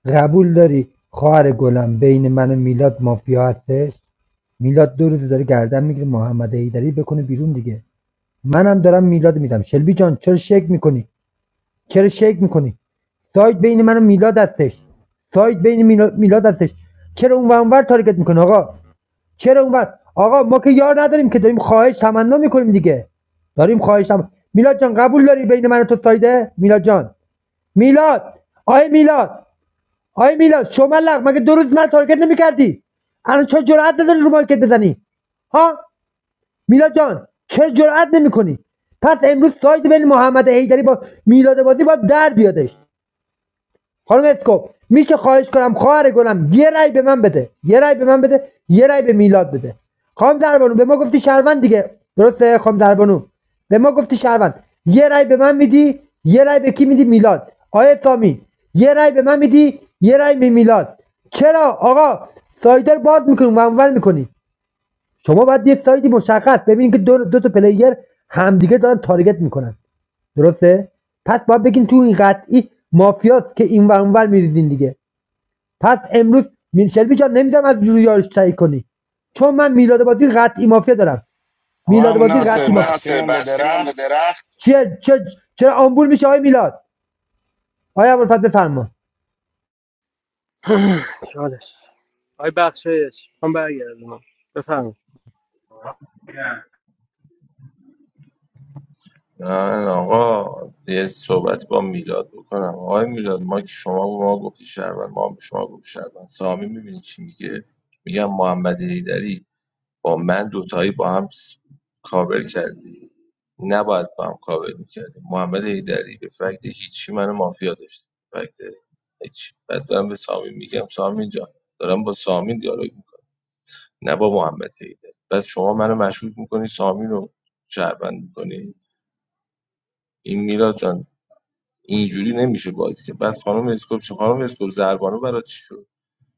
S10: قبول داری خواهر گلم بین من و میلاد مافیا هستش میلاد دو روز داره گردن میگیره محمد ایدری بکنه بیرون دیگه منم دارم میلاد میدم شلبی جان چرا شیک میکنی چرا شیک میکنی سایت بین من و میلاد هستش سایت بین میلا- میلاد هستش چرا اون ور اونور تارگت میکنه آقا چرا اونور آقا ما که یار نداریم که داریم خواهش تمنا میکنیم دیگه داریم خواهش تمنا میلاد جان قبول داری بین من و تو سایده میلاد جان میلاد آی میلاد آی میلاد شما لغ مگه دو روز من تارگت نمیکردی الان چه جرأت نداری رو مارکت بزنی ها میلاد جان چه جرأت نمیکنی پس امروز ساید بین محمد حیدری با میلاد بازی باید در بیادش خانم اسکوپ میشه خواهش کنم خواهر گلم یه رای به من بده یه رای به من بده یه رای به میلاد بده خانم دربانو به ما گفتی شهروند دیگه درسته خانم دربانو به ما گفتی شهروند یه رای به من میدی یه رای به کی میدی میلاد آیه تامی یه رای به من میدی یه رای به میلاد چرا آقا سایدر باز میکنی منور میکنی شما باید یه سایدی مشخص ببینید که دو, دو تا پلیر همدیگه دارن تارگت میکنن درسته پس باید بگین تو این قطعی مافیاست که این ور اونور میریزین دیگه پس امروز میر- شلبی جان نمیذارم از جوری یارش تایید کنی چون من میلاد بازی قطعی مافیا دارم
S3: آقا
S10: میلاد
S3: همون
S10: بازی
S3: ناصر
S10: قطعی همون مافیا ناصر
S3: بستیمون به
S10: بستیمون به
S3: درخت
S10: درخت چیه چه چرا آمبول میشه آقای میلاد آقای ابوالفضل فرما
S7: (clears throat) چالش آی بخشایش من برگردونم بفرمایید
S6: من آقا یه صحبت با میلاد بکنم آقای میلاد ما که شما به ما گفتی شهروند ما هم به شما گفت شهروند سامی میبینی چی میگه میگم محمد هیدری با من دوتایی با هم س- کاور کردی نباید با هم کاور میکردی محمد هیدری به فکت هیچی منو مافیا داشت فکت هیچی بعد دارم به سامی میگم سامی جان دارم با سامی دیالوگ میکنم نه با محمد هیدری بعد شما منو مشکوک میکنی سامی رو شهروند میکنی این میلاد جان اینجوری نمیشه بازی که بعد خانم اسکوپ چه خانم اسکوپ زربانو برای چی شد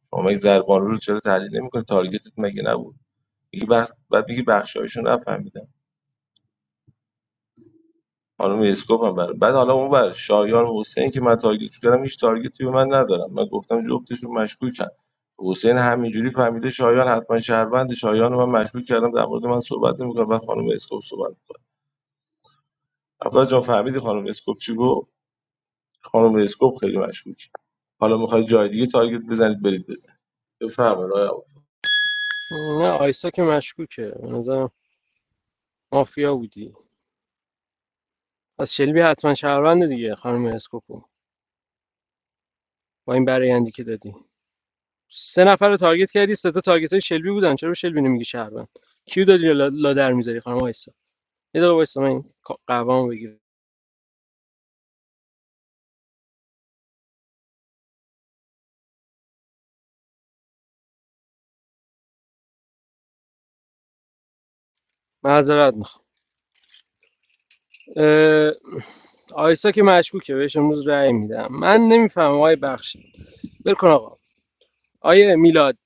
S6: شما مگه زربانو رو چرا تحلیل نمیکنی تارگتت مگه نبود میگه بخ... بعد میگه بخشایشو نفهمیدم خانم اسکوپ هم بر بعد حالا اون بر شایان حسین که من تارگتش کردم هیچ تارگتی به من ندارم من گفتم جفتشون مشکوکن حسین همینجوری فهمیده شایان حتما شهروند شایان رو من مشکوک کردم در مورد من صحبت نمی‌کنه بعد خانم اسکوپ صحبت می‌کنه اول جان فهمیدی خانم اسکوپ چی گفت خانم اسکوپ خیلی مشکوک حالا می‌خواد جای دیگه تارگت بزنید برید بزنید بفرمایید آقای عبود.
S7: نه آیسا که مشکوکه به نظرم مافیا بودی از شلبی حتما شهروند دیگه خانم اسکوپو با این برایندی که دادی سه نفر رو تارگت کردی سه تا تارگت های شلبی بودن چرا به شلبی نمیگی شهروند کیو دادی لادر لا میذاری خانم آیسا یه دقیقه وایسا من این قوامو بگیرم معذرت میخوام آیسا که مشکوکه بهش امروز رأی میدم من نمیفهمم آقای بخشی ول کن آقا آیه میلاد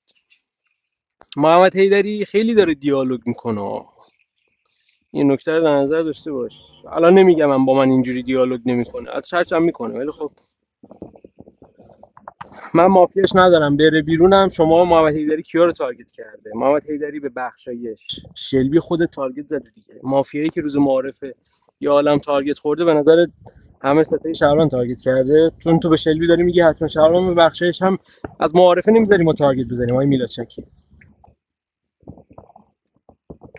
S7: محمد حیدری خیلی داره دیالوگ میکنه این نکته رو در نظر داشته باش الان نمیگم من با من اینجوری دیالوگ نمیکنه از هم میکنه ولی خب من مافیاش ندارم بره بیرونم شما محمد حیدری کیا رو تارگت کرده محمد حیدری به بخشایش شلبی خود تارگت زده دیگه مافیایی که روز معارفه یا عالم تارگت خورده به نظر همه ستای شهران تارگت کرده چون تو به شلبی داری میگه حتما شهران به بخشایش هم از معارفه نمیذاری ما تارگت بزنیم آقای میلاد شکی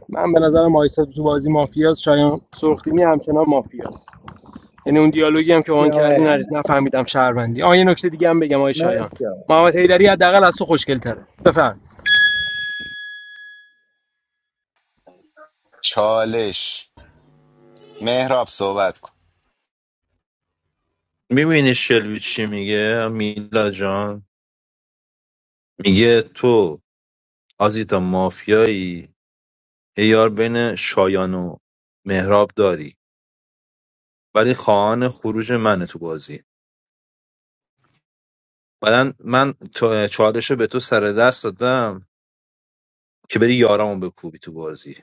S7: من به نظرم آیسا تو بازی مافیاست شایان سرخدیمی همچنان مافیاست یعنی اون دیالوگی هم که اون
S15: مرسی آقا
S7: کردی نر- نفهمیدم شهروندی آ یه نکته دیگه هم بگم آی شایان
S15: مرسی آقا
S7: محمد حیدری حداقل از تو خوشگل تره بفهم
S3: چالش مهراب صحبت کن
S8: میبینی شلوی چی میگه میلا جان میگه تو آزیتا مافیایی یه یار بین شایان و مهراب داری ولی خواهان خروج منه تو بازی بعدا من تا- چالش رو به تو سر دست دادم که بری یارامو بکوبی تو بازی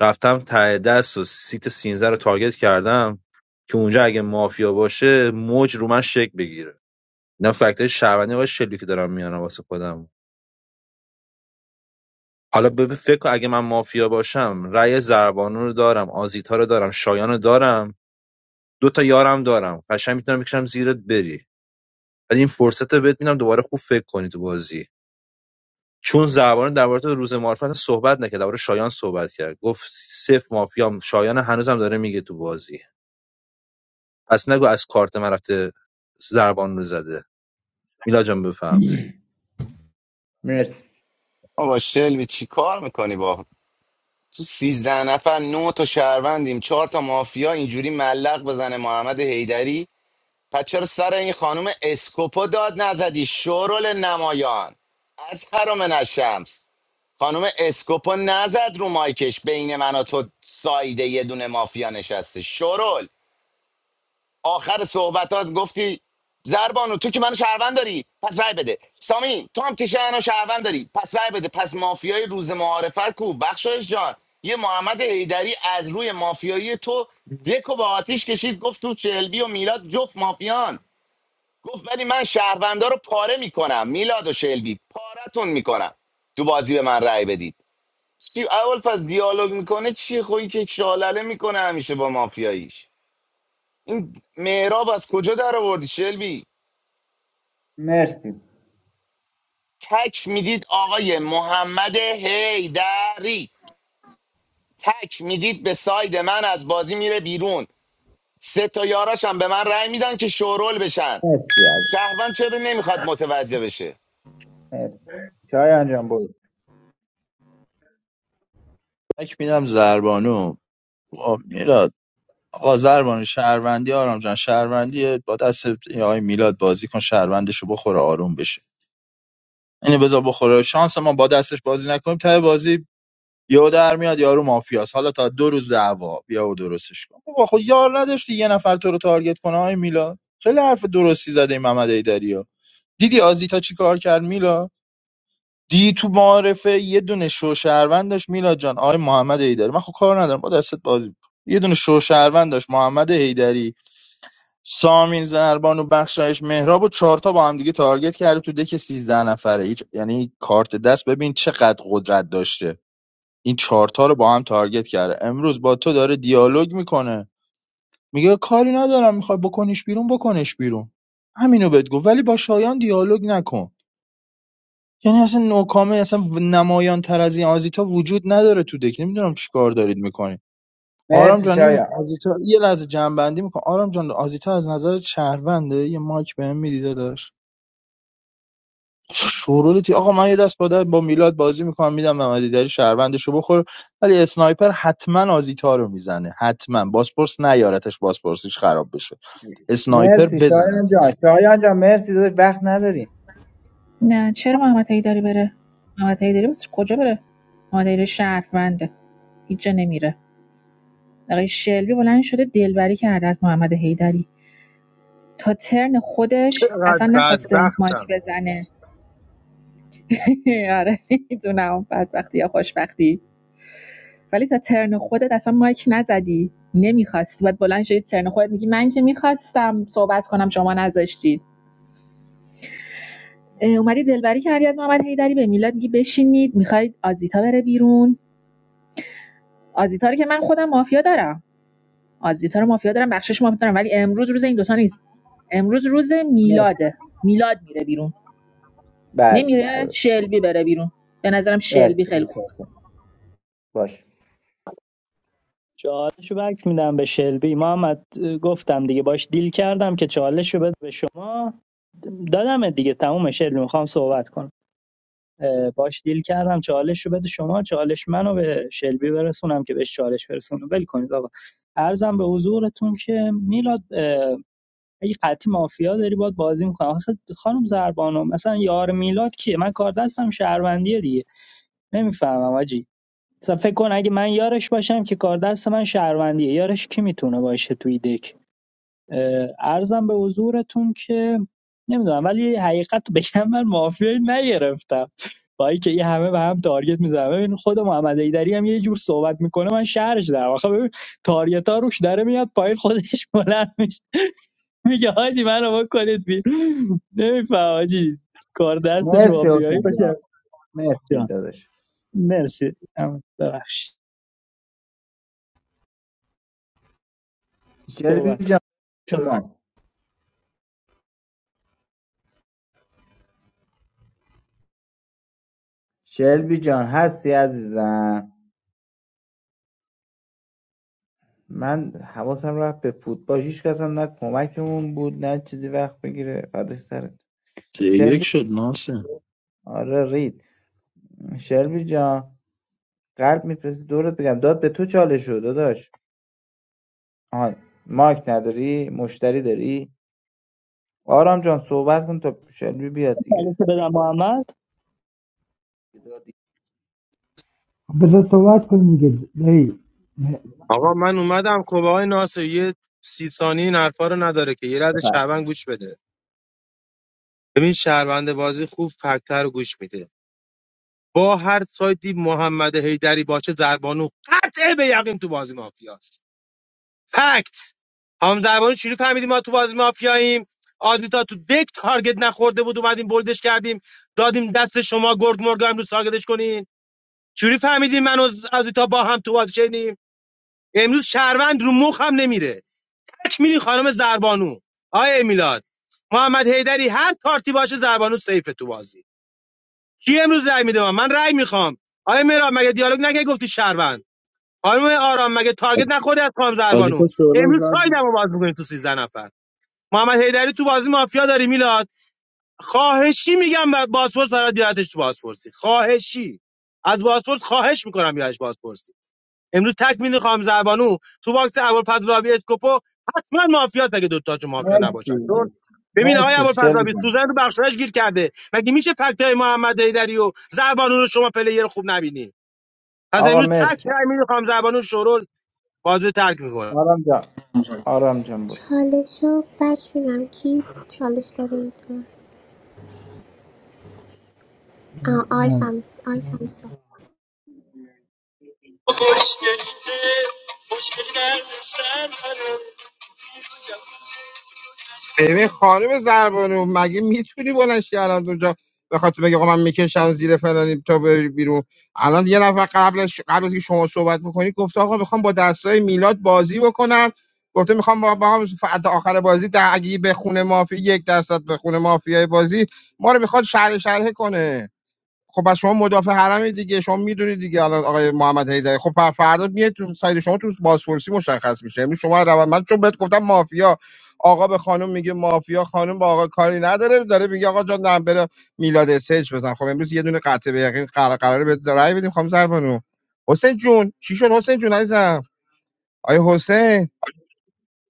S8: رفتم ته دست و سیت 13 رو تارگت کردم که اونجا اگه مافیا باشه موج رو من شک بگیره اینا فکتای شهروندی آقای شلی که دارم میانم واسه خودم حالا به فکر کن اگه من مافیا باشم رأی زربانو رو دارم آزیتا رو دارم شایان رو دارم دو تا یارم دارم قشنگ میتونم بکشم زیرت بری ولی این فرصت رو بهت میدم دوباره خوب فکر کنی تو بازی چون زربانو درباره تو روز معرفت صحبت نکرد درباره شایان صحبت کرد گفت صفر مافیام شایان هنوزم داره میگه تو بازی پس نگو از کارت من رفته ضربان رو زده میلا جان بفرم
S15: مرسی
S3: آقا شلوی چی کار میکنی با تو سیزده نفر نه تا شهروندیم چهار تا مافیا اینجوری ملق بزنه محمد حیدری پس چرا سر این خانم اسکوپو داد نزدی شورل نمایان از حرم نشمس خانم اسکوپو نزد رو مایکش بین من و تو سایده یه دونه مافیا نشسته شرول آخر صحبتات گفتی زربانو تو که منو شهروند داری پس رای بده سامی تو هم تیشه منو شهروند داری پس رای بده پس مافیای روز معارفت کو بخشایش جان یه محمد حیدری از روی مافیایی تو دکو با آتیش کشید گفت تو شلبی و میلاد جفت مافیان گفت ولی من شهروندا رو پاره میکنم میلاد و شلبی پارتون میکنم تو بازی به من رای بدید سی اول از دیالوگ میکنه چی خب این که شالله میکنه همیشه با مافیاییش این مهراب از کجا در آوردی شلبی
S15: مرسی
S3: تک میدید آقای محمد هیدری تک میدید به ساید من از بازی میره بیرون سه تا یاراش هم به من رأی میدن که شورول بشن
S15: مرسی از
S3: شهروند چرا نمیخواد متوجه بشه
S15: مرسی شایان جان برو
S4: مایک میدم زربانو آه، میلاد آقا زربانو شهروندی آرام جان شهروندی با دست این آقای میلاد بازی کن شهروندش رو بخوره آروم بشه اینو بذار بخوره شانس ما با دستش بازی نکنیم ته بازی یهو در میاد یارو مافیاست حالا تا دو روز دعوا بیا و درستش کن بابا خود یار نداشتی یه نفر تو رو تارگت کنه آقای میلاد خیلی حرف درستی زده این محمد ایدری دیدی آزیتا چی کار کرد میلاد دی تو معارفه یه دونه شوشهروند داشت میلاد جان آقای محمد حیدری من خب کار ندارم با دستت بازی می‌کنم. یه دونه شوشهروند داشت محمد حیدری سامین زربان و بخشایش مهراب و چهار تا با هم دیگه تارگت کرده تو دک 13 نفره هیچ یعنی کارت دست ببین چقدر قدرت داشته این چهار تا رو با هم تارگت کرده امروز با تو داره دیالوگ میکنه میگه کاری ندارم میخوای بکنیش بیرون بکنش بیرون همینو بهت گفت ولی با شایان دیالوگ نکن یعنی اصلا نوکامه اصلا نمایان تر از این آزیتا وجود نداره تو دک نمیدونم چیکار دارید میکنید آرام
S15: مرسی
S4: جان این
S15: شایان
S4: آزیتا یه لحظه جنبندی میکنه آرام جان آزیتا از نظر شهرونده یه مایک بهم میدی داداش شورولیتی آقا من یه دست با دست با میلاد بازی میکنم میدم محمدی داری شهروندشو بخور ولی اسنایپر حتما آزیتا رو میزنه حتما باسپورس نیارتش باسپورسیش خراب بشه اسنایپر
S15: مرسی شایان جان
S4: بزنتش
S15: شایان جان مرسی داداش وقت نداریم
S17: نه چرا محمد داری بره محمد داری کجا بره محمد حیدری شهرونده هیچ جا نمیره آقای شلبی بلند شده دلبری کرده از محمد حیدری تا ترن خودش اصلا
S13: چقدر
S17: نخواسته
S13: بدبختم
S17: مایک بزنه (laughs) آره میدونم بدبختی یا خوشبختی ولی تا ترن خودت اصلا مایک نزدی نمیخواستی بعد بلند شدی ترن خودت میگی من که میخواستم صحبت کنم شما نذاشتید اه، اومدی دلبری کردی از محمد حیدری به میلاد میگی بشینید میخواید آزیتا بره بیرون آزیتا رو که من خودم مافیا دارم آزیتا رو مافیا دارم بخشش مافیا دارم ولی امروز روز این دوتا نیست امروز روز
S15: مرسی
S17: میلاده میلاد میره بیرون
S15: بله
S17: نمیره
S15: درست
S17: شلبی بره بیرون به نظرم شلبی
S15: مرسی
S17: خیلی خوب
S15: متشکرم. باش
S16: چالش رو بک میدم به شلبی محمد گفتم دیگه باش دیل کردم که چالش رو بده به شما دادم دیگه تموم شلبی میخوام صحبت کنم اه، باش دیل کردم چالش رو بده شما چالش منو به شلبی برسونم که بهش چالش برسونم ول کنید آقا ارزم به حضورتون که میلاد اه، اگه قطعی مافیا داری باید بازی میکنم. آخه خانم زربانو مثلا یار میلاد کیه من کار دستم شهروندیه دیگه نمیفهمم آجی. مثلا فکر کن اگه من یارش باشم که کار دست من شهروندیه یارش کی میتونه باشه توی دک اه، عرضم به حضورتون که نمیدونم ولی حقیقت رو بگم من مافیایی نگرفتم با اینکه این همه به هم تارگت میزنم ببین خود محمد ایدری هم یه جور صحبت میکنه من شهرش دارم آخه ببین تارگت ها روش داره میاد پایین خودش بلند میشه میگه حاجی منو بکنید بیرون نمیفهم حاجی کار دستش
S15: مرسی
S16: مافیایی
S15: حسین جان
S16: باشه
S15: مرسی
S16: جان
S15: داداش
S16: مرسی ام، ببخشید
S15: شلبی
S16: صحبت
S15: جان شما شلبی جان هستی عزیزم من حواسم رفت به فوتبال هیچ کس هم نه کمکمون بود نه چیزی وقت بگیره فداش سرت
S4: سه
S15: شلبی
S4: یک شد ناسه
S15: آره رید شلبی جان قلب میفرستی دورت بگم داد به تو چالش شد داداش آها ماکی مشتری داری آرام جان صحبت کن تا شلبی بیاد
S16: چالش
S15: دیگه
S16: بدم محمد
S10: بذار صحبت کنیم دیگه دایی
S13: آقا من اومدم خب آقای ناصر یه سی ثانیه این حرفا رو نداره که یه رد شهروند گوش بده ببین شهروند بازی خوب فکتر رو گوش میده با هر سایتی محمد حیدری باشه زربانو قطعه به یقین تو بازی مافیاست فکت هم زربانو چجوری فهمیدیم ما تو بازی مافیاییم آدیتا تو دک تارگت نخورده بود اومدیم بلدش کردیم دادیم دست شما گرگ مرگا امروز تارگتش کنین چجوری فهمیدیم من و آدیتا با هم تو بازی چنیم امروز شهروند رو مخم نمیره تک میری خانم زربانو آیه میلاد محمد حیدری هر کارتی باشه زربانو سیف تو بازی کی امروز رای میده من من رای میخوام آیه میرا مگه دیالوگ نگه گفتی شهروند خانم آرام مگه تارگت نخوردی از خانم زربانو
S4: آزیتا شورول زد
S13: امروز
S4: رو
S13: سایدمو
S4: مایک.
S13: باز میکنی تو سیزده نفر محمد حیدری تو بازی مافیا داری میلاد خواهشی میگم بر- بازپرس برای دیارتش تو بازپرسی خواهشی از بازپرس خواهش میکنم بیارش بازپرسی امروز تک میدی خام زربانو تو باکس ابوالفضلابی اسکوپو حتما مافیات اگه دوتاشو مافیا نباشن
S15: مرسی
S13: چون ببین آقای
S15: مرسی شلبی
S13: ابوالفضلابی سوزن
S15: جان
S13: رو بخشایش گیر کرده مگه میشه فکتای محمد حیدری و زربانو رو شما پلیر خوب نبینی پس
S15: آقا
S13: امروز تک
S15: مرسی
S13: رای میدی خام زربانو شورول بازی رو ترک میکنه
S15: آرام جان آرام جان برو
S18: چالش رو بک بینم کی چالش داره میتونه آقای سام آقای سامسون
S11: ببین خانم زربانو مگه میتونی بلنشی الان اونجا به خاطر بگه آقا من میکشم زیر فلانی تا بری بیرون الان یه نفر قبلش قبل از که شما صحبت بکنی گفته آقا میخوام با دستای میلاد بازی بکنم گفته میخوام با با هم ف- تا آخر بازی در اگه به خونه مافیا یک درصد به خونه مافیای بازی ما رو میخواد شرح شرحه کنه خب پس شما مدافع حرم دیگه شما میدونید دیگه الان آقای محمد حیدری خب پر- فردا میاد تو سایت شما تو بازپرسی مشخص میشه امروز شما روند من چون بهت گفتم مافیا آقا به خانم میگه مافیا خانم با آقا کاری نداره داره میگه آقا جان نه، میلاد سج بزن خب امروز یه دونه قطع به یقین قرار قراره بهت رأی بدیم خانم زربانو حسین جون چی شد حسین جون عزیزم آیا حسین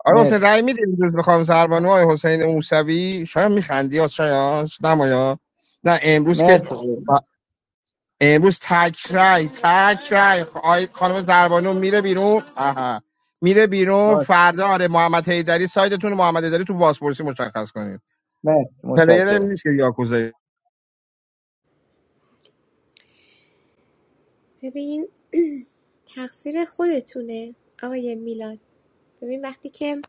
S11: آره حسین
S15: مرسی
S11: رأی میدیم امروز به خانم زربانو آیا حسین موسوی شاید میخندی یا شاید نمایا نه امروز که
S15: مرسی قربون.
S11: امروز تک رای تک رای آی خانم زربانو میره بیرون آها میره بیرون
S15: باش
S11: فردا آره محمد حیدری سایدتون محمد حیدری تو بازپرسی مشخص کنید
S15: مرسی
S11: پلیر هم
S15: متشکرم
S11: نیست که یاکوزه
S18: ببین تقصیر خودتونه آقای میلاد ببین وقتی که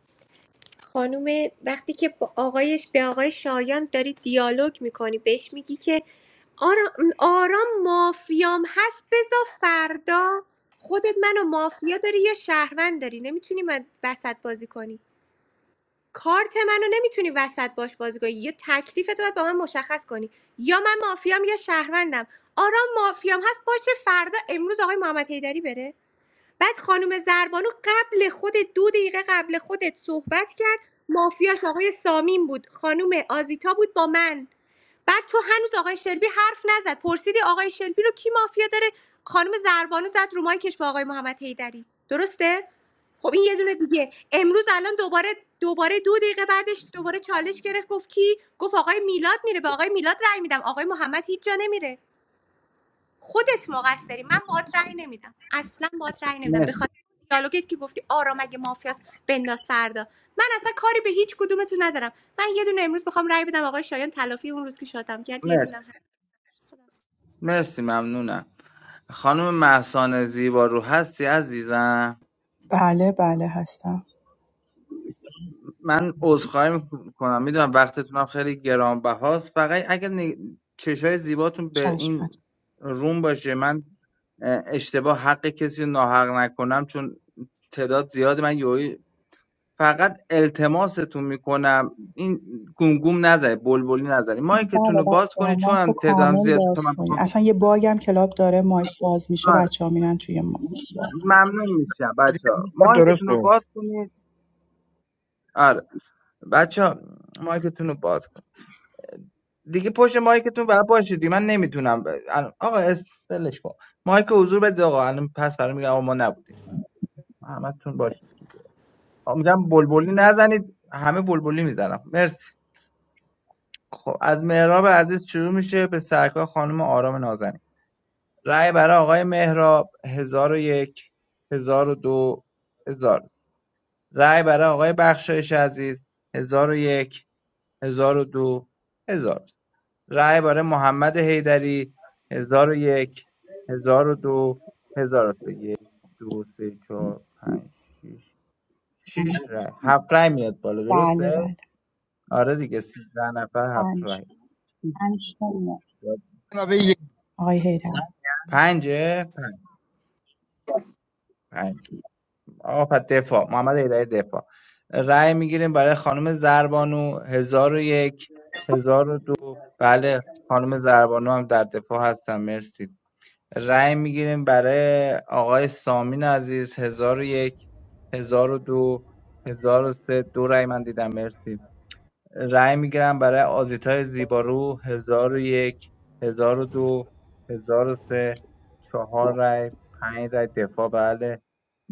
S18: خانوم وقتی که با آقایش به آقای شایان داری دیالوگ میکنی بهش میگی که آرام, آرام مافیام هست بزا فردا خودت منو مافیا داری یا شهروند داری نمیتونی من وسط بازی کنی کارت منو نمیتونی وسط باش بازی کنی یا تکلیفتو باید با من مشخص کنی یا من مافیام یا شهروندم آرام مافیام هست باشه فردا امروز آقای محمد حیدری بره بعد خانم زربانو قبل خود دو دقیقه قبل خودت صحبت کرد مافیاش آقای سامین بود خانم آزیتا بود با من بعد تو هنوز آقای شلبی حرف نزد پرسیدی آقای شلبی رو کی مافیا داره خانم زربانو زد رو مایکش با آقای محمد حیدری درسته خب این یه دونه دیگه امروز الان دوباره دوباره دو دقیقه بعدش دوباره چالش گرفت گفت کی گفت آقای میلاد میره به آقای میلاد رأی میدم آقای محمد هیچ جا نمیره خودت مقصری من باهات رأی نمیدم اصلا باهات رأی نمیدم به
S15: مرسی
S18: دیالوگت که گفتی آرام اگه مافیاست بنداز فردا من اصلا کاری به هیچ کدومتون ندارم من یه دونه امروز بخوام رأی بدم آقای شایان تلافی اون روز که شاتم کرد یه دونه
S15: مرسی
S18: هم خداحافظ.
S15: مرسی ممنونم خانم محسان زیبا رو هستی عزیزم
S1: بله بله هستم
S15: من عذرخواهی میکنم میدونم وقتتون هم خیلی گرانبهاست فقط اگر چشای زیباتون به
S1: چشم هست
S15: این روم باشه من اه، اشتباه حق کسی رو ناحق نکنم چون تعداد زیاد من یوی فقط التماستون میکنم این گمگم نزنه بلبلی نزنه مایکتون
S1: بله
S15: رو باز
S1: بچه
S15: کنید چون
S1: مایک رو
S15: هم تعدادم
S1: کامل
S15: زیاده تو
S1: باز
S15: من
S1: کنید
S15: بخوام
S1: اصلا یه باگ هم کلاب داره مایک باز میشه
S15: آره
S1: بچه ها میرن توی مایک
S15: ممنون میشم بچه ها مایکتون
S11: درسته
S15: رو
S11: شد.
S15: باز کنید آره بچه ها مایکتون رو باز دیگه پشت مایکتون برای باشیدی من نمیتونم الان- آقا استلش کن مایک حضور بدید آقا الان پس برای میگم آقا ما نبودیم همتون باشید آقا میگم بلبلی نزنید همه بلبلی میزنم مرسی خب از مهراب عزیز شروع میشه به سرکار خانم آرام نازنین رأی برای آقای مهراب 1001 1002 1000 رأی عزیز 1001 1002 1000 رأی حیدری هزار هزار و یک هزار و دو هزار. دو سه چهار پنج شیش شیش رای هفت رای میاد بالا
S1: بله
S15: درسته
S1: بله
S15: آره دیگه سیزده نفر هفت رای
S11: جناب
S1: آقای هیدر
S15: پنجه پنج پنج آقا پس دفاع محمد ایدری دفاع رای میگیریم برای خانم زربانو هزار و یک هزار و دو بله خانم زربانو هم در دفاع هستن مرسی رای میگیریم برای آقای سامین عزیز هزار و یک هزار و دو هزار و سه دو رای من دیدم مرسی رأی میگیرم برای آزیتای زیبارو هزار و یک هزار و دو هزار و سه چهار رأی پنج رأی دفاع بله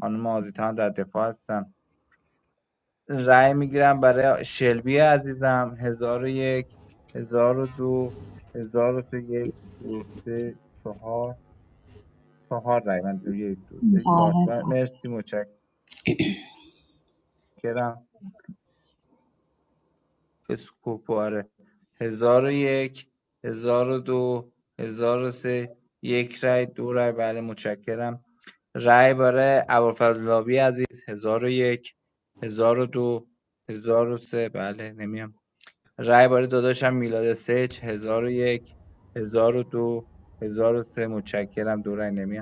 S15: خانم آزیتا هم در دفاع هستن رأی میگیرم برای شلبی عزیزم هزار و یک هزار و دو هزار و سه یک دو سه چهار چهار رأی من دیدم یک دو سه چهار مرسی متشکرم اسکوپاره هزار و یک هزار و دو هزار و سه یک رای دو رای بله متشکرم رای برای ابوالفضلاوی عزیز هزار و یک هزار و دو هزار و سه بله نمیام رای برای داداشم میلاد سچ هزار و یک هزار و دو هزار و سه متشکرم دو رای نمیام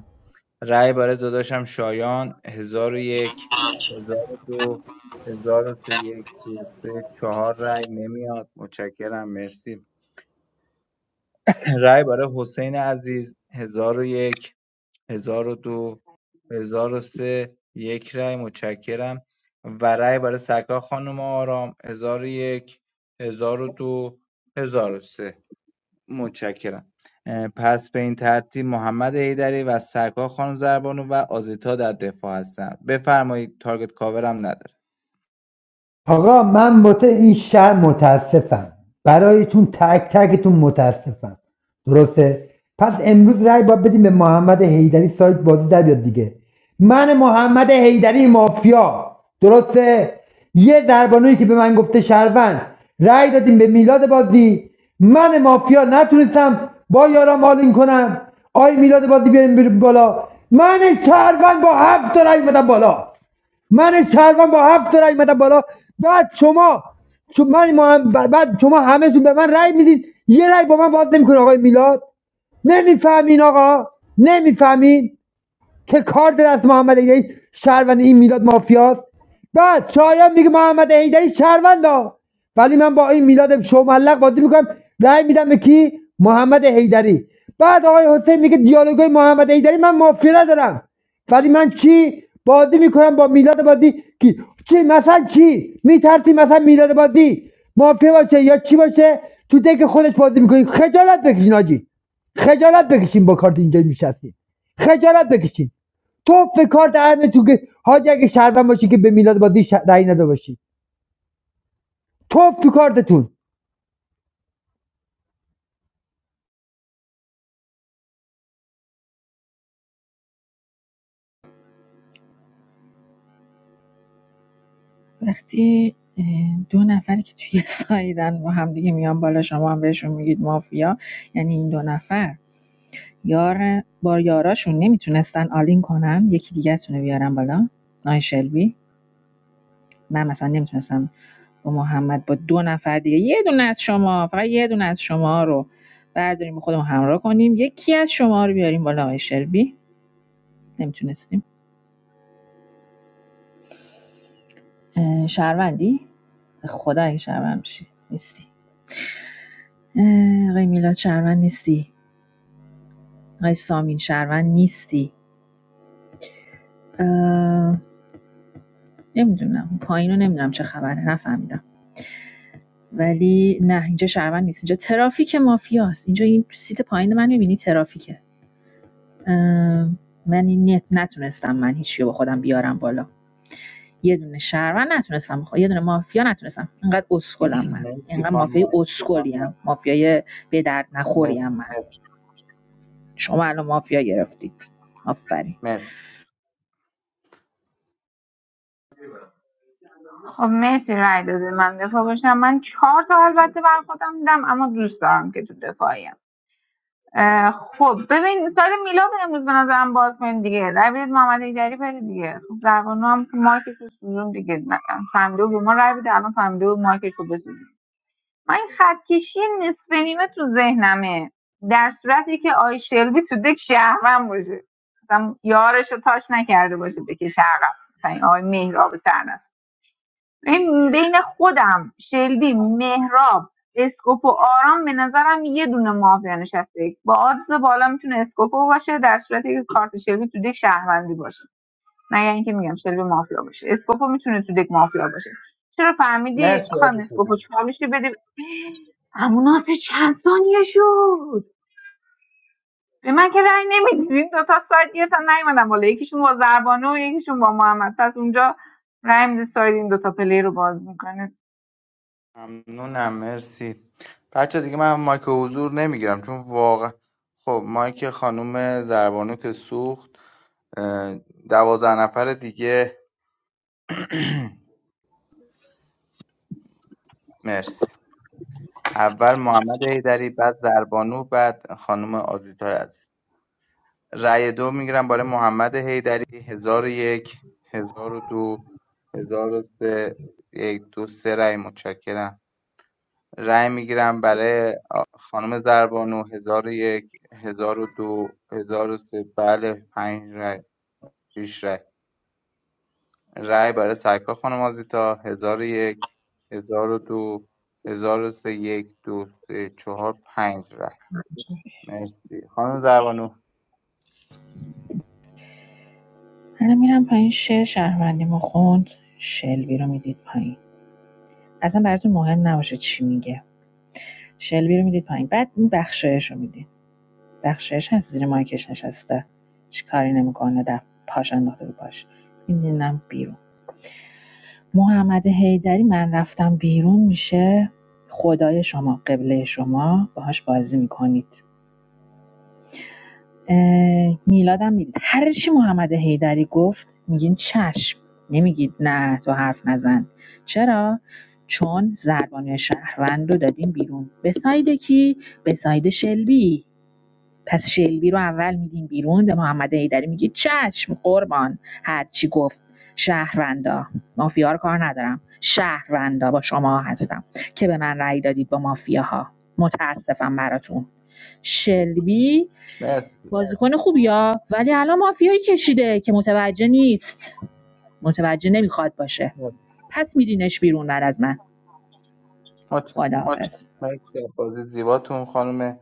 S15: رأی برای داداشم شایان 1001 1002 1003 1 2 3 4 رأی نمیاد متشکرم مرسی رأی برای حسین عزیز 1001 1002 1003 یک رأی متشکرم و رأی برای سکا خانم آرام 1001 1002 1003 متشکرم. پس به این ترتیب محمد حیدری و سرکار خانم زربانو و آزیتا در دفاع هستن بفرمایید تارگت کاورم نداره
S10: آقا من واسه این شهر متاسفم برایتون تک تکتون متاسفم درسته پس امروز رای باید بدیم به محمد حیدری سایت بازی در بیاد دیگه من محمد حیدری مافیا درسته یه دربانویی که به من گفته شهروند رای دادیم به میلاد بازی من مافیا نتونستم با یارم آلین کنم آی میلاد بازی بیاریم بر- بالا من شهروند با هفت تا رأی اومدم بالا من شهروند با هفت تا رای اومدم بالا بعد شما شما- من بعد شما همهتون به من رای میدید یه رای با من باز نمیکنه آقای میلاد نمیفهمین آقا نمیفهمین که کارت از محمد حیدری شهروند این میلاد مافیاست بعد چایم میگه محمد حیدری شهروندا ولی من با این میلاد شوملق بازی میکنم رأی میدم به کی محمد حیدری بعد آقای حسین میگه دیالوگای محمد حیدری من مافیا ندارم ولی من چی بازی میکنم با میلاد بازی کی چی مثلا چی میترسی مثلا میلاد بازی مافیا باشه یا چی باشه تو دک خودش بازی میکنی خجالت بکشین آجی خجالت بکشین با کارت اینجا میشستین خجالت بکشین توف کارت هر تو که حاج اگه شهروند باشی که به میلاد بازی ش... رأی نده باشی توف کارتتون
S17: وقتی دو نفری که توی (laughs) سایدن با هم دیگه میان بالا شما هم بهشون میگید مافیا یعنی این دو نفر یار با یاراشون نمیتونستن آلین کنن یکی دیگه رو بیارن بالا نای شلبی من مثلا نمیتونستم با محمد با دو نفر دیگه یه دونه از شما فقط یه دونه از شما رو برداریم با خودمون همراه کنیم یکی از شما رو بیاریم بالا آقای شلبی نمیتونستیم اه، شهروندی خدا اگه شهروند بشی نیستی اه، آقای میلاد شهروند نیستی آقای سامین شهروند نیستی نمیدونم پایین رو نمیدونم چه خبره نفهمیدم ولی نه اینجا شهروند نیست اینجا ترافیک مافیاست اینجا این سیت پایین من میبینی ترافیکه من این نتونستم من هیچی با خودم بیارم بالا یه دونه شهروند نتونستم یه دونه مافیا نتونستم انقدر اسکلم من اینقدر
S15: خانم
S17: مافیای اسکلیم مافیای به درد نخوریم
S15: مر-
S17: من شما الان مافیا گرفتید آفرین
S15: مر-
S12: کنم. خب مرسی رای داده من دفاع باشم من چهار تا البته بر خودم دیدم اما دوست دارم که تو دفاعیم اه، خب ببین سال میلاد امروز به نظرم باز کنید دیگه رای بدید محمد ایدری بره دیگه خب در قانون هم که مایکش رو سوزون دیگه مثلا فهمیده بود به ما رای بده الان فهمیده بود مایکش رو بسوزون من این خطکشی نصف نیمه تو ذهنمه در صورتی که آی شلبی تو دک شهرم باشه مثلا یارش رو تاش نکرده باشه بکشه عقب مثلا این آقای مهراب سردست این بین خودم شلبی مهراب اسکوپو آرام به نظرم یه دونه مافیا نشسته با آدرس بالا میتونه اسکوپو باشه در صورتی که کارت شلبی تو دک شهروندی باشه مگر اینکه میگم شلبی مافیا باشه اسکوپو میتونه تو دک مافیا باشه چرا فهمیدی
S15: مرسی
S12: خانم اسکوپو چالش رو بده همون آسه چند ثانیه شد به من که رأی نمیدید این دوتا سایت گرفتن نیومدن بالا یکیشون با زربانه و یکیشون با محمد پس اونجا رأی میده سایت این دوتا پلی رو باز میکنه
S15: ممنونم مرسی بچه دیگه من مایک حضور نمیگیرم چون واقعا خب مایک خانم زربانو که سوخت دوازده نفر دیگه مرسی اول محمد حیدری بعد زربانو بعد خانم آزیتا عزیز رأی دو میگیرم برای محمد حیدری هزار و یک هزار و دو هزار و سه یک دو سه رأی متشکرم رأی میگیرم برای آ- خانم زربانو هزار و یک هزار و دو هزار و سه بله پنج رأی شیش رأی رأی برای سرکار خانم آزیتا هزار و یک هزار و دو هزار و سه یک دو سه چهار پنج رأی مرسی خانم زربانو
S17: الان میرم پایین شعر شهروندیمو خوند شلبی رو میدید پایین اصلا براتون مهم نباشه چی میگه شلبی رو میدید پایین بعد این بخشایش رو میدید بخشایش هست زیر مایکش نشسته چی کاری نمیکنه ده پاش انداخته رو پاش میدینم بیرون محمد حیدری من رفتم بیرون میشه خدای شما قبله شما باهاش بازی میکنید اه، میلادم میدید هر چی محمد حیدری گفت میگین چشم نمیگید نه تو حرف نزن چرا چون زربانه شهروند رو دادیم بیرون به ساید کی به ساید شلبی پس شلبی رو اول میدین بیرون به محمد حیدری میگی چشم قربان هرچی گفت شهروندا مافیا رو کار ندارم شهروندا با شما هستم که به من رأی دادید با مافیاها متاسفم براتون شلبی
S15: مر-
S17: بازیکن خوبیا ولی الان مافیایی کشیده که متوجه نیست متوجه نمیخواد باشه پس میدینش بیرون بعد از من
S15: متشکرم
S17: خداحافظ
S15: مرسی از بازی زیباتون خانم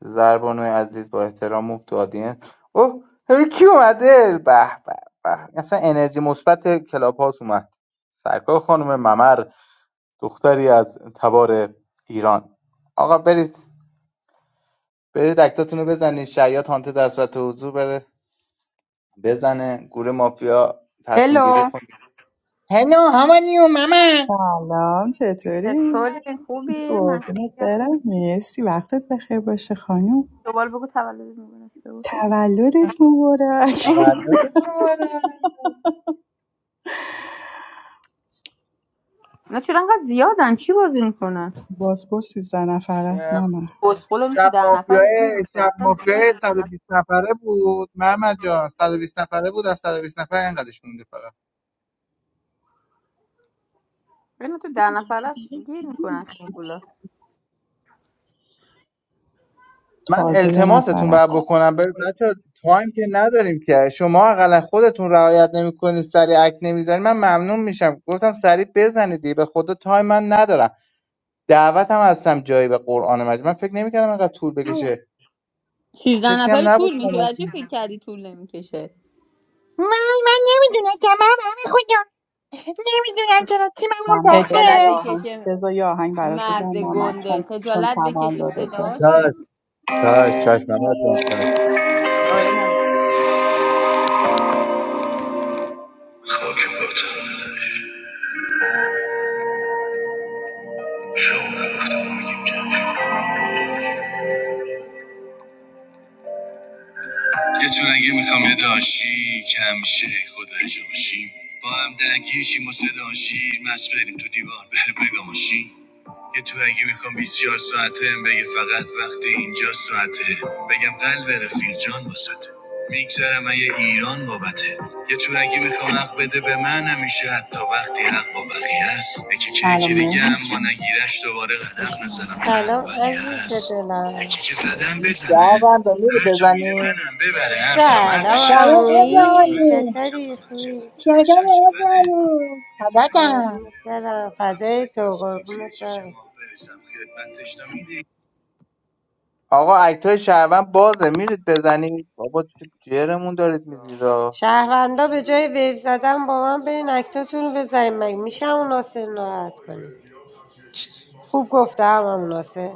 S15: زربانوی عزیز با احترام موف تو آدینس اوه هی کی اومده به به به اصلا انرژی مثبت کلاب هاوس اومد سرکار خانم ممر دختری از تبار ایران آقا برید برید اکتاتون رو بزنید شیاط هانته در صورت حضور بره بزنه گروه مافیا تصمیم گیری
S20: Hello.
S15: کنه هلو همانیو ممر
S1: سلام
S20: That's all
S1: چطوری؟
S20: right. I'm happy. I'm
S1: قربونت
S20: happy.
S1: برم مرسی وقتت بخیر باشه خانوم
S20: I'm going to eat some food.
S1: تولدت مبارک
S15: تولدت مبارک
S20: Why are you so hungry?
S1: بازپرس 13 نفر است ماما
S20: Because I'm
S15: شب
S20: going
S15: مافیای شب مافیای صد و بیست نفره بود محمد جان صد و بیست نفره بود از صد و بیست نفر اینقدرش مونده فقط من
S1: تازه یه نفر
S15: التماستون
S1: رفت
S15: باید بکنم بر بچه تایم که نداریم که شما اقلا خودتون رعایت نمیکنید سریع اک نمیزنید من ممنون میشم گفتم سریع بزنید دیگه. به خدا تایم من ندارم دعوت هم هستم جایی به قرآن مجید من فکر نمیکردم اینقدر طول بکشه کسی هم نبود کمک کنه. من من نمیدونم که من همه خودم نمیدونم چرا تیمم هم
S1: ماما بذار یه
S15: باخته
S1: آهنگ بذار یه آهنگ برات بزنم ماما چون
S20: to
S1: چون
S20: eat
S1: تولدته
S15: چشم چشم محمد جان چشم
S1: خاک پاتم شما نگفتم ما میگیم چشم یه چونگی میخوام یه داشی که همیشه خدا جا باشیم با هم درگیر شیم و صدا مست بریم تو دیوار بره بگا ماشین یه تونگی میخوام 24 ساعته هم بگه فقط وقت اینجا ساعته بگم قلب رفیق جان واسطه میگذرم یه ایران بابته یه تونگی میخوام حق بده به من همیشه حتی وقتی حق با بقیه است یکی که دیگه مهران اما نگیرش دوباره قدم نزنم تنها
S21: سلام
S1: ولی
S21: عزیز
S1: هست
S21: دلم
S1: یکی که زدم بزنه
S15: شهروندا میره
S1: هر جا میره
S15: بزنی
S1: منم ببره حرفم
S21: سلام
S1: حرفشه
S15: سلام
S1: حرفم حرف من
S21: عمویی
S1: بالا
S15: ابراهیم
S21: چطوری
S1: چپم هر چقدر
S21: خوبی
S1: چپش
S15: چطور
S1: هر چقدره
S15: ابراهیم
S1: یه تو
S15: خبرم
S1: میزه
S21: قربونت
S1: ما
S21: برم
S1: با هم
S21: فدای
S1: سگ
S21: تو
S1: بس کنیم زیر
S21: قربونت
S1: چشم
S21: برم
S1: ما برسم خدمتش تا میده
S15: آقا اکتای شهروند بازه میرید بزنی بابا چه جرمون دارید میدیدا
S21: شهروندا به جای ویو زدن با من برین اکتاتون رو بزنین مگه میشه همون ناصر ناراحت کنید خوب گفتم همون ناصر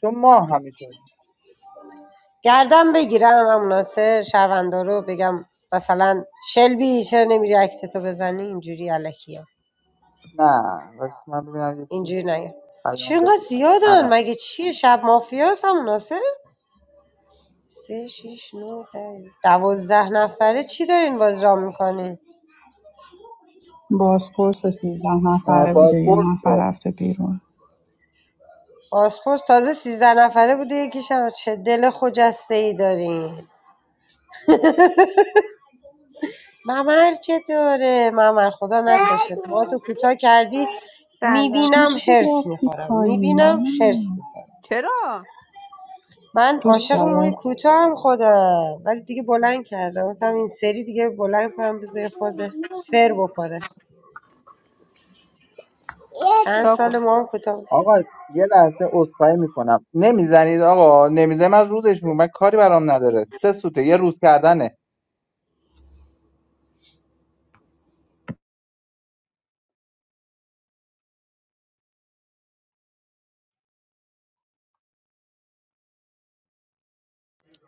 S15: تو ما همیشه
S21: گردم بگیرم همون ناصر شهروندا رو بگم مثلا شلبی چرا نمیری اکتتو بزنی اینجوری الکیه
S15: نه واسه من ببینم یه چی
S21: اینجوری نگه چرا
S15: پیام
S21: اینقدر
S15: بده
S21: زیادن
S15: الان
S21: مگه چیه شب مافیاست همون ناصر سه شیش نو پنج دوازده نفره چی دارین باز را میکنین
S1: بازپرس 13
S15: اه،
S1: نفره بوده یه
S15: بازپرس
S1: نفر
S15: که
S1: رفته بیرون
S21: پاسپورت تازه سیزده نفره بوده یکیشم چه دل خجسته ای دارین ممر چطوره ممر خدا نکشت ما تو کوتاه کردی
S1: چی
S21: میبینم
S1: شد
S21: هرس
S1: رفتی
S21: میخورم
S1: پایین
S21: میبینم هرس
S1: ممر
S21: میخورم من
S1: دوست
S21: عاشق موی
S1: دارد
S21: کوتاه هم خودم ولی دیگه بلند کردم گفتم این سری دیگه بلند کنم بذار خورده فر بخوره
S20: some
S21: چند
S20: food.
S21: سال ما هم کوتاه
S15: آقا یه عذرخواهی میکنم نمیزنید آقا نمیزنید من روزش میگم من کاری برام نداره سه سوته یه روز کردنه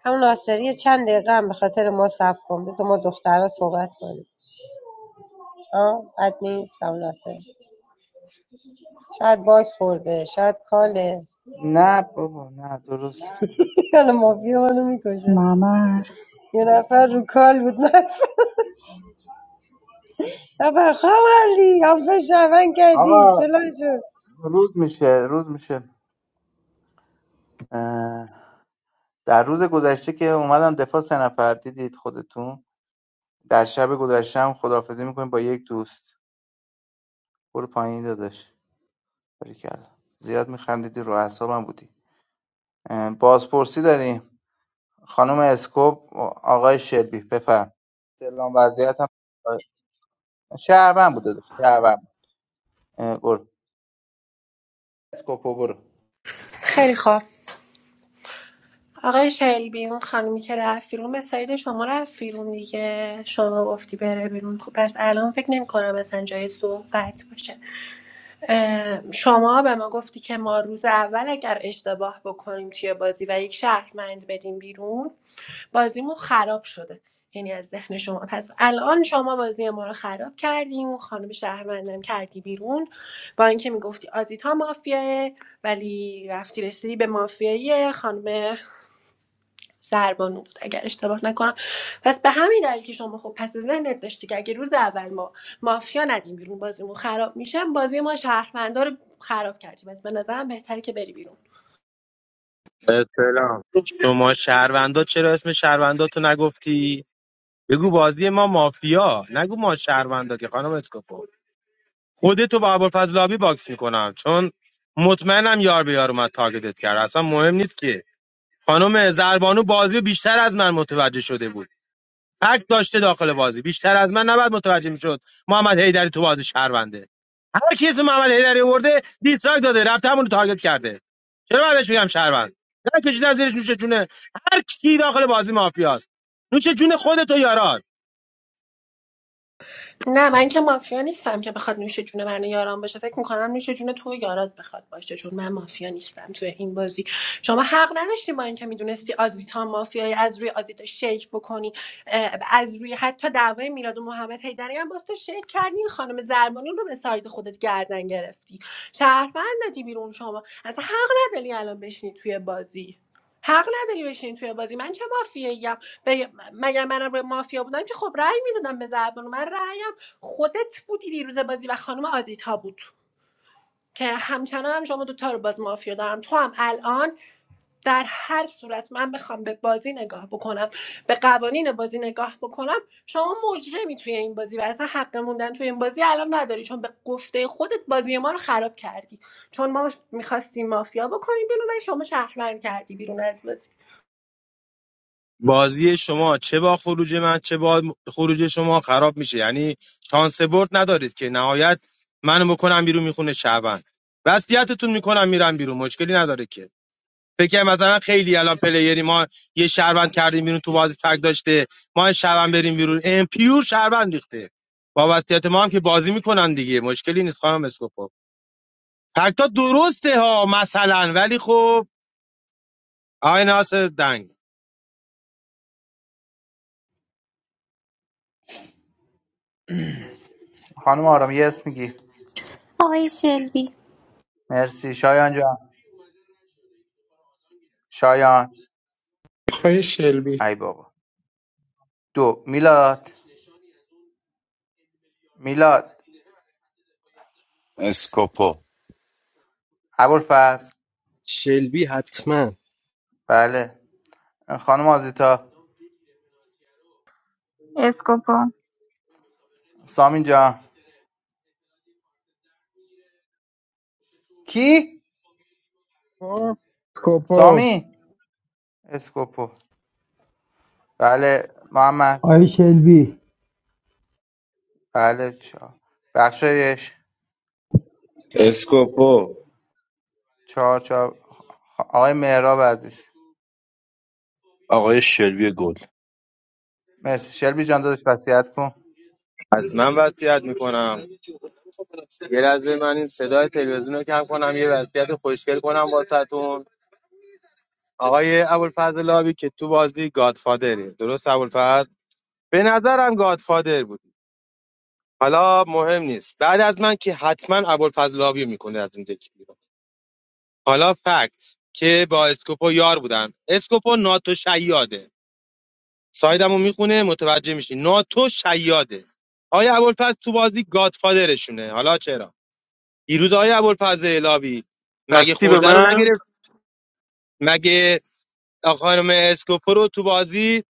S21: همون ناصری چند دقیقه هم به خاطر ما صبر کن بذار ما دخترها صحبت کنیم آه بد نیست همون ناصری شاید باک خورده شاید کاله
S15: نه بابا نه درست شد.
S21: (laughs) یالا مافیا منو میکشه
S1: ممر
S21: یه نفر رو کال بود (laughs) نفر نفر خواهم علی هم فشرمن
S15: آقا
S21: کردی فلان شد
S15: روز میشه روز میشه اه، در روز گذشته که اومدن دفاع سه نفر دیدید خودتون در شب گذشته هم خداحافظی میکنیم با یک دوست برو پایین داداش باریکلا زیاد میخندیدی رو اعصابم بودی اه، بازپرسی داریم خانم اسکوپ آقای شلبی بفرم سلام وضعیت هم شهروند بود داداش شهروند اه، برو اسکوپو برو
S14: خیلی خوب آقای شلبی اون خانمی که رفت بیرون به سعید شما رفت بیرون دیگه شما گفتی بره بیرون خب پس الان فکر نمی کنم مثلا جای صحبت باشه اه، شما به ما گفتی که ما روز اول اگر اشتباه بکنیم توی بازی و یک شهروند بدیم بیرون بازیمون خراب شده یعنی از ذهن شما پس الان شما بازی ما رو خراب کردیم اون خانم شهروندم کردی بیرون با اینکه میگفتی آزیتا مافیاه ولی رفتی رسیدی به مافیایی خانم ضربان بود اگر اشتباه نکنم پس به همین دلیل که شما خب پس ذهنت داشتی که اگه روز اول ما مافیا ندیم بیرون بازیمون خراب میشه بازی ما شهروندار رو خراب کردیم از به نظرم بهتره که بری بیرون
S13: سلام شما شهروندا چرا اسم شهرونداتو نگفتی بگو بازی ما مافیا نگو ما شهروندا که خانم اسکوپو خودتو با ابوالفضل آبی باکس میکنم چون مطمئنم یار به یار اومد تارگتت کرد اصلا مهم نیست که خانم زربانو بازی رو بیشتر از من متوجه شده بود فکت داشته داخل بازی بیشتر از من نباید متوجه میشد محمد حیدری تو بازی شهرونده هر کی اسم محمد حیدری آورده دیستراک داده رفته همون رو تارگت کرده چرا من بهش میگم شهروند نه کشیدم زیرش نوش جونه هر کی داخل بازی مافیاست نوش جون خودت و یارات
S14: نه من که مافیا نیستم که بخواد نوش جون من و یاران باشه فکر میکنم نوش جون تو و یارات بخواد باشه چون من مافیا نیستم توی این بازی شما حق نداشتی با اینکه میدونستی آزیتا مافیایی از روی آزیتا شیک بکنی اه، از روی حتی دعوای میلاد و محمد حیدری هم باز تو شیک کردی این خانم زربانی رو به سایت خودت گردن گرفتی شهروند دادی بیرون شما اصلا حق نداری الان بشینی توی بازی حق نداری بشینی توی بازی من چه مافیایی بگ- مگر منم به مافیا بودم که خب رأی میدادم به زربانو من رأیم خودت بودی دیروز بازی و خانم آدیتا بود که همچنان هم شما دوتا رو باز مافیا دارم تو هم الان در هر صورت من بخوام به بازی نگاه بکنم به قوانین بازی نگاه بکنم شما مجرمی توی این بازی و اصلا حق موندن توی این بازی الان نداری چون به گفته خودت بازی ما رو خراب کردی چون ما میخواستیم مافیا بکنیم بیرون و شما شهروند کردی بیرون از بازی
S13: بازی شما چه با خروج من چه با خروج شما خراب میشه یعنی شانس برد ندارید که نهایت منو بکنم بیرون میخونه شعبان وصیتتون میکنم میرم بیرون مشکلی نداره که فکر کنم مثلا خیلی الان پلیری ما یه شهروند کردیم بیرون تو بازی تک داشته ما شهروند بریم بیرون ام پیور شهروند ریخته با وصیت ما هم که بازی میکنن دیگه مشکلی نیست خانم اسکوپو فکتا درسته ها مثلا ولی خب آقای ناصر دنگ
S15: خانم آرام یه اسم میگی
S18: آقای شلبی
S15: مرسی شایان جان شایان
S4: شلبی
S15: ای بابا دو میلاد میلاد
S3: اسکوپو
S15: ابوالفضل
S7: شلبی حتما
S15: بله خانم آزیتا
S12: اسکوپو
S15: سامی جان کی؟
S11: یکو، اسکوپو
S15: سامی اسکوپو بله محمد
S10: آیه شلبی
S15: بله چهار بخشایش
S6: اسکوپو
S15: چهار چهار خ- آقای مهراب عزیز
S8: آقای شلبی گل
S15: مرسی شلبی جان داداش وصیت کن
S13: از من وصیت میکنم یه لحظه من این صدای تلویزیون رو کم کنم یه وضعیت خوشگل کنم واسهتون آقای ابوالفضل لابی که تو بازی گادفادره درست ابوالفضل به نظرم گادفادر بودی حالا مهم نیست بعد از من که حتما ابوالفضل لابی میکنه از این دکی بیرون حالا فکت که با اسکوپو یار بودن اسکوپو ناتو شیاده سایدمو میخونه متوجه میشی ناتو شیاده آقای ابوالفضل تو بازی گادفادرشونه حالا چرا دیروز آقای ابوالفضل لابی مگه خورده رو نگرفتی مگه آ- خانم اسکوپو رو تو بازی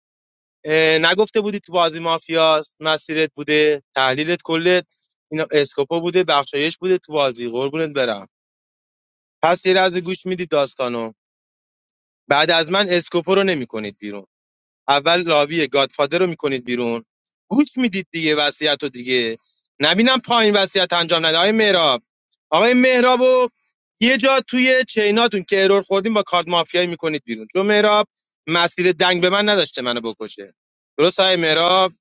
S13: اه، نگفته بودی تو بازی مافیاست مسیرت بوده تحلیلت کلت اینا اسکوپو بوده بخشایش بوده تو بازی قربونت برم پس یه لحظه گوش میدید داستانو بعد از من اسکوپو رو نمیکنید بیرون اول لاوی گادفادر رو میکنید بیرون گوش میدید دیگه وصیت رو دیگه نبینم پایین وصیت انجام نده آقای مهراب آقای مهراب و یه جا توی چیناتون که ارور خوردیم با کارت مافیایی میکنید بیرون چون مهراب مسیر دنگ به من نداشته منو بکشه درست آقای مهراب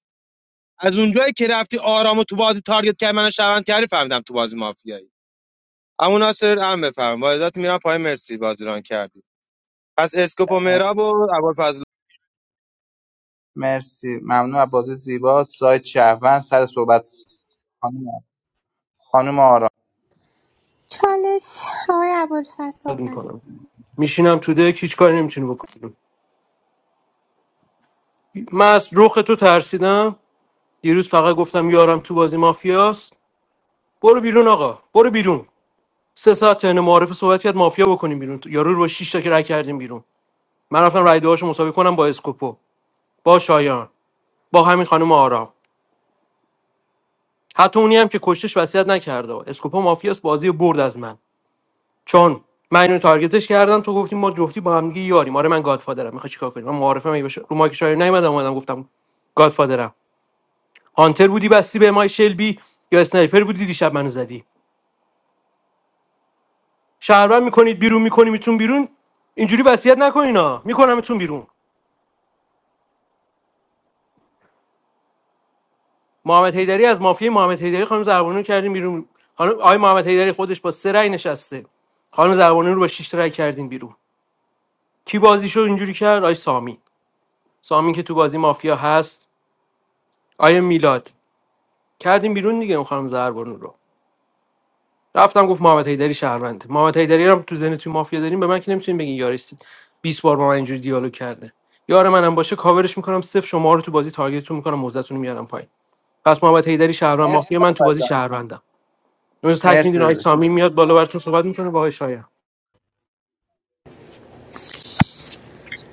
S13: از اونجایی که رفتی آرامو تو بازی تارگت کرد منو شوند کردی فهمیدم تو بازی مافیایی اما ناصر هم بفهم با عزت میرم پای مرسی بازی ران کردی پس اسکوپ و مهراب و
S15: مرسی ممنون از بازی زیبا سایت شهروند سر صحبت خانم خانم آرام
S18: چالش آقای ابوالفضل صحبت
S7: میشینم تو دک هیچ کاری نمیتونی بکنی من از رخ تو ترسیدم دیروز فقط گفتم یارم تو بازی مافیاست برو بیرون آقا برو بیرون سه ساعت تن معارف صحبت کرد مافیا بکنیم بیرون یارو رو با شش تا که رای کردیم بیرون من رفتم رای دعاشو مسابقه کنم با اسکوپو با شایان با همین خانم آرام حتی اونی هم که کشتش وصیت نکرده اسکوپا مافیاس بازی رو برد از من چون من اینو تارگتش کردم تو گفتی ما جفتی با هم دیگه یاریم آره من گادفادرم میخوای چیکار کنی من معارفه مگه بشه رو مایک شایر نیومدم اومدم گفتم گادفادرم هانتر بودی بستی به مای شلبی یا اسنایپر بودی دیشب منو زدی شهروند میکنید بیرون میکنیمتون بیرون اینجوری وصیت نکنینا میکنمتون بیرون محمد حیدری از مافیای محمد حیدری خانم زربانو کردیم بیرون خانم آقای محمد حیدری خودش با سه رأی نشسته خانم زربانو رو با شش رأی کردیم بیرون کی بازیشو اینجوری کرد آی سامی سامی که تو بازی مافیا هست آیا میلاد کردیم بیرون دیگه اون خانم زهربانو رو رفتم گفت محمد حیدری شهروند محمد حیدری رو تو ذهن تو مافیا داریم به من که نمیتونین بگین یارستید 20 بار با من اینجوری دیالوگ کرده یار منم باشه کاورش میکنم صفر شما رو تو بازی تارگتتون میکنم موزتون رو میارم پایین پس محمد حیدری شهروند
S15: مرسی
S7: مافیا من تو
S15: خانم
S7: بازی
S15: جان
S7: شهروندم امروز تک
S15: مرسی
S7: میدین آی
S15: داداش
S7: سامی میاد بالا براتون صحبت میکنه با آی شایان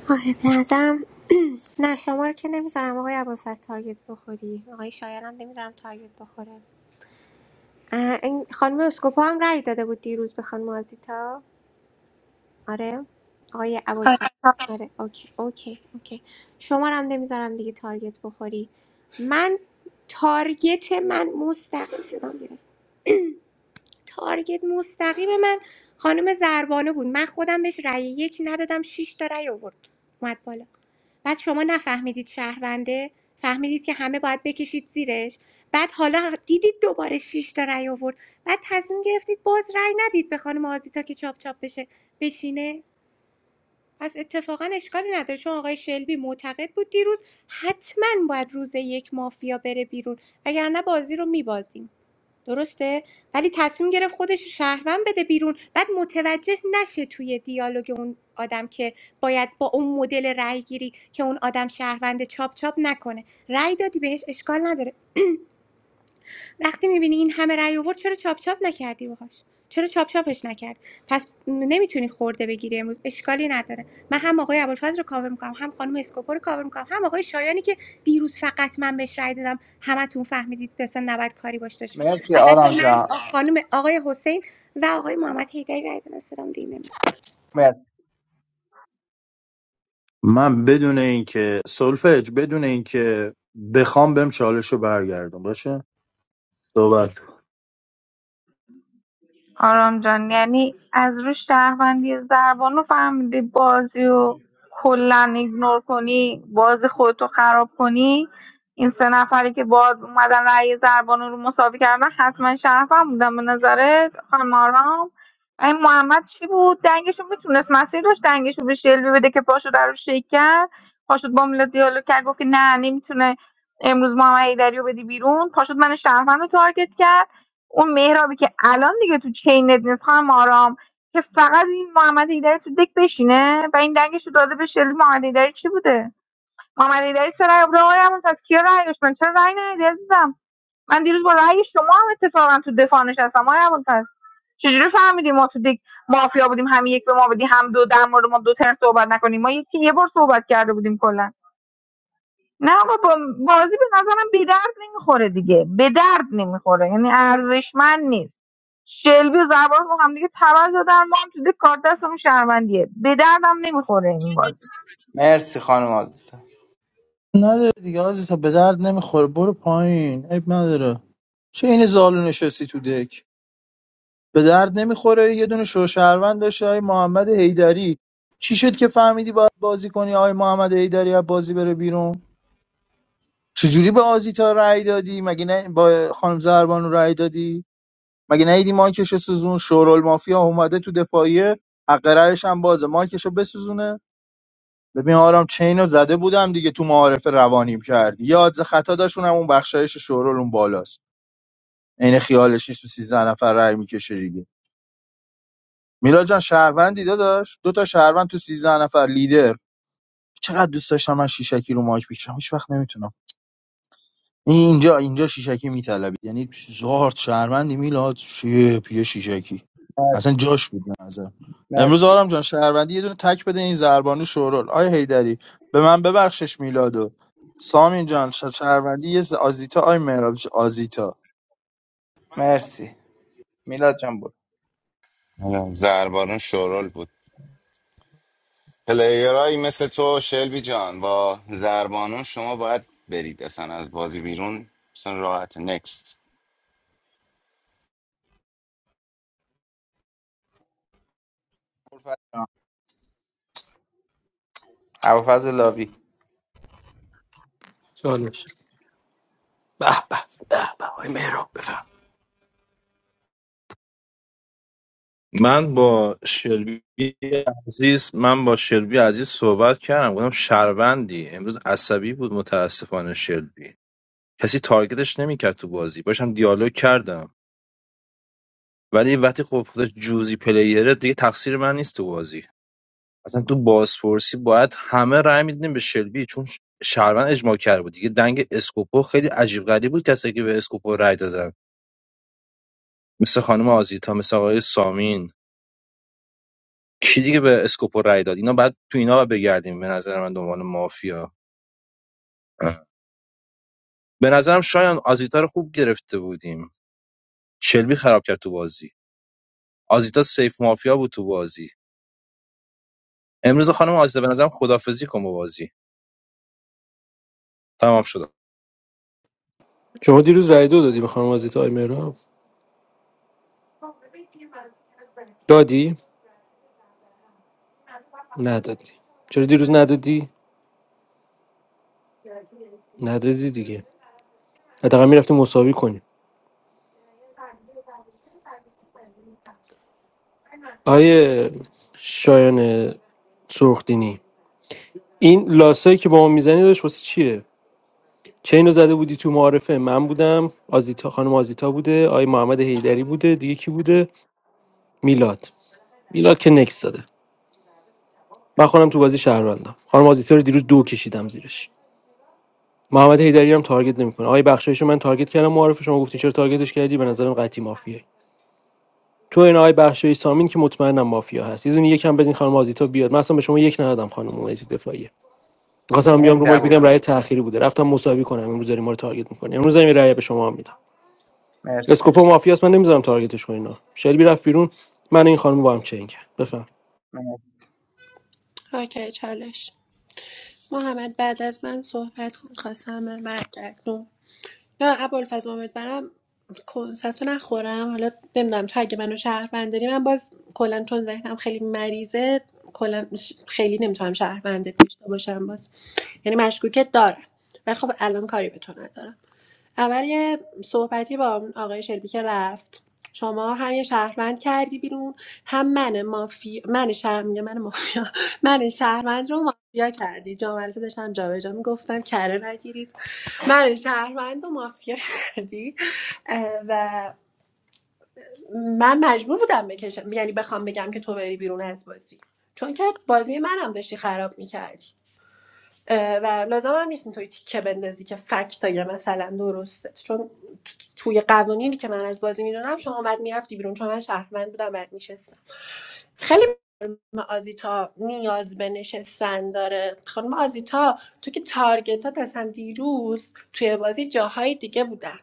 S18: آره به نظرم (clears throat) نه شما رو که نمیذارم آقای ابوالفضل تارگت بخوری آقای شایان هم نمیذارم تارگت بخوره اه، این خانم اسکوپا هم رأی داده بود دیروز به خانم آزیتا آره آقای
S14: آره.
S18: ابوالفضل آره اوکی اوکی اوکی شما رو هم نمیذارم دیگه تارگت بخوری من تارگت من مستقیم صدام گرفت تارگت مستقیم من خانم زربانه بود من خودم بهش رأی یک ندادم شیش تا رأی آورد اومد بالا بعد شما نفهمیدید شهرونده فهمیدید که همه باید بکشید زیرش بعد حالا دیدید دوباره شیش تا رأی آورد بعد تصمیم گرفتید باز رأی ندید به خانم آزیتا که چاپ چاپ بشه بشینه پس اتفاقا اشکالی نداره چون آقای شلبی معتقد بود دیروز حتما باید روز یک مافیا بره بیرون وگرنه بازی رو میبازیم درسته ولی تصمیم گرفت خودش شهروند بده بیرون بعد متوجه نشه توی دیالوگ اون آدم که باید با اون مدل رأی گیری که اون آدم شهروند چاپ چاپ نکنه رأی دادی بهش اشکال نداره (clears throat) وقتی میبینی این همه رأی آورد چرا چاپ چاپ نکردی باهاش چرا چاپ چاپش نکرد پس نمیتونی خورده بگیری امروز اشکالی نداره من هم آقای ابوالفضل رو کاور میکنم هم خانم اسکوپو رو کاور میکنم هم آقای شایانی که دیروز فقط من بهش رأی دادم همتون فهمیدید مثلا نباید کاری باش داشته باشه
S15: مرسی
S18: البته
S15: آرام
S18: من
S15: جان
S18: خانم آقای حسین و آقای محمد حیدری رأی دادن صدام دیگه نمیاد.
S15: مرسی,
S4: من بدون اینکه سولفج بدون اینکه بخوام بهم چالش رو برگردم باشه صحبت کن.
S12: آرام جان یعنی از روش شهروندی زربانو فهمیدی بازی و کلا ایگنور کنی بازی خودتو خراب کنی این سه نفری که باز اومدن رأی زربانو رو مساوی کردن حتما شهروند بودن به نظرت خانم آرام این محمد چی بود دنگشو میتونست مسیر داشت دنگشو به شلبی بده که پاشو در رو شیک کرد پاشد با میلا دیالوگ کرد گفت که نه نمیتونه امروز محمد ایدری رو بدی بیرون پاشد من شهروند رو تارگت کرد اون مهرابی که الان دیگه تو چینت نیست خانم آرام که فقط این محمد ایدری تو دک بشینه و این دنگش رو داده به شلی محمد ایدری چی بوده محمد ایدری چرا رای برای تا ابوالفضل کیا رای داشت من چرا رای ندادی عزیزم من دیروز با رأی شما هم اتفاقا تو دفاع نشستم آقای ابوالفضل چجوری فهمیدی ما تو دک مافیا بودیم هم یک به ما بدی هم دو در مورد ما دو تر صحبت نکنیم ما یکی یه بار صحبت کرده بودیم کلا نه آقا با بازی به نظرم به درد نمیخوره دیگه به درد نمیخوره یعنی ارزشمند نیست شلبی و زبان با هم دیگه تبر زدن ما هم تو دیگه کار دستمون شهروندیه به دردم نمیخوره این بازی
S15: مرسی خانم آزیتا
S4: نداره دیگه عزیزا به درد نمیخوره برو پایین عیب نداره چه این زالو نشستی تو دک به درد نمیخوره یه دونه شوشهروند داشته آی محمد حیدری چی شد که فهمیدی باید بازی کنی آی محمد حیدری از بازی بره بیرون چجوری به آزیتا رأی دادی مگه نه با خانم زربانو رأی دادی مگه ندیدی مایکشو سوزون شورالمافیا اومده تو دفاعیه حق رأیش هم بازه مایکشو بسوزونه ببین آرام چینو زده بودم دیگه تو معارف روانیم کردی یاد خطا داشون هم اون بخشایش شورال اون بالاست عین خیالش نیست تو 13 نفر رأی میکشه دیگه میلاد جان شهروندی داداش دو تا شهروند تو 13 نفر لیدر چقدر دوست داشتم من شیشکی رو مایک بکشم هیچ وقت نمیتونم این- اینجا اینجا شیشکی میطلبید یعنی زارد شهروندی میلاد شیپ یه شیشکی
S15: مرسی
S4: اصلا جاش بود به نظرم
S15: مرسی,
S4: امروز آرام جان شهروندی یه دونه تک بده این زربانو شورول آیا هیدری به من ببخشش میلادو سامین جان ش- شهروندی یه ز- آزیتا آی مهراب ج- آزیتا
S15: مرسی. میلاد جان بود
S3: زربارون شورول بود پلیرهایی مثل تو شلبی جان با زربانون شما باید برید اصلا از بازی بیرون اصلا راحت نکست
S15: ابوالفضل لاوی
S7: سوالش به به به به آی مهراب بفهم
S8: من با شلبی عزیز من با شلبی عزیز صحبت کردم گفتم شهروندی امروز عصبی بود متاسفانه شلبی کسی تارگتش نمیکرد تو بازی باشم دیالوگ کردم ولی وقتی خب خودش جوزی پلیره دیگه تقصیر من نیست تو بازی اصلا تو بازپرسی باید همه رای میدونیم به شلبی چون شهروند اجماع کرده بود دیگه دنگ اسکوپو خیلی عجیب غریب بود کسی که به اسکوپو رای دادن مثل خانم آزیتا مثل آقای سامین کی دیگه به اسکوپو رأی داد اینا بعد تو اینا باید بگردیم به نظر من دنبال مافیا به نظرم شایان آزیتا رو خوب گرفته بودیم شلبی خراب کرد تو بازی آزیتا سیف مافیا بود تو بازی امروز خانم آزیتا به نظرم خدافزی کن با بازی تمام شد
S7: شما دیروز رای دو دادی به خانم آزیتا آی مهراب دادی ندادی چرا دیروز ندادی ندادی دیگه حداقل میرفتی مساوی کنی آیه شایان سرخدینی این لاسایی که با ما میزنی داشت واسه چیه چه اینو زده بودی تو معارفه من بودم آزیتا خانم آزیتا بوده آی محمد حیدری بوده دیگه کی بوده میلاد میلاد که نکس داده من خودم تو بازی شهروندم خانم آزیتا رو دیروز دو کشیدم زیرش محمد حیدری هم تارگت نمیکنه آقای بخشایش من تارگت کردم معارف شما گفتین چرا تارگتش کردی به نظرم قطعی مافیه تو این آقای بخشوی سامین که مطمئنم مافیا هست یه دونه یکم بدین خانم آزیتا بیاد من اصلا به شما یک ندادم خانم اونایی تو دفاعیه می‌خواستم بیام
S15: مرسی
S7: رو مایک بگم
S15: ابوالفضل
S7: رأی تأخیری بوده رفتم مساوی کنم امروز داریم ما رو تارگت می‌کنی امروز این رأی به شما هم میدم
S15: مرسی
S7: اسکوپو مافیاست من نمیذارم تارگتش کنین آه. شلبی رفت بیرون من این خانم با هم چنگ کرد بفهم
S14: اوکی چالش محمد بعد از من صحبت کن خواستم من برگردم نه ابوالفضل امیدوارم کنسرتو نخورم حالا نمیدونم تو اگه منو شهروند داری من باز کلا چون ذهنم خیلی مریضه کلا ش- خیلی نمیتونم شهروندت داشته باشم باز یعنی مشکوکت دارم ولی خب الان کاری به تو ندارم اول یه صحبتی با اون آقای شلبی که رفت شما هم یه شهروند کردی بیرون هم من مافیا من شهر میگه من مافیا (laughs) من شهروند رو مافیا کردی جامعه داشتم جابجا میگفتم کره نگیرید من شهروند و مافیا کردی اه، و من مجبور بودم بکشم یعنی بخوام بگم که تو بری بیرون از بازی چون که بازی منم داشتی خراب میکردی و لازم هم نیست توی تیکه بندازی که فکتای مثلا درسته چون توی قوانینی که من از بازی میدونم شما بعد میرفتی بیرون چون من شهروند بودم بعد میشستم خیلی خانم آزیتا نیاز به نشستن داره خانم آزیتا تو که تارگتات اصلا دیروز توی بازی جاهای دیگه بودن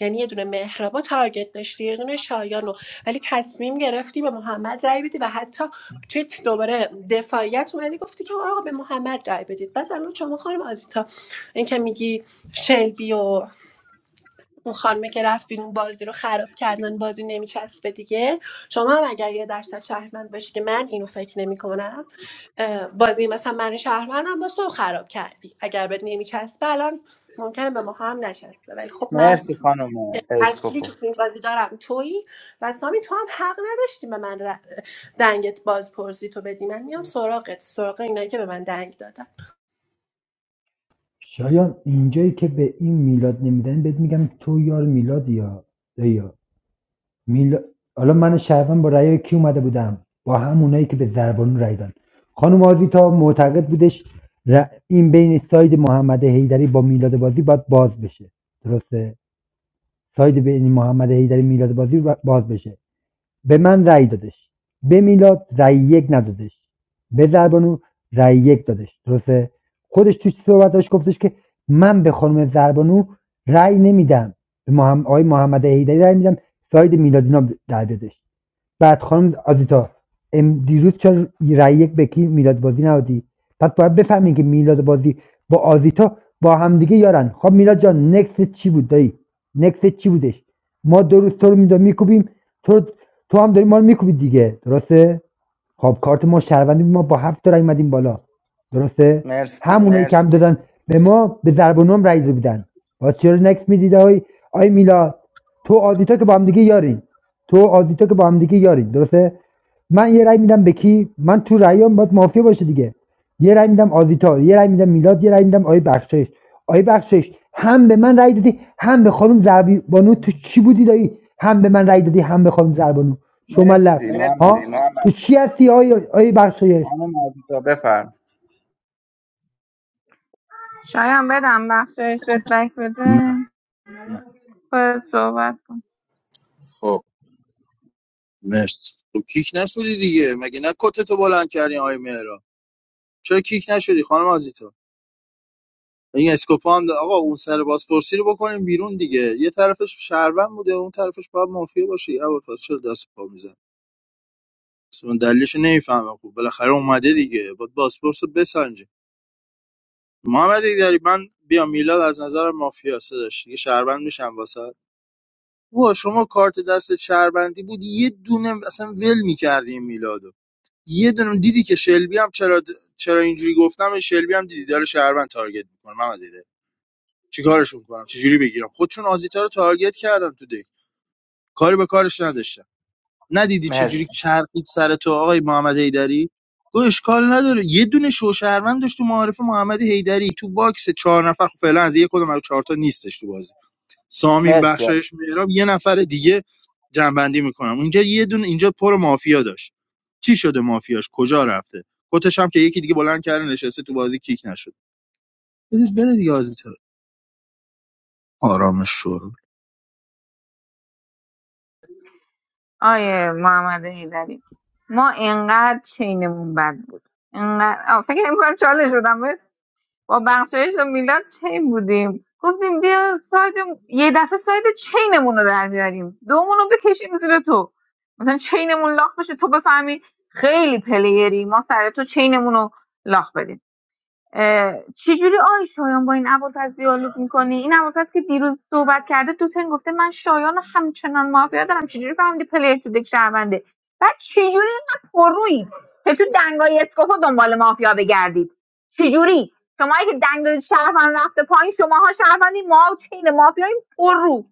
S14: یعنی یه دونه مهربا تارگت داشتی یه دونه شایانو ولی تصمیم گرفتی به محمد رای بدی و حتی توی ت- دوباره دفاعیت اومدی گفتی که آقا به محمد رای بدید بعد الان شما خانم آزیتا این که میگی شلبی و اون خانمه که رفتین اون بازی رو خراب کردن بازی نمیچسبه دیگه شما هم اگر یه درصد شهروند باشی که من اینو فکر نمیکنم بازی مثلا من شهروندم باز تو خراب کردی اگر بهت نمیچسبه الان ممکنه به ما هم نچسبه ولی خب من
S15: مرسی خانم
S14: اصلی
S15: اسکوپو
S14: که تو این بازی دارم تویی و سامی تو هم حق نداشتی به من ر- دنگت باز پرسی تو بدی من میام سراغت سراغ اینایی که به من دنگ دادن
S10: شایان اینجایی که به این میلاد نمیدن بهت میگم تو یار میلاد یا یا میلاد حالا من شهروند با رأی کی اومده بودم با همونایی که به زربانو رأی دادن خانم آزیتا معتقد بودش ر- این بین ساید محمد حیدری با میلاد بازی باید باز بشه درسته ساید بین محمد حیدری میلاد بازی باید باز بشه به من رای دادش به میلاد رای یک ندادش به زربانو رای یک دادش درسته خودش توی صحبت داشت گفتش که من به خانم زربانو رای نمیدم به محمد آقای محمد حیدری رای میدم ساید میلادینا در بدش بعد خانم آزیتا ام- دیروز چرا رای یک به کی میلاد بازی نهادی پس باید بفهمین که میلاد بازی با آزیتا با همدیگه یارن خب میلاد جان نکست چی بود دایی نکست چی بودش ما دو روز تو رو میدونم میکوبیم تو تو هم داری ما رو میکوبی دیگه درسته خب کارت ما شهروندی بود، ما با هفت تا رای اومدیم بالا درسته
S15: مرسی
S10: همونایی که هم دادن به ما به ضرب و نم رای داده بودن باز چرا نکس میدید آی آی میلا تو آدیتا که با هم دیگه یارین تو آدیتا که با هم دیگه یارین درسته من یه رای میدم به کی من تو رایام باید مافیا باشه دیگه یه رای میدم آزیتا یه رای میدم میلاد یه رای میدم آی بخشش آی بخشش هم به من رای دادی هم به خانم زربانو تو چی بودی دایی هم به من رای دادی هم به خانم زربانو شما لب
S15: مرسی
S10: ها
S15: محمد
S10: تو چی هستی آی آی بخشایش
S15: خانم عزیزا بفرم
S12: شاید بدم بخشش بهت بک
S4: نه
S12: بده
S4: نه
S12: خودت صحبت کن
S6: خب
S4: مرسی تو کیک نشدی دیگه مگه نه کتتو بلند کردی آقای مهرا چرا کیک نشدی خانم آزیتا این اسکوپا هم داره. آقا اون سر بازپرسی رو بکنیم بیرون دیگه یه طرفش شهروند بوده اون طرفش باید مافیا باشه اول پس چرا دست و پا میزن اصلا دلیلش نمیفهمم خب بالاخره اومده دیگه باید بازپرس رو بسنجه محمد داری من بیا میلاد از نظر مافیا داشت دیگه شهروند میشم واسه وا شما کارت دست شهروندی بود یه دونه اصلا ول میکردیم میلادو یه دونه دیدی که شلبی هم چرا چرا اینجوری گفتم شلبی هم دیدی داره شهروند تارگت میکنه محمد چیکارشون کنم چجوری بگیرم خودشون آزیتا رو تارگت کردن تو دک کاری به کارش نداشتم ندیدی چجوری
S15: مرسی
S4: چرخید سر تو آقای محمد حیدری گفت اشکال نداره یه دونه شوشهروند داشت تو معارف محمد حیدری تو باکس چهار نفر خب فعلا از یه کدوم از چهار تا نیستش تو بازی سامین
S15: مرسی آقا.
S4: بخشایش میراب یه نفر دیگه جنبندی میکنم اینجا یه دونه اینجا پر مافیا داشت چی شده مافیاش کجا رفته کتش هم که یکی دیگه بلند کرده نشسته تو بازی کیک نشد بدید بره دیگه آزیتا آرامش شروع
S12: آیه محمد هیدری ما اینقدر چینمون بد بود اینقدر آه، فکر میکنم چالش شدم با بخشایش و میلاد چین بودیم گفتیم بیا ساید یه دفعه ساید چینمون رو در بیاریم دومون رو بکشیم زیر تو مثلا چینمون لاخ بشه تو بفهمی خیلی پلیری ما سر تو چینمون رو لاخ بدیم اه، چجوری آی شایان با این ابوالفضل دیالوگ میکنی این ابوالفضل که دیروز صحبت کرده تو تن گفته من شایان رو همچنان مافیا دارم چجوری فهمیدی پلیر تو دک شهرونده بعد چجوری اینقدر پرویی که تو دنگای اسکوپو دنبال مافیا بگردید چجوری شما که دنگای شهروند رفته پایین شماها شهروندی ما چین مافیای پررو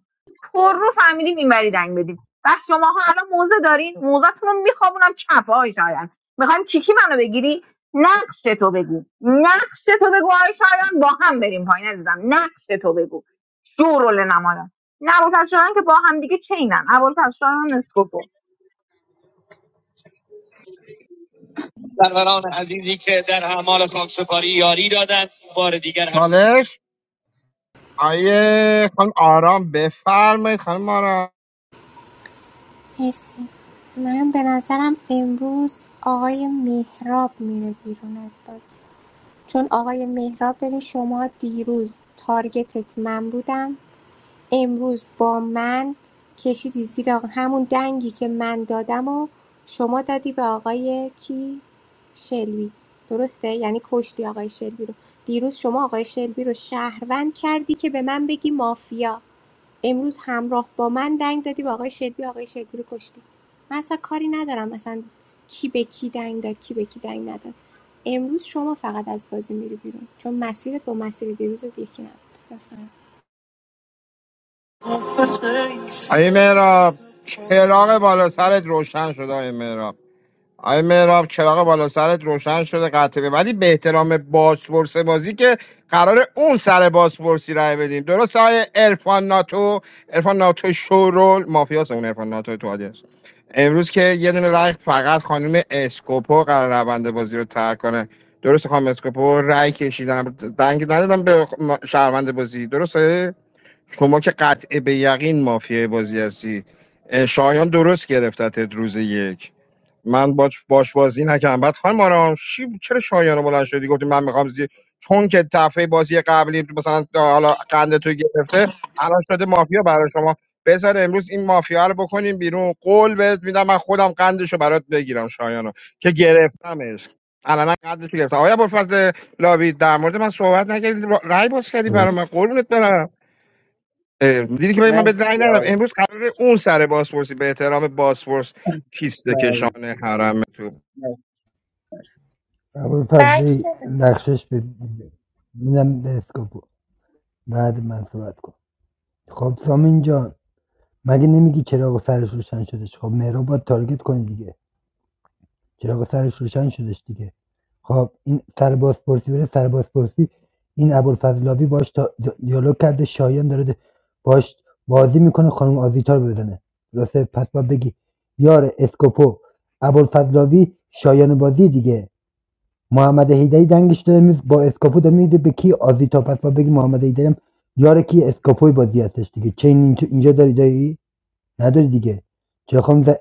S12: پررو فهمیدیم اینوری دنگ بدیم و شماها الان موزه دارین موزهتون رو میخوابونم چپ آی شایان میخوایم کیکی منو بگیری نقش تو بگو نقش تو بگو آقای شایان با هم بریم پایین عزیزم نقش تو بگو شورول نمایان نه ابوالفضل شایان که با هم دیگه چینن ابوالفضل شایان اسکوپو
S11: سروران عزیزی که در اعمال خاکسپاری یاری دادن بار دیگر هم چالش آیه خانم آرام بفرمایید خانم آرام
S18: مرسی من به نظرم امروز آقای مهراب میره بیرون از بازی چون آقای مهراب ببین شما دیروز تارگتت من بودم امروز با من کشیدی زیر همون دنگی که من دادم و شما دادی به آقای کی شلبی درسته یعنی کشتی آقای شلبی رو دیروز شما آقای شلبی رو شهروند کردی که به من بگی مافیا امروز همراه با من دنگ دادی به آقای شلبی آقای شلبی رو کشتی من اصلا کاری ندارم مثلا کی به کی دنگ داد کی به کی دنگ نداد امروز شما فقط از بازی میری بیرون چون مسیرت با مسیر دیروزت یکی نبود بفهم.
S11: آیه مهراب چراغ بالا سرت روشن شد آیه مهراب آی مهراب چراغ بالا سرت روشن شده قطعه ولی به احترام بازپرس بازی که قرار اون سر بازپرسی رای بدین درست های ارفان ناتو ارفان ناتو شورول مافیاس اون ارفان ناتو تو آدیانس امروز که یه دونه رای فقط خانم اسکوپو قرار روند بازی رو ترک کنه درست خانم اسکوپو رای کشیدن دنگ ندادم به خ- شهروند بازی درسته شما که قطع به یقین مافیای بازی هستی اه، شایان درست گرفتتت روز یک من باش باش بازی نکردم بعد خانم آرام چی چرا شایانو بلند شدی گفتی من میخوام زی چون که دفعه بازی قبلی مثلا حالا قند تو گرفته الان شده مافیا برای شما بذار امروز این مافیا رو بکنیم بیرون قول بهت میدم من خودم قندشو برات بگیرم شایانو که گرفتمش الان قندشو گرفتم آیا ابوالفضل لاوی در مورد من صحبت نکردی را- رای باز کردی برای من قربونت برم اه، دیدی که من
S15: مر-
S11: به رای ندم امروز قرار اون سر بازپرسی به احترام بازپرس کیست کشان حرم
S10: اول
S14: بک
S10: فضلی
S14: بده
S10: نقشش به میدم به اسکوپو بعد من صحبت کن خب سامین جان مگه نمیگی چراغ سرش روشن شدش خب مهراب باید تارگت کنی دیگه چراغ سرش روشن شدش دیگه خب این سر بازپرسی بره سر بازپرسی این ابوالفضلاوی باش تا- دیالوگ کرده شایان داره باش بازی میکنه خانم آزیتا رو بزنه درسته پس باید بگی یار اسکوپو ابوالفضلاوی شایان بازی دیگه محمد هیدری دنگش داره میز با اسکوپو داره میده به کی آزیتا پس باید بگی محمد هیدری هم یار کی اسکوپوی بازی هستش دیگه چه اینجا اینجا داری داری نداری دیگه چه خانم ز-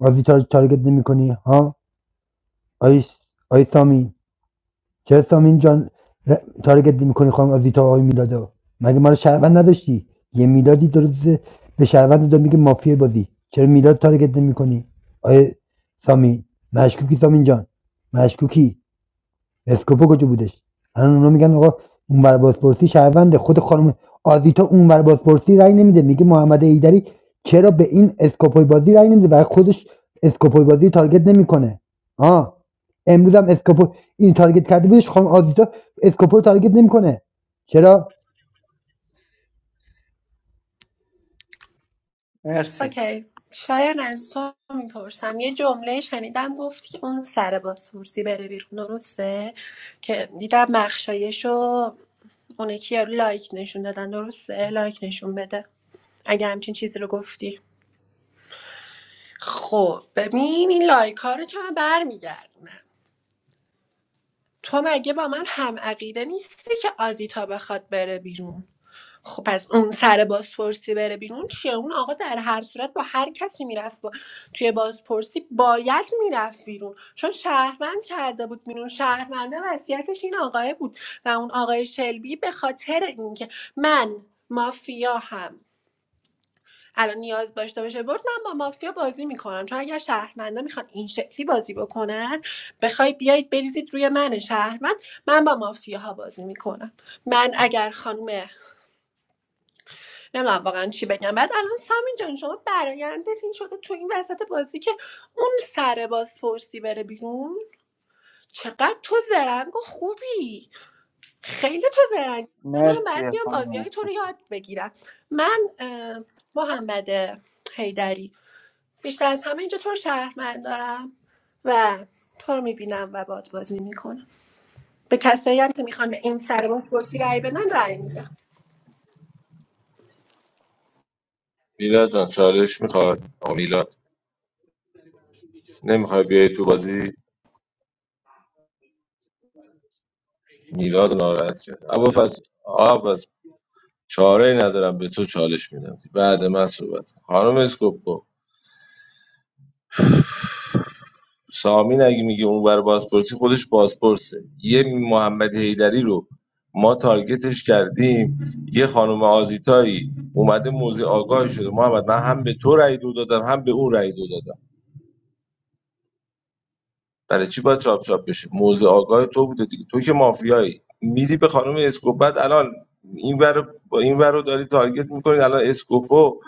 S10: آزیتا رو تارگت نمیکنی ها آیس آی چرا سامین جان تارگت میکنی خانم آزیتا و آقای میلادو مگه ما رو شهروند نداشتی یه میلادی دو روزه به شهروند داد میگه مافیای بازی چرا میلاد تارگت نمیکنی آیه سامی مشکوکی سامین جان مشکوکی اسکوپو کجا بودش الان اونا میگن آقا اونور بازپرسی شهرونده خود خانم آزیتا اونور بازپرسی رأی نمیده میگه محمد ایدری چرا به این اسکوپوی بازی رأی نمیده برای خودش اسکوپوی بازی تارگت نمیکنه آه امروز هم اسکوپو این تارگت کرده بودش خانم آزیتا اسکوپو تارگت نمیکنه چرا
S15: مرسی
S14: اوکی شاید از تو میپرسم یه جمله شنیدم گفتی که اون سر بازپرسی بره بیرون درسته که دیدم مخشایشو اون یکی یارو لایک نشون دادن درسته لایک نشون بده اگه همچین چیزی رو گفتی خب ببین این لایک ها رو که من برمیگردم تو مگه با من هم عقیده نیستی که آزیتا بخواد بره بیرون خب پس اون سر بازپرسی بره بیرون چیه اون آقا در هر صورت با هر کسی میرفت با... توی بازپرسی باید میرفت بیرون چون شهروند کرده بود بیرون شهرونده وصیتش این آقای بود و اون آقای شلبی به خاطر اینکه من مافیا هم الان نیاز داشته باشه برد من با مافیا بازی میکنم چون اگر شهروندا میخوان این شکلی بازی بکنن بخوای بیاید بریزید روی من شهروند من با مافیاها بازی میکنم من اگر خانم نمیدونم واقعا چی بگم بعد الان سامین جان شما برایندت این شده تو این وسط بازی که اون سر بازپرسی بره بیرون چقدر تو زرنگ و خوبی خیلی تو زرنگ من بعد
S15: مرسی
S14: میام بازی های
S15: خانم
S14: تو رو یاد بگیرم من اه، محمد حیدری بیشتر از همه اینجا تو رو شهروند دارم و تو رو میبینم و باد بازی میکنم به کسایی هم که میخوان به این سر بازپرسی رأی بدن رأی میدم
S6: میلاد جان چالش میخواد آقا میلاد نمیخوای بیای تو بازی میلاد رو ناراحت کرد ابوالفضل چاره ای ندارم به تو چالش میدم بعد من صحبت کن. خانم اسکوپو سامین اگه میگه اون بر بازپرسی خودش بازپرسه یه محمد حیدری رو ما تارگتش کردیم یه خانم آزیتایی اومده موزه آگاهی شده محمد من هم به تو رأی دو دادم هم به اون رأی دو دادم برای چی باید چاپ چاپ بشه موضع آگاه تو بوده دیگه تو که مافیایی میدی به خانم اسکوپ بعد الان این ور با این ور رو داری تارگت میکنید الان اسکوپو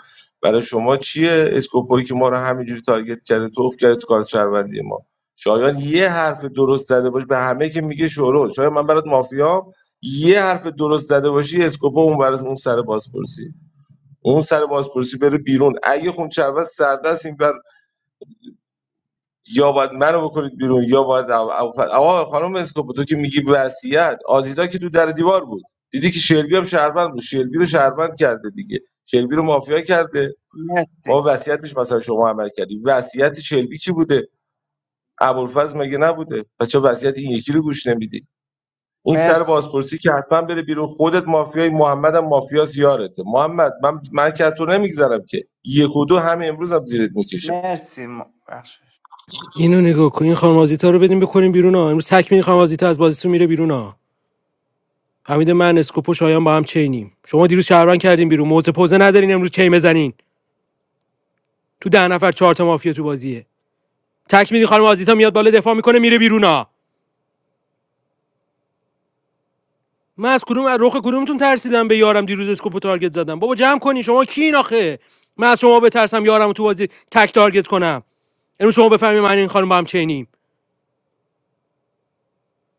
S6: برای شما چیه اسکوپویی که ما رو همینجوری تارگت کرده توف کرده تو کار شهروندی ما شایان یه حرف درست زده باش به همه که میگه شورول شایان من برات مافیام یه حرف درست زده باشی اسکوپو اون برات اون سر بازپرسی اون سر بازپرسی بره بیرون اگه خون شهروند سردست این یا باید منو بکنید بیرون یا باید اب- اب- آقا خانم اسکوپ تو که میگی وصیت آزیتا که تو در دیوار بود دیدی که شلبی هم شهروند بود شلبی رو شهروند کرده دیگه شلبی رو مافیا کرده ما
S15: مرسی
S6: وصیتش مثلا شما عمل کردی وصیت شلبی چی بوده ابوالفضل مگه نبوده پس چرا وصیت این یکی رو گوش نمیدی این سر
S15: مرسی
S6: بازپرسی که حتما بره بیرون خودت مافیای محمد هم مافیا زیارته محمد من من که تو نمیگذرم که یک و دو همه امروز هم زیرت میکشم.
S15: مرسی م- بخشش
S7: اینو نگاه کن این خانم آزیتا رو بدیم بکنیم بیرون ها امروز تک می خانم آزیتا از بازیتون میره بیرون ها حمید من اسکوپو شایان با هم چینیم شما دیروز شهروند کردین بیرون موزه پوزه ندارین امروز چین بزنین تو ده نفر چهار تا مافیا تو بازیه تکمیلی خانم آزیتا میاد بالا دفاع میکنه میره بیرونا من از کدوم از رخ کدومتون ترسیدم به یارم دیروز اسکوپو تارگت زدم بابا جمع کنین شما کین آخه من از شما بترسم یارم تو بازی تک تارگت کنم امروز شما بفهمید من این خانم با هم چینیم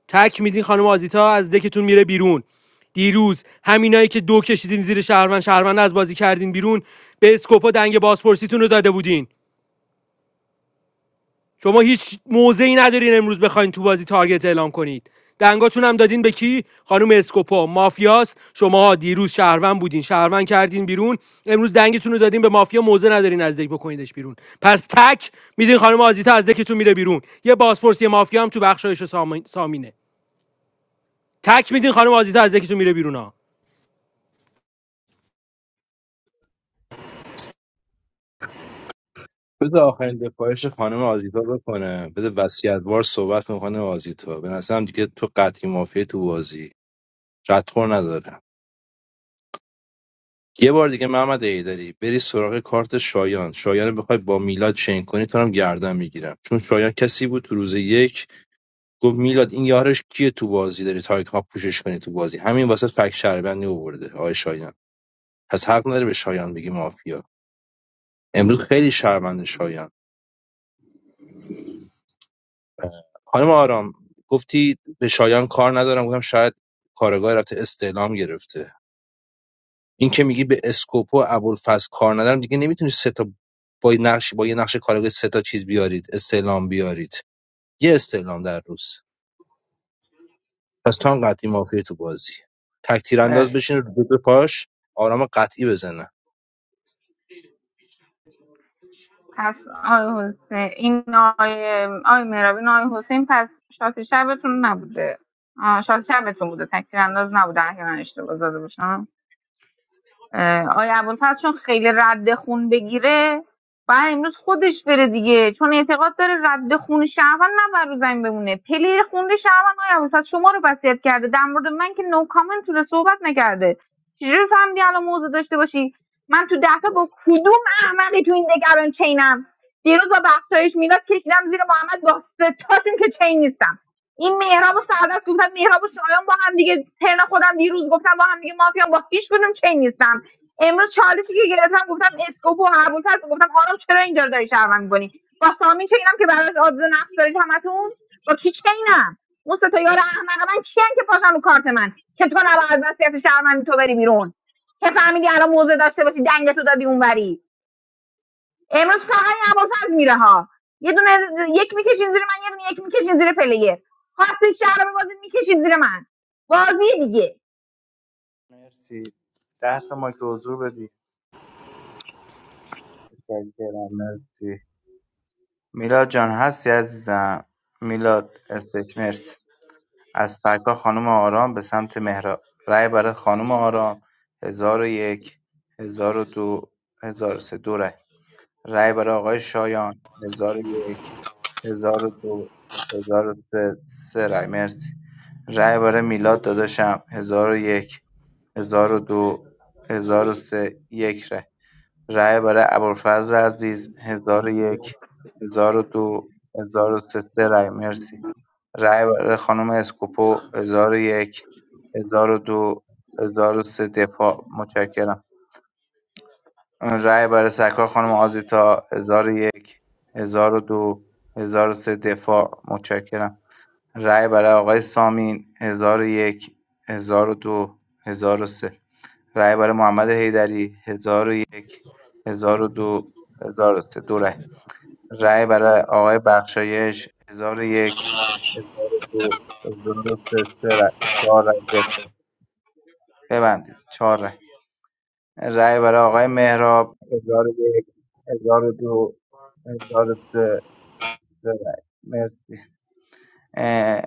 S7: تک میدین خانم آزیتا از دکتون میره بیرون دیروز همینایی که دو کشیدین زیر شهروند شهروند از بازی کردین بیرون به اسکوپا دنگ بازپرسیتون رو داده بودین شما هیچ موضعی ندارین امروز بخواین تو بازی تارگت اعلام کنید دنگاتون هم دادین به کی خانم اسکوپو مافیاس شما دیروز شهروند بودین شهروند کردین بیرون امروز دنگتون رو دادین به مافیا موزه ندارین از دک بکنیدش بیرون پس تک میدین خانم آزیتا از دکتون میره بیرون یه بازپرسی مافیا هم تو بخشایش و سامینه تک میدین خانم آزیتا از دکتون میره بیرون ها
S8: بده آخرین دفاعش خانم آزیتا بکنه بده وصیتوار صحبت کنه خانم آزیتا به نظرم دیگه تو قطعی مافیا تو بازی ردخور نداره یه بار دیگه محمد ایدری بری سراغ کارت شایان شایان رو بخوای با میلاد چین کنی تو رو هم گردن میگیرم چون شایان کسی بود تو روز یک گفت میلاد این یارش کیه تو بازی داری تا ها پوشش کنی تو بازی همین واسه فک شهروندی آورده آقای شایان پس حق نداره به شایان بگی مافیا امروز خیلی شرمنده شایان خانم آرام گفتی به شایان کار ندارم گفتم شاید کارگاه رفته استعلام گرفته این که میگی به اسکوپو و ابوالفضل کار ندارم دیگه نمیتونی سه تا با یه نقش با یه نقش کارگاه سه تا چیز بیارید استعلام بیارید یه استعلام در روز پس تو هم قطعی مافیه تو بازی تک تیر انداز
S15: مرسی
S8: بشین رو دو تا پاش آرام قطعی بزنه
S12: پس آقای حسین این آقای آقای مهرابی این آقای حسین پس شاسی شبتون نبوده آه، شاسی شبتون بوده تکتیر انداز نبوده اگه من اشتباه زده باشم آیا ابوالفضل چون خیلی رد خون بگیره باید امروز خودش بره دیگه چون اعتقاد داره رد خون شهروند نباید رو زمین بمونه پلیر خونده شهروند آیا ابوالفضل شما رو وصیت کرده در مورد من که نو کامنت رو صحبت نکرده چجوری فهمیدی الان موضوع داشته باشی من تو دهتا با کدوم احمقی تو این دگران چینم دیروز با بخشایش میلاد کشیدم زیر محمد با ستاشون که چین نیستم این مهراب و سعادت گفتم مهراب و شایان با هم دیگه ترن خودم دیروز گفتم با هم دیگه مافیان با هیچ کدوم چین نیستم امروز چالشی که گرفتم گفتم اسکوپو و ابوالفضل گفتم آرام چرا اینجا رو داری شهروند می‌کنی با سامی چه اینم که براش آدز نقش دارید همتون با کی چه اینم اون سه تا یار احمق من کیان که پاشن رو کارت من که تو نباید از وصیت شهروندی تو بری بیرون که فهمیدی الان موضع داشته باشی دنگتو دادی اونوری امروز فقط این ابوالفضل میره ها یه دونه یک میکشین زیر من یه دونه یک میکشین زیر پلیر خواستین شهر رو بازی میکشین زیر من بازی دیگه
S15: ده تا ما که حضور بدی متشکرم. مرسی میلاد جان هستی عزیزم میلاد استیت مرسی از فرکا خانم آرام به سمت مهراب رأی برای خانم آرام هزار و یک هزار و دو هزار و سه دو رأی. رای برای آقای شایان 1001 1002 1003 سه سه رای مرسی رای برای میلاد داداشم 1001 1002 1003 یک رای رای برای ابوالفضل عزیز 1001 1002 1003 سه سه رای مرسی رای برای خانم اسکوپو 1001 1002 1003 دفاع متشکرم رای برای سرکار خانم آزیتا 1001 1002 1003 دفاع متشکرم رای برای آقای سامین 1001 1002 1003 رای برای محمد حیدری 1001 1002 1003 دو هزار و سه. دو رای رای برای آقای بخشایش 1001 1002 1003 سه سه رای چهار رای دفاع ببندید چهار رای رای برای آقای مهراب 1001 1002 هزار و سه ببخشید. مرسی. اه،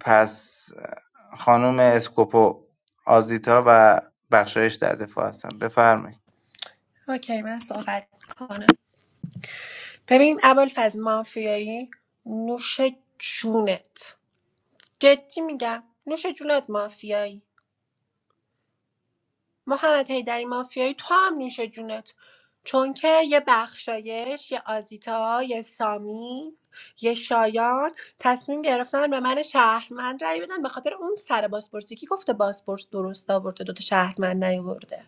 S15: پس خانم اسکوپو آزیتا و بخشایش در دفاع هستن بفرمایید
S14: اوکی من صحبت کنم ببین ابوالفضل مافیایی نوش جونت جدی میگم نوش جونت مافیایی محمد حیدری مافیایی تو هم نوش جونت چون که یه بخشایش یه آزیتا یه سامی یه شایان تصمیم گرفتن به من شهرمند رأی بدن به خاطر اون سر بازپرسی که گفته بازپرس درست آورده دوتا شهرمند نیاورده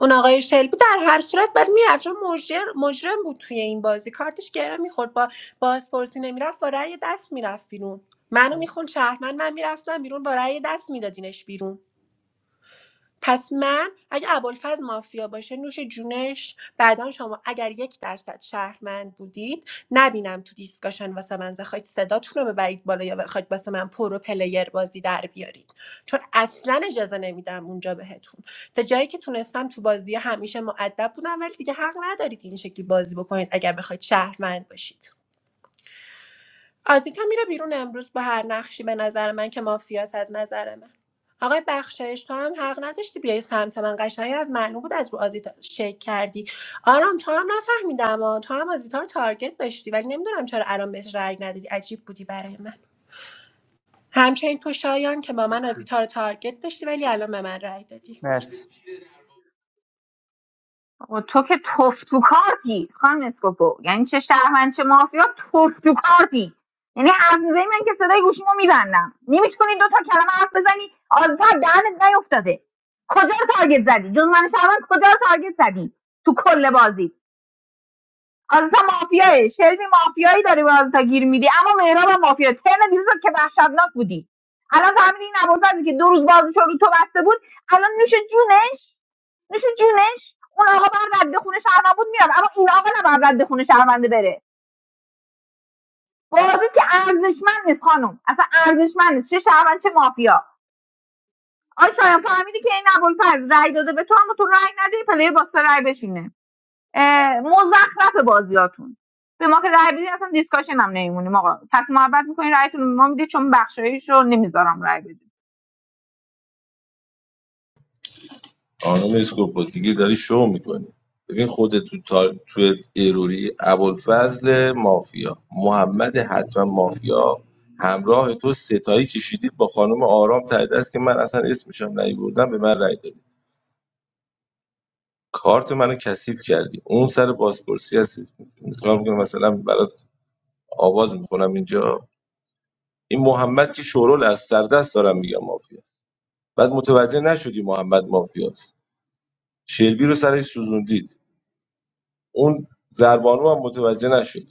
S14: اون آقای شلبی در هر صورت باید میرفت چون مجر- مجرم بود توی این بازی کارتش گره میخورد با بازپرسی نمیرفت با رأی دست میرفت بیرون منو میخون شهرمند من میرفتم بیرون با رأی دست میدادینش بیرون پس من اگه ابوالفضل مافیا باشه نوش جونش بعدا شما اگر یک درصد شهروند بودید نبینم تو دیسکاشن واسه من بخواید صداتون رو ببرید بالا یا بخواید واسه من پرو پلیر بازی در بیارید چون اصلا اجازه نمیدم اونجا بهتون تا جایی که تونستم تو بازی همیشه معدب بودم ولی دیگه حق ندارید این شکلی بازی بکنید اگر بخواید شهروند باشید آزیتا میره بیرون امروز با هر نقشی به نظر من که مافیاس از نظر من آقای بخشایش تو هم حق نداشتی بیای سمت من قشنگ از معنی بود از رو آزیتا شیک کردی آرام تو هم نفهمیدم آ. تو هم آزیتا رو تارگت داشتی ولی نمیدونم چرا الان بهش رأی ندادی عجیب بودی برای من همچنین تو شایان که با من آزیتا رو تارگت داشتی ولی الان به من رأی دادی
S15: مرسی
S12: آقا تو که توف تو کارتی خانم اسکوپو یعنی چه شهروند چه مافیا توف تو یعنی حرف میزنی من که صدای گوشیمو میبندم نمیتونی دو تا کلمه حرف بزنی آزاد دهنت نیفتاده کجا رو تارگت زدی جز من شهروند کجا رو تارگت زدی تو کل بازی آزتا مافیایی شلبی مافیایی داری به آزتا گیر میدی اما مهراب هم مافیا ترن دیروز که وحشتناک بودی الان فهمیدی این ابوالفضلی که دو روز بازش رو تو بسته بود الان نوش جونش نوش جونش اون آقا بر رد خونه شهروند بود میاد اما این آقا نه بر رد خونه شهرونده بره بازی که ارزشمند نیست خانم اصلا ارزشمند نیست چه شهروند چه مافیا آی شایان فهمیدی که این ابوالفضل رأی داده به تو اما تو رأی ندی پلی با سه رأی بشینه اه، مزخرف بازیاتون به ما که رای بدین اصلا دیسکاشن هم نمیمونیم آقا پس محبت میکنین رایتون رو به ما میدید چون بخشایش رو نمیذارم رای بدید
S6: خانم اسکوپو دیگه داری شو میکنی ببین خودت تو تا... تو اروری ابوالفضل مافیا محمد حتما مافیا همراه تو ستایی کشیدید با خانم آرام ته دست که من اصلا اسمشم نیوردم به من رای دادید کارت منو کثیف کردی اون سر بازپرسی هستی میخوام میگم مثلا برات آواز میخونم اینجا این محمد که شورول از سردست دارم میگم مافیاست بعد متوجه نشدی محمد مافیاست شلبی رو سرش سوزوندید اون زربانو هم متوجه نشد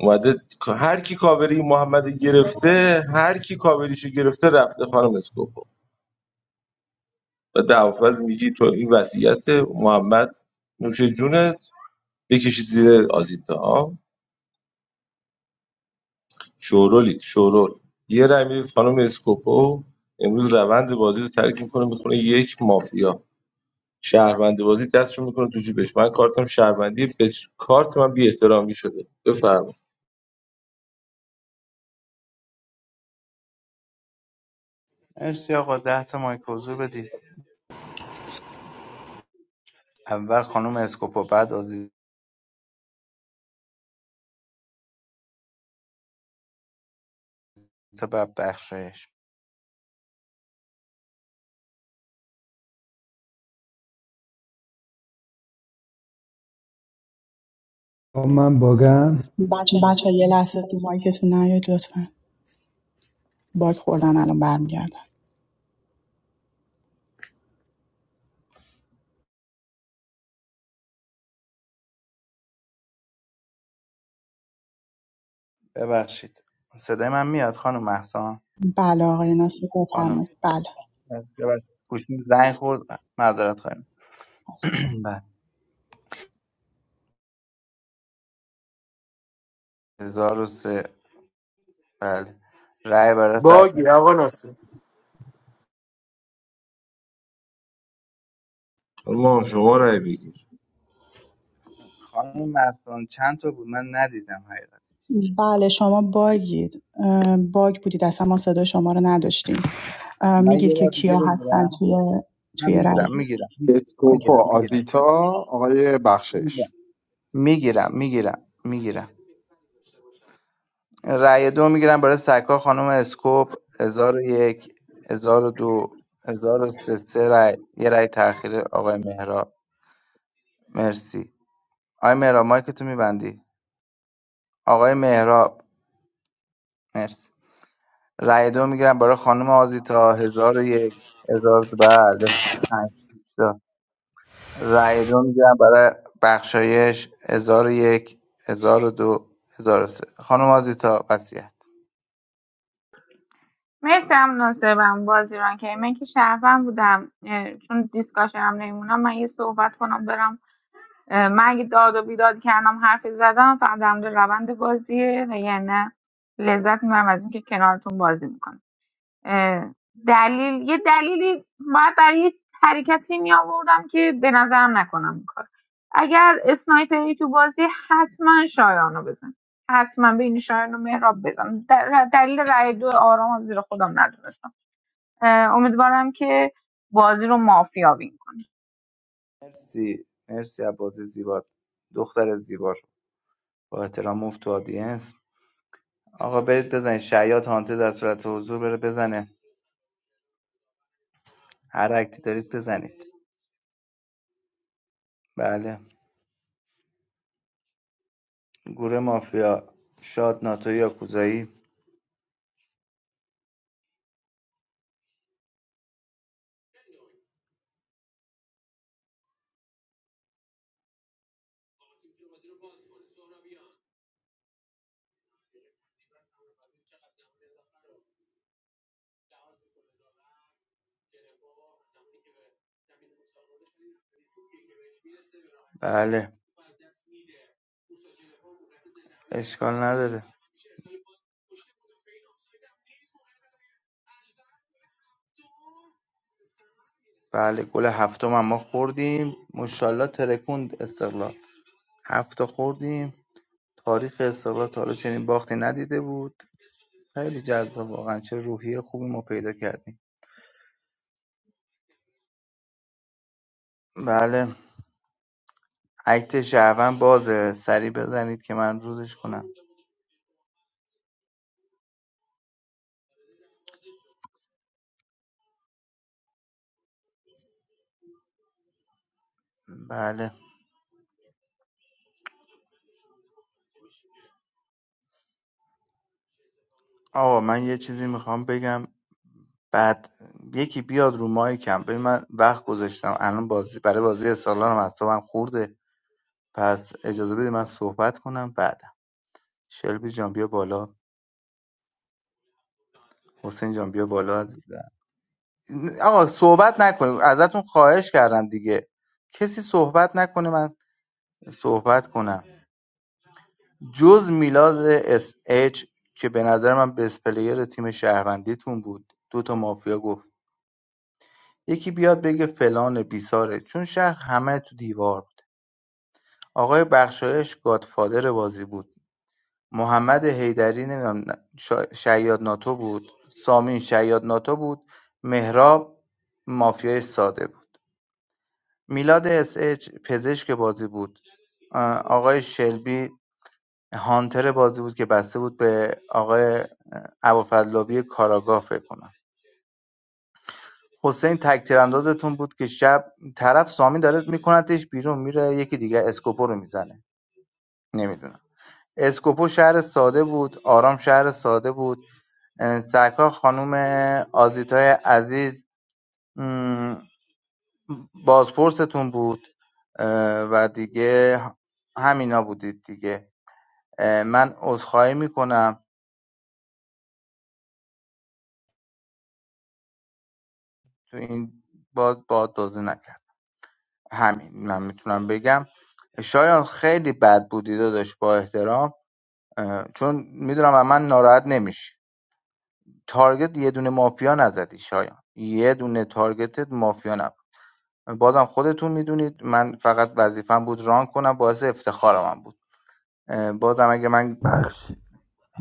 S6: اومده هر کی کاوری محمد گرفته هر کی کاوریشو گرفته رفته خانم اسکوپو و دعوافز میگی تو این وصیت محمد نوش جونت بکشید زیر آزیتا ها شورولید شورول یه رای میدید خانم اسکوپو امروز روند بازی رو ترک میکنه میخونه یک مافیا شهروند بازی دستشو میکنه تو جیبش من کارتم شهروندی به کارت من بی احترامی شده بفرمایید
S15: مرسی آقا ده تا مایک حضور بدید اول خانم اسکوپو بعد آزیتا بعد بخشایش
S10: من باگم
S1: بچه یه لحظه تو مایکتون نیاید لطفا باک خوردن الان برمیگردن
S15: ببخشید صدای من میاد خانم محسان
S1: بله آقای ناصر
S15: خانم
S1: بفرمایید بله
S15: گوشیم زنگ خورد معذرت خواهیم (clears throat) بله هزار و سه بله رأی برای سرکار
S7: باگی آقا ناصر
S6: ما شما رای بگیر
S15: خانم محسان چند تا بود من ندیدم حقیقت
S1: بله شما باگید اه، باگ بودید اصلا ما صدای شما رو نداشتیم اه،
S15: من
S1: میگید
S15: یه
S1: که
S15: بار دیگه
S1: کیا
S15: بگیرم
S1: هستن توی
S15: من
S1: توی رای
S15: میگیرم
S1: گیری.
S15: میگیرم میگیرم میگیرم
S4: اسکوپا
S1: اوکی.
S4: آزیتا آقای بخشش
S15: میگیرم میگیرم میگیرم میگیرم رأی دو میگیرم برای سکا خانم اسکوپ هزار و یک هزار و دو هزار و سه سه رأی یه رأی تأخیر آقای مهراب مرسی آقای مهراب مایک تو میبندی آقای مهراب مرسی رأی دو میگیرم برای خانم آزیتا هزار و یک هزار و دو. بله پنج تا. رأی دو میگیرم برای بخشایش هزار و یک هزار و دو هزار و سه خانم آزیتا وسیعت
S12: مرسی هم ناصرم بازیران که من که شهروند بودم چون دیسکاشن هم نمیمونم من یه صحبت کنم برم اه، من اگه داد و بیداد کردم حرفی زدم فقط در مورد روند بازیه و یعنی لذت میبرم از اینکه کنارتون بازی میکنم اه، دلیل یه دلیلی باید برای یه حرکتی می آوردم که به نظرم نکنم این کار اگر اسنایپری تو بازی حتما شایانو بزن حتما بین شایان و مهراب بزن در- دلیل رأی دو آرام از زیر خودم ندونستم اه، امیدوارم که بازی رو مافیا بین
S15: مرسی مرسی از بازی زیبات دختر زیبا رو. با احترام مفت تو آدینس آقا برید بزنید شیاط هانته در صورت حضور بره بزنه هر اکتی دارید بزنید بله گروه مافیا شاد ناتو یا کوزایی بله اشکال نداره بله گل هفتم هم ما خوردیم مشالله ترکوند استقلال هفت تا خوردیم تاریخ استقلال تا حالا چنین باختی ندیده بود خیلی جذاب واقعا چه روحیه خوبی ما پیدا کردیم بله اکت شهروند بازه سری بزنید که من روزش کنم بله آقا من یه چیزی میخوام بگم بعد یکی بیاد رو مایکم ببین من وقت گذاشتم الان بازی برای بازی استقلالم اعصابم خورده پس اجازه بده من صحبت کنم بعدم شلبی جان بیا بالا حسین جان بیا بالا آقا صحبت نکنیم ازتون خواهش کردم دیگه کسی صحبت نکنه من صحبت کنم جز میلاز اس اچ که به نظر من بس پلیر تیم شهروندیتون بود دو تا مافیا گفت یکی بیاد بگه فلان بیساره چون شهر همه تو دیوار بود آقای بخشایش گادفادر بازی بود محمد حیدری نمیدونم شا- شیاد ناتو بود سامین شیاد ناتو بود مهراب مافیای ساده بود میلاد اس اچ پزشک بازی بود آ، آقای شلبی هانتر بازی بود که بسته بود به آقای ابوالفضلابی کاراگاه فکر کنم حسین تک تیراندازتون بود که شب طرف سامی داره میکنتش بیرون میره یکی دیگه اسکوپو رو میزنه نمیدونم اسکوپو شهر ساده بود آرام شهر ساده بود اه، سرکار خانوم آزیتای عزیز م، بازپرستون بود اه، و دیگه همینا بودید دیگه من عذرخواهی میکنم تو این باز با دزدی نکرد همین من میتونم بگم شایان خیلی بد بودی داداش با احترام اه، چون میدونم از من ناراحت نمیشی تارگت یه دونه مافیا نزدی شایان یه دونه تارگتت مافیا نبود بازم خودتون میدونید من فقط وظیفم بود ران کنم باعث افتخار من بود اه، بازم اگه من
S10: بخش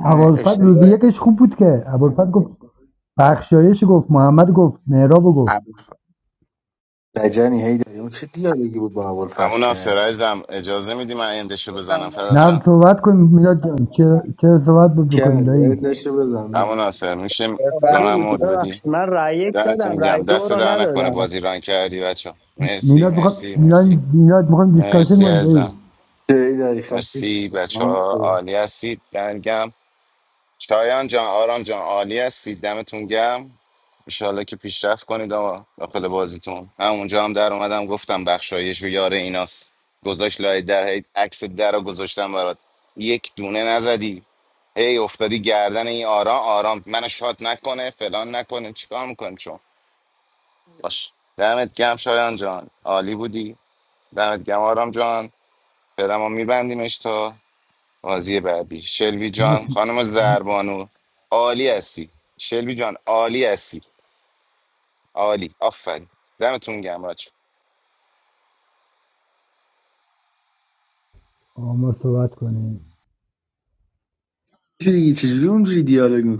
S15: اه،
S10: ابوالفضل روزی
S15: اشتباه
S10: یکش خوب بود که ابوالفضل گفت بخشایش گفت محمد گفت مهراب گفت
S4: لجنی هی داری اون چه دیالوگی بود با
S3: همون
S4: ابوالفضل
S3: ناصر
S4: کرد
S3: عزیزم اجازه میدی من ایندشو بزنم فدات
S10: نه
S3: شم
S10: صحبت کنیم میلاد جان چرا, چرا صحبت بود بکنیم
S4: کرد
S10: دایی
S4: یعنی داشته بزن
S3: همون
S4: ببین.
S3: ناصر میشه به
S16: عالی
S3: من
S16: بود
S3: مود بدی
S16: ببخشید من رأی یک دادم
S3: دهتون
S16: رای
S3: گم
S16: دو
S3: دست
S16: رو
S3: در نکنه
S16: ندادم
S3: بازی ران کردی بچه مرسی
S10: میلاد بخوام
S3: مرسی
S10: میلاد
S3: مرسی
S10: میلاد میخوام دیسکاشن
S3: مرسی
S10: کنیم دایی
S3: ازم
S4: چه هی داری خفیش
S3: مرسی بچه ها عالی هستید دمتون گم شایان جان آرام جان عالی هستید دمتون گم انشالله که پیشرفت کنید آقا داخل بازیتون همونجا هم در اومدم گفتم بخشایش و یار ایناست گذاشت لای در هی عکس در رو گذاشتم برات یک دونه نزدی هی افتادی گردن این آرام آرام منو شات نکنه فلان نکنه چیکار میکنی چون باش دمت گم شایان جان عالی بودی دمت گم آرام جان فعلا ما میبندیمش تا بازی بعدی شلوی
S10: ما,
S3: جان خانم زربانو عالی هستی شلوی جان عالی هستی عالی آفرین دمتون گم بچه‌ها.
S10: آه، ما صحبت کنیم
S4: چه دیگه چجوری اونجوری دیالوگ